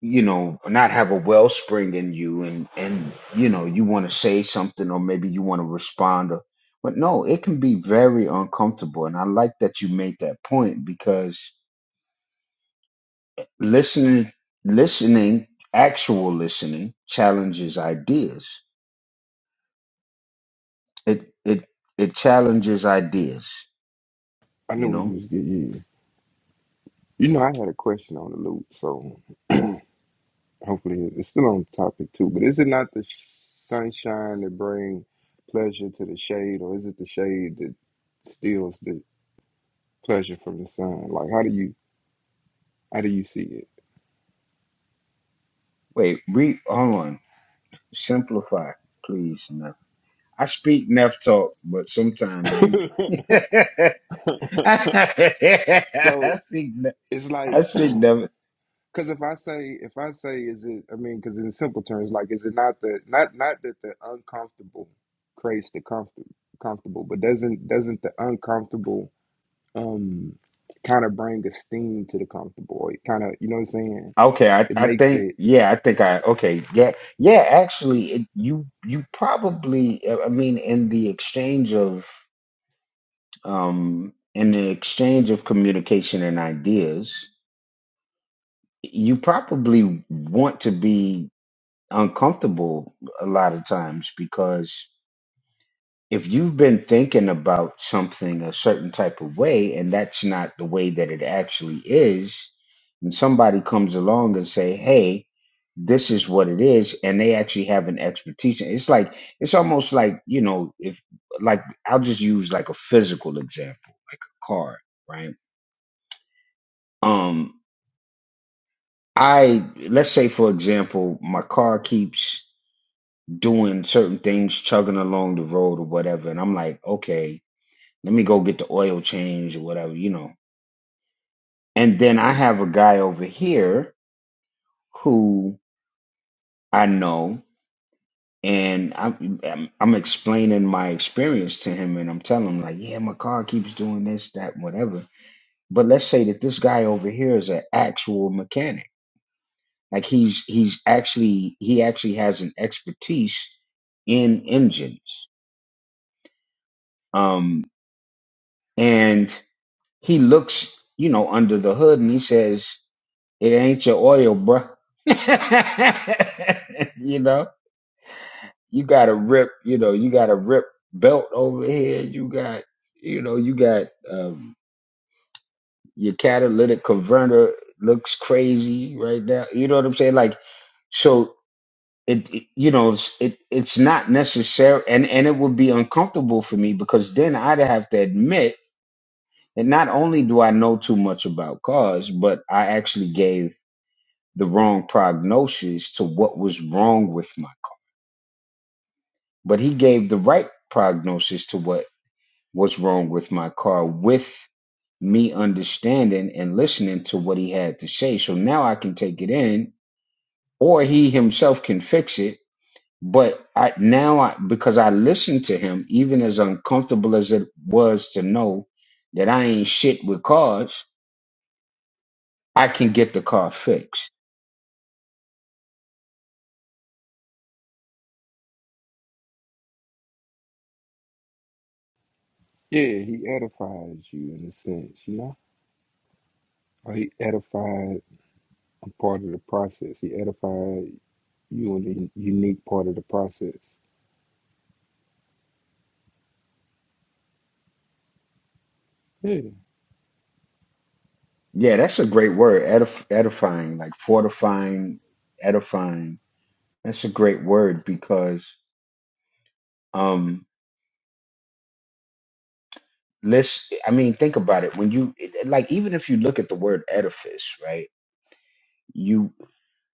you know not have a wellspring in you and and you know you want to say something or maybe you want to respond or but no it can be very uncomfortable and i like that you made that point because listening listening actual listening challenges ideas it it it challenges ideas
I
you
knew it
know
was good. Yeah. You know, I had a question on the loop, so hopefully it's still on topic too. But is it not the sh- sunshine that bring pleasure to the shade, or is it the shade that steals the pleasure from the sun? Like, how do you how do you see it?
wait read hold on simplify please Neff. i speak Neff talk but sometimes you i
so
speak Neff-
it's
i
like
speak Neff.
Because if I say, if I say, is it? I mean, because in simple terms, like, is it not the not not that the uncomfortable creates the comfort comfortable, but doesn't doesn't the uncomfortable um kind of bring esteem to the comfortable? Or It kind of, you know what I'm saying?
okay I,
It
I
makes
think
it,
yeah i think i okay yeah yeah actually it, you you probably i mean in the exchange of um, in the exchange of communication and ideas, you probably want to be uncomfortable a lot of times because if you've been thinking about something a certain type of way and that's not the way that it actually is, and somebody comes along and say, "Hey, this is what it is," and they actually have an expertise, it's like it's almost like you know, if like I'll just use like a physical example, like a car, right? um i let's say for example my car keeps doing certain things chugging along the road or whatever and i'm like okay let me go get the oil change or whatever you know and then i have a guy over here who i know and i'm i'm, I'm explaining my experience to him and i'm telling him like yeah my car keeps doing this that whatever but let's say that this guy over here is an actual mechanic Like he's he's actually he actually has an expertise in engines. Um, and he looks, you know, under the hood and he says, "It ain't your oil, bruh. you know, you got a rip. You know, you got a rip belt over here. You got, you know, you got um, your catalytic converter looks crazy right now. You know what I'm saying? Like, so it, it- you know it's- it it's not necessary and and it would be uncomfortable for me because then I'd have to admit that not only do I know too much about cars but I actually gave the wrong prognosis to what was wrong with my car but he gave the right prognosis to what was wrong with my car with me understanding and listening to what he had to say so now I can take it in or he himself can fix it But I now I because I listened to him, even as uncomfortable as it was to know that I ain't shit with cars, I can get the car fixed.
yeah, he edifies you in a sense, you know. Or he edified a part of the process. He edified you in a unique part of the process.
Yeah, that's a great word, edif- edifying, like fortifying, edifying. That's a great word because um let's I mean think about it when you like even if you look at the word edifice, right? You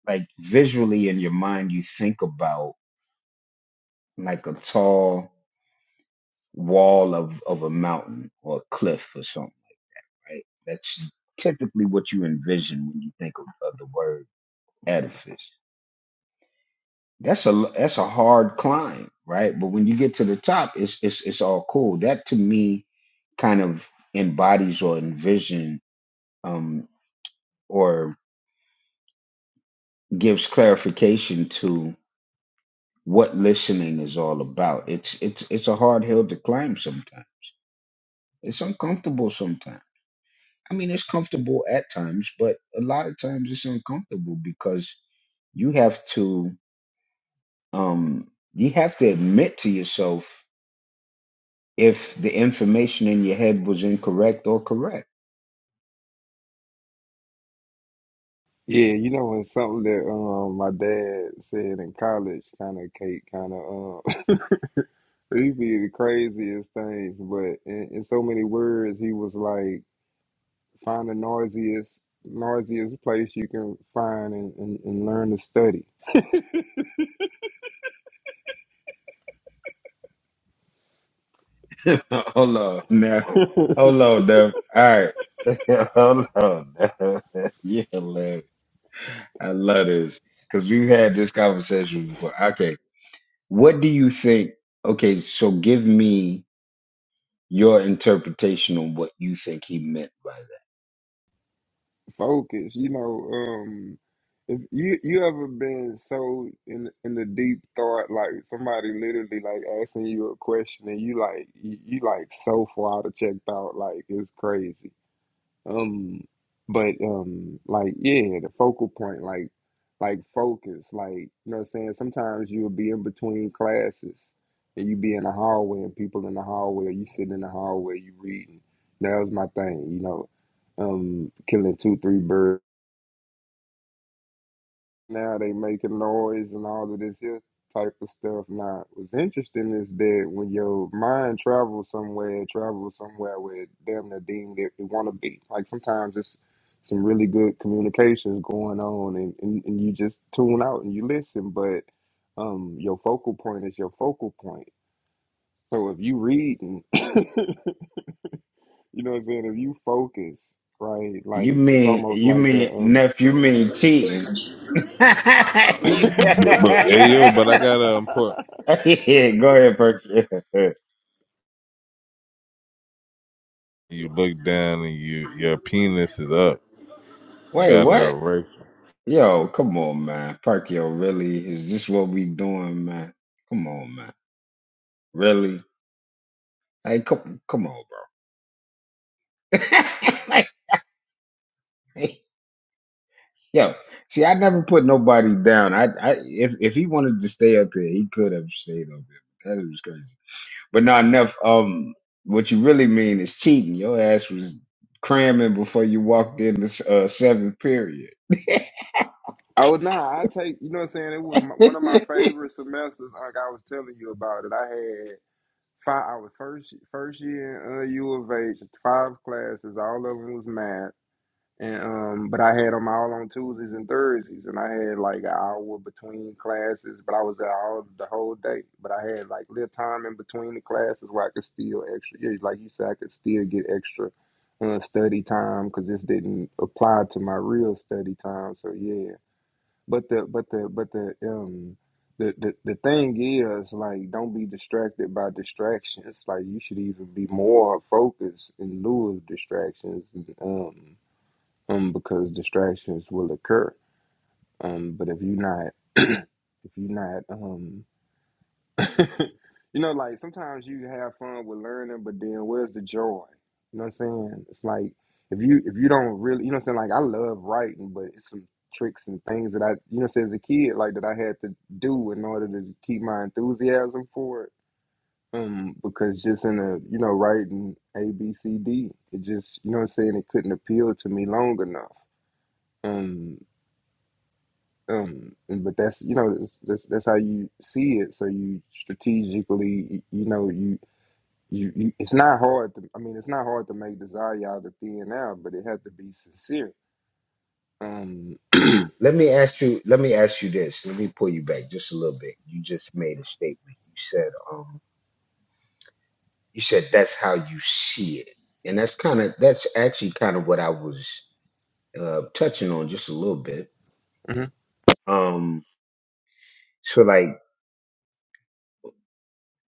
like visually in your mind you think about like a tall wall of, of a mountain or a cliff or something, right? That's typically what you envision when you think of, of the word edifice. That's a that's a hard climb, right? But when you get to the top, it's it's it's all cool. That to me kind of embodies or envision um or gives clarification to what listening is all about. It's it's it's a hard hill to climb sometimes. It's uncomfortable sometimes I mean, it's comfortable at times, but a lot of times it's uncomfortable because you have to um you have to admit to yourself if the information in your head was incorrect or correct.
Yeah, you know, and something that um my dad said in college, kind of Kate, kind of um, he be the craziest things, but in, in so many words, he was like, find the noisiest, noisiest place you can find and, and, and learn to study,
hold on now. Hold on now. All right. hold on now. yeah, love. I love this. Cause we've had this conversation before. Okay. What do you think? Okay, so give me your interpretation on what you think he meant by that.
focus. You know, um, if you you ever been so in in the deep thought, like somebody literally like asking you a question and you like you, you like so far out of checked out, like it's crazy Um, but um, like yeah, the focal point, like like focus, like you know what I'm saying. Sometimes you'll be in between classes and you be in the hallway and people in the hallway, you sitting in the hallway, you reading. That was my thing, you know. Um, killing two, three birds now they making noise and all of this here type of stuff. Now, what's interesting is that when your mind travels somewhere, it travels somewhere where it damn near deemed it, it want to be. Like sometimes it's some really good communications going on, and, and, and you just tune out and you listen, but um, your focal point is your focal point. So if you read and you know what I'm saying, if you focus, right,
You
like it's
mean
almost
you
like a
mean
um
nephew? You mean cheating? yeah,
But, but- hey, yo, but I gotta import.
go ahead, Perky.
You look down and you your penis is up. You
Wait,
got it
what?
erect.
Yo, come on, man. Perkyo, really? Is this what we doing, man? Come on, man. Really? Hey, come, come on, bro. Like, Yo, see, I never put nobody down. I, I, if if he wanted to stay up here, he could have stayed up here. That was crazy. But not enough. Um, what you really mean is cheating. Your ass was cramming before you walked in the uh, seventh period.
Oh nah, I take you know what I'm saying. It was my, one of my
Let
favorite semesters. Like I was telling you about it, I had five. I was first first year in uh, U of H, five classes. All of them was math, and um, but I had them all on Tuesdays and Thursdays, and I had like an hour between classes. But I was there all the whole day. But I had like little time in between the classes where I could still extra. Yeah, like you said, I could still get extra uh, study time because this didn't apply to my real study time. So yeah. But the but the but the um the, the the thing is like don't be distracted by distractions. Like you should even be more focused in lieu of distractions um um because distractions will occur. Um but if you're not if you're not um you know, like sometimes you have fun with learning, but then where's the joy? You know what I'm saying? It's like if you if you don't really, you know what I'm saying? Like I love writing, but it's some tricks and things that I, you know, what I'm saying, as a kid, like that I had to do in order to keep my enthusiasm for it. Um, because just in a, you know, writing A B C D, it just, you know, what I'm saying, it couldn't appeal to me long enough. Um, um and- but that's you know that's, that's that's how you see it so you strategically y- you know you you, you, it's not hard to. I mean, it's not hard to make desire out of thin air, but it had to be sincere. Um,
me ask you. Let me ask you this. Let me pull you back just a little bit. You just made a statement. You said, um, you said that's how you see it, and that's kind of that's actually kind of what I was uh, touching on just a little bit.
mhm.
Um, so like,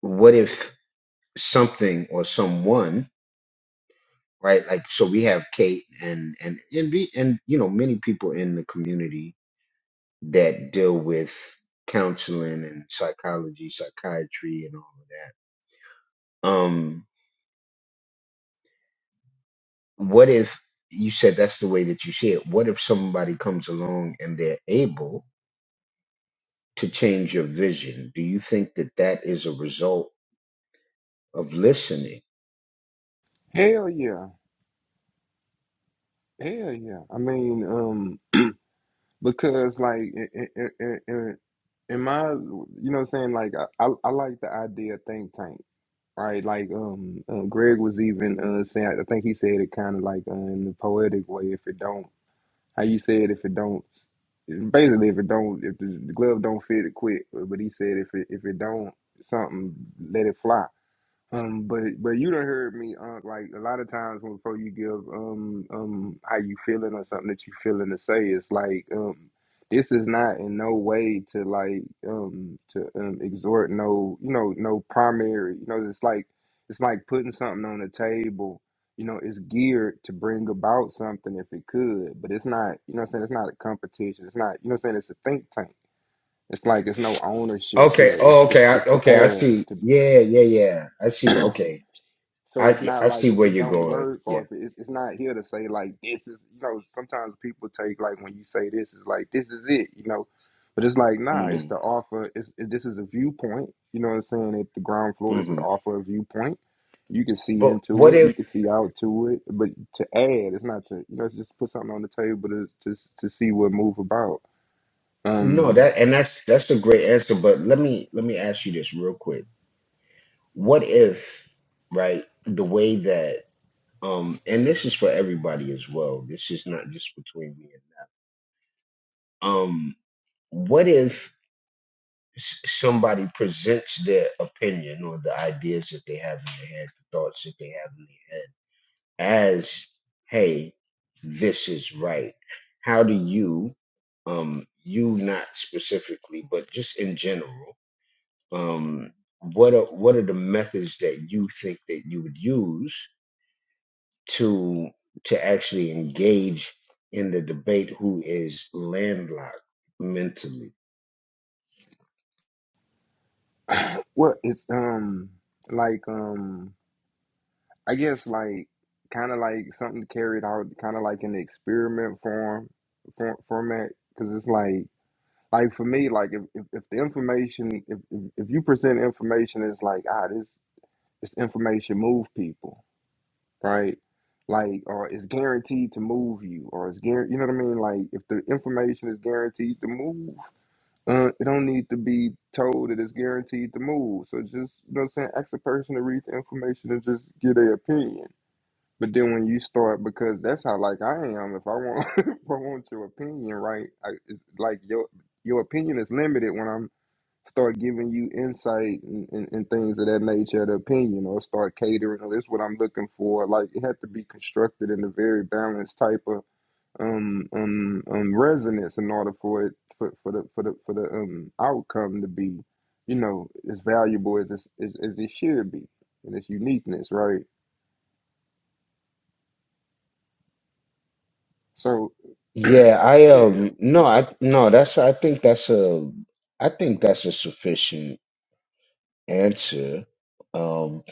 what if something or someone right? Like, so we have Kate and and and we, and you know many people in the community that deal with counseling and psychology, psychiatry, and all of that. Um, what if you said that's the way that you see it? What if somebody comes along and they're able to change your vision? Do you think that that is a result of listening?
hell yeah, hell yeah. I mean, um, because like in in, in, in in my, you know, what I'm saying like I, I I like the idea of think tank, right? Like um, uh, Greg was even uh saying I think he said it kind of like uh, in the poetic way. If it don't How you said if it don't, basically if it don't, if the glove don't fit, it quit. But he said if it if it don't something, let it fly. Um, but but you done heard me uh, like a lot of times when before you give um um how you feeling or something that you feeling to say it's like um this is not in no way to like um to um exhort no you know no primary you know it's like it's like putting something on the table you know it's geared to bring about something if it could but it's not you know what I'm saying it's not a competition it's not you know what I'm saying it's a think tank it's like it's no ownership
Okay.
here it's
Oh,
it's
okay. I,
it's to
okay. I
add
see.
it's to
Yeah. Yeah. Yeah. I see. Okay.
so it's
I
not
I see
like if
where
it
you're
don't
going.
work or
Yeah.
if it's it's not here to say like this is you know sometimes people take like when you say this is like this is it you know, but it's like nah it's
Mm-hmm.
the offer it's it, this is a viewpoint you know what I'm saying at the ground floor this is
hmm
offer a viewpoint you can see
But what
into it you
if
can see out to it but to add it's not to you know it's just put something on the table to to to see what move about
no
um
that and that's that's a great answer, but let me let me ask you this real quick. What if, right, the way that um and this is for everybody as well. This is not just between me and um what if s- somebody presents their opinion or the ideas that they have in their head, the thoughts that they have in their head as, hey, this is right. How do you um you not specifically, but just in general. um, what are what are the methods that you think that you would use to to actually engage in the debate who is landlocked mentally?
what it's um like um I guess like kind of like something carried out kind of like in the experiment form for, format because it's like like for me like if, if, if the information if, if if you present information it's like ah this this information move people right like or it's guaranteed to move you or it's guaranteed you know what I mean like if the information is guaranteed to move uh it don't need to be told that it's guaranteed to move so just you know what I'm saying ask a person to read the information and just get their opinion but then when you start, because that's how like I am. If I want, if I want your opinion, right? I, it's like your your opinion is limited when I'm start giving you insight and, and, and things of that nature. The opinion or start catering. Or this what I'm looking for. Like it had to be constructed in a very balanced type of um um um resonance in order for it for, for the for the for the um outcome to be, you know, as valuable as it's, as, as it should be and its uniqueness, right? So.
Yeah, I
Yeah,
um no I no that's I think that's a I think that's a sufficient answer. Um,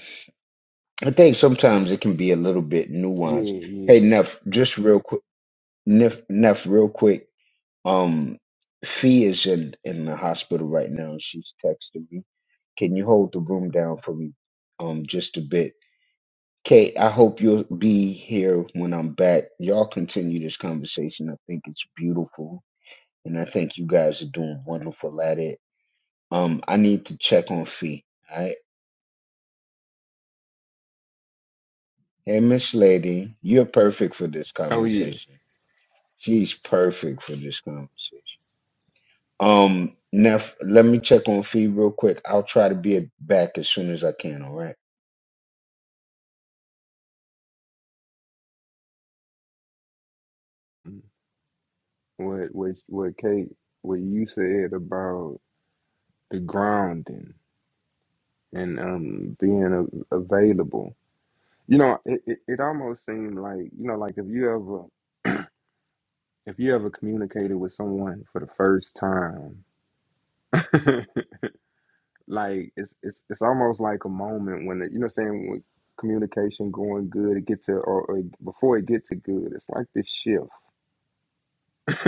I think sometimes it can be a little bit
yeah,
nuanced. Hey,
yeah.
Neff, just real quick, Neff, Neff, real quick. Um, Fee is in, in the hospital right now. She's texting me. Can you hold the room down for me um, just a bit? Kate, I hope you'll be here when I'm back. Y'all continue this conversation. I think it's beautiful. And I think you guys are doing wonderful at it. Um, I need to check on Fee. All right. Hey, Miss Lady, you're perfect for this
Oh yeah.
conversation. She's perfect for this conversation. Um, Neff, let me check on Fee real quick. I'll try to be back as soon as I can. All right.
What what what Kate what you said about the grounding and um being a, available. You know, it, it, it almost seemed like you know, like if you ever if you ever communicated with someone for the first time, like it's it's it's almost like a moment when it, you know what I'm saying when communication going good, it get to or, or before it get to good, it's like this shift.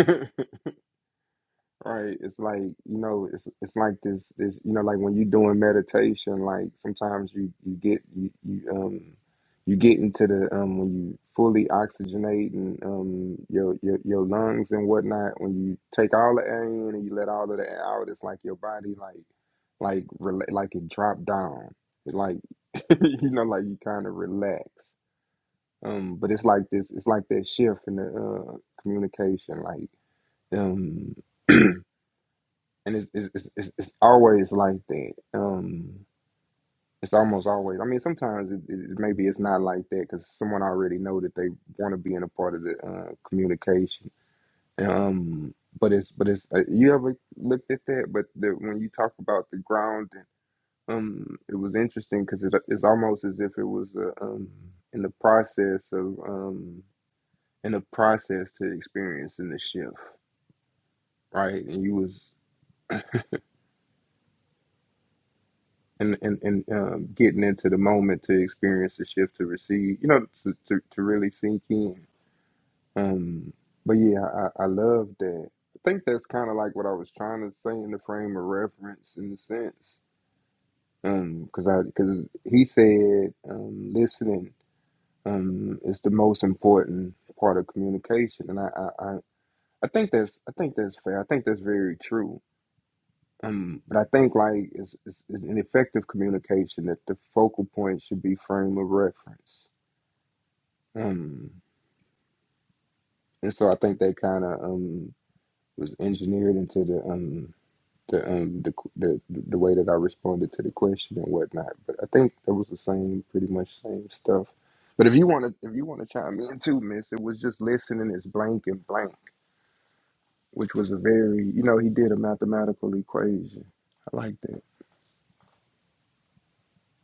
Right. It's like, you know, it's it's like this this you know, like when you're doing meditation, like sometimes you you get you, you um you get into the um when you fully oxygenate and um your, your your lungs and whatnot, when you take all the air in and you let all of the air out, it's like your body like like rela- like it dropped down. It like you know, like you kind of relax. Um, but it's like this, it's like that shift in the uh communication, like um and it's it's it's, it's it's always like that. Um, it's almost always. I mean, sometimes it, it, maybe it's not like that because someone already know that they want to be in a part of the uh, communication. Um, but it's but it's uh, you ever looked at that? But the, when you talk about the grounding, um, it was interesting because it, it's almost as if it was uh, um in the process of um in the process to experiencing the shift, right? And you was and and and um, getting into the moment to experience the shift to receive, you know, to to, to really sink in. Um, but yeah, I, I love that. I think that's kind of like what I was trying to say in the frame of reference, in the sense, because I because he said um, listening um, is the most important part of communication, and I, I I I think that's I think that's fair. I think that's very true Um, but I think like it's, it's, it's an effective communication that the focal point should be frame of reference. Um, and so I think that kind of um, was engineered into the um, the, um, the the the way that I responded to the question and whatnot. But I think that was the same, pretty much same stuff. But if you want to, if you want to chime in too, Miss, it was just listening is blank and blank, which was a very, you know, he did a mathematical equation. I like that.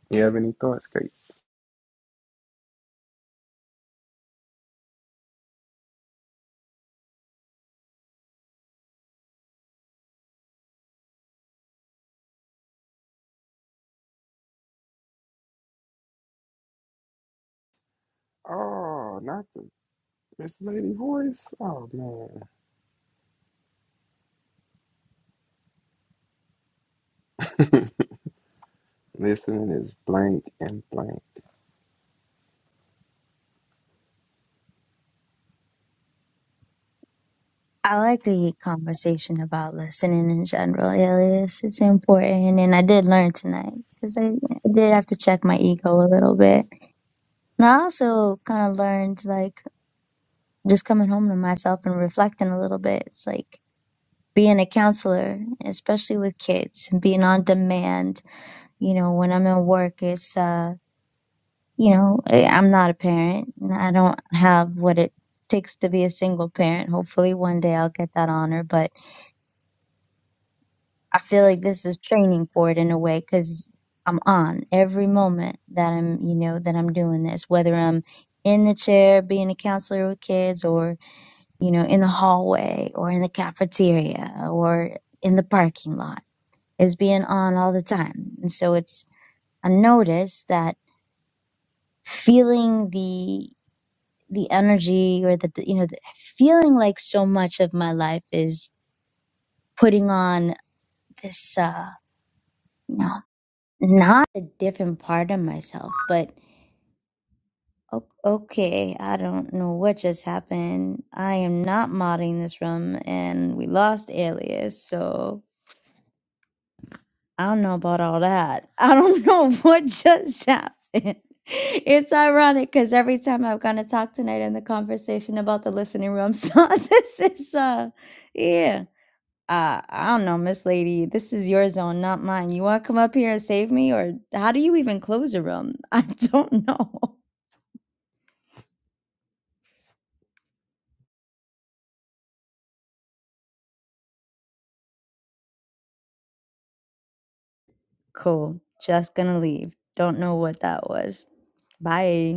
You have any thoughts, Kate? Oh, not the Miss Lady Voice? Oh man. Listening is blank and blank.
I like the conversation about listening in general, Elias. It's important, and I did learn tonight because I, did have to check my ego a little bit. And I also kind of learned, like, just coming home to myself and reflecting a little bit. It's like being a counselor, especially with kids, being on demand, you know, when I'm at work, it's, uh, you know, I- I'm not a parent. and I don't have what it takes to be a single parent. Hopefully one day I'll get that honor, but I feel like this is training for it in a way because I'm on every moment that I'm, you know, that I'm doing this, whether I'm in the chair being a counselor with kids or, you know, in the hallway or in the cafeteria or in the parking lot is being on all the time. And so it's a notice that feeling the the energy or the you know the, feeling like so much of my life is putting on this uh you know not a different part of myself but o- okay i don't know what just happened i am not modding this room and we lost alias so I don't know about all that. I don't know what just happened. It's ironic because every time I've gone to talk tonight in the conversation about the listening room, so this is uh, yeah. Uh, I don't know, Miss Lady. This is your zone, not mine. You want to come up here and save me, or how do you even close a room? I don't know. Cool. Just gonna leave. Don't know what that was. Bye.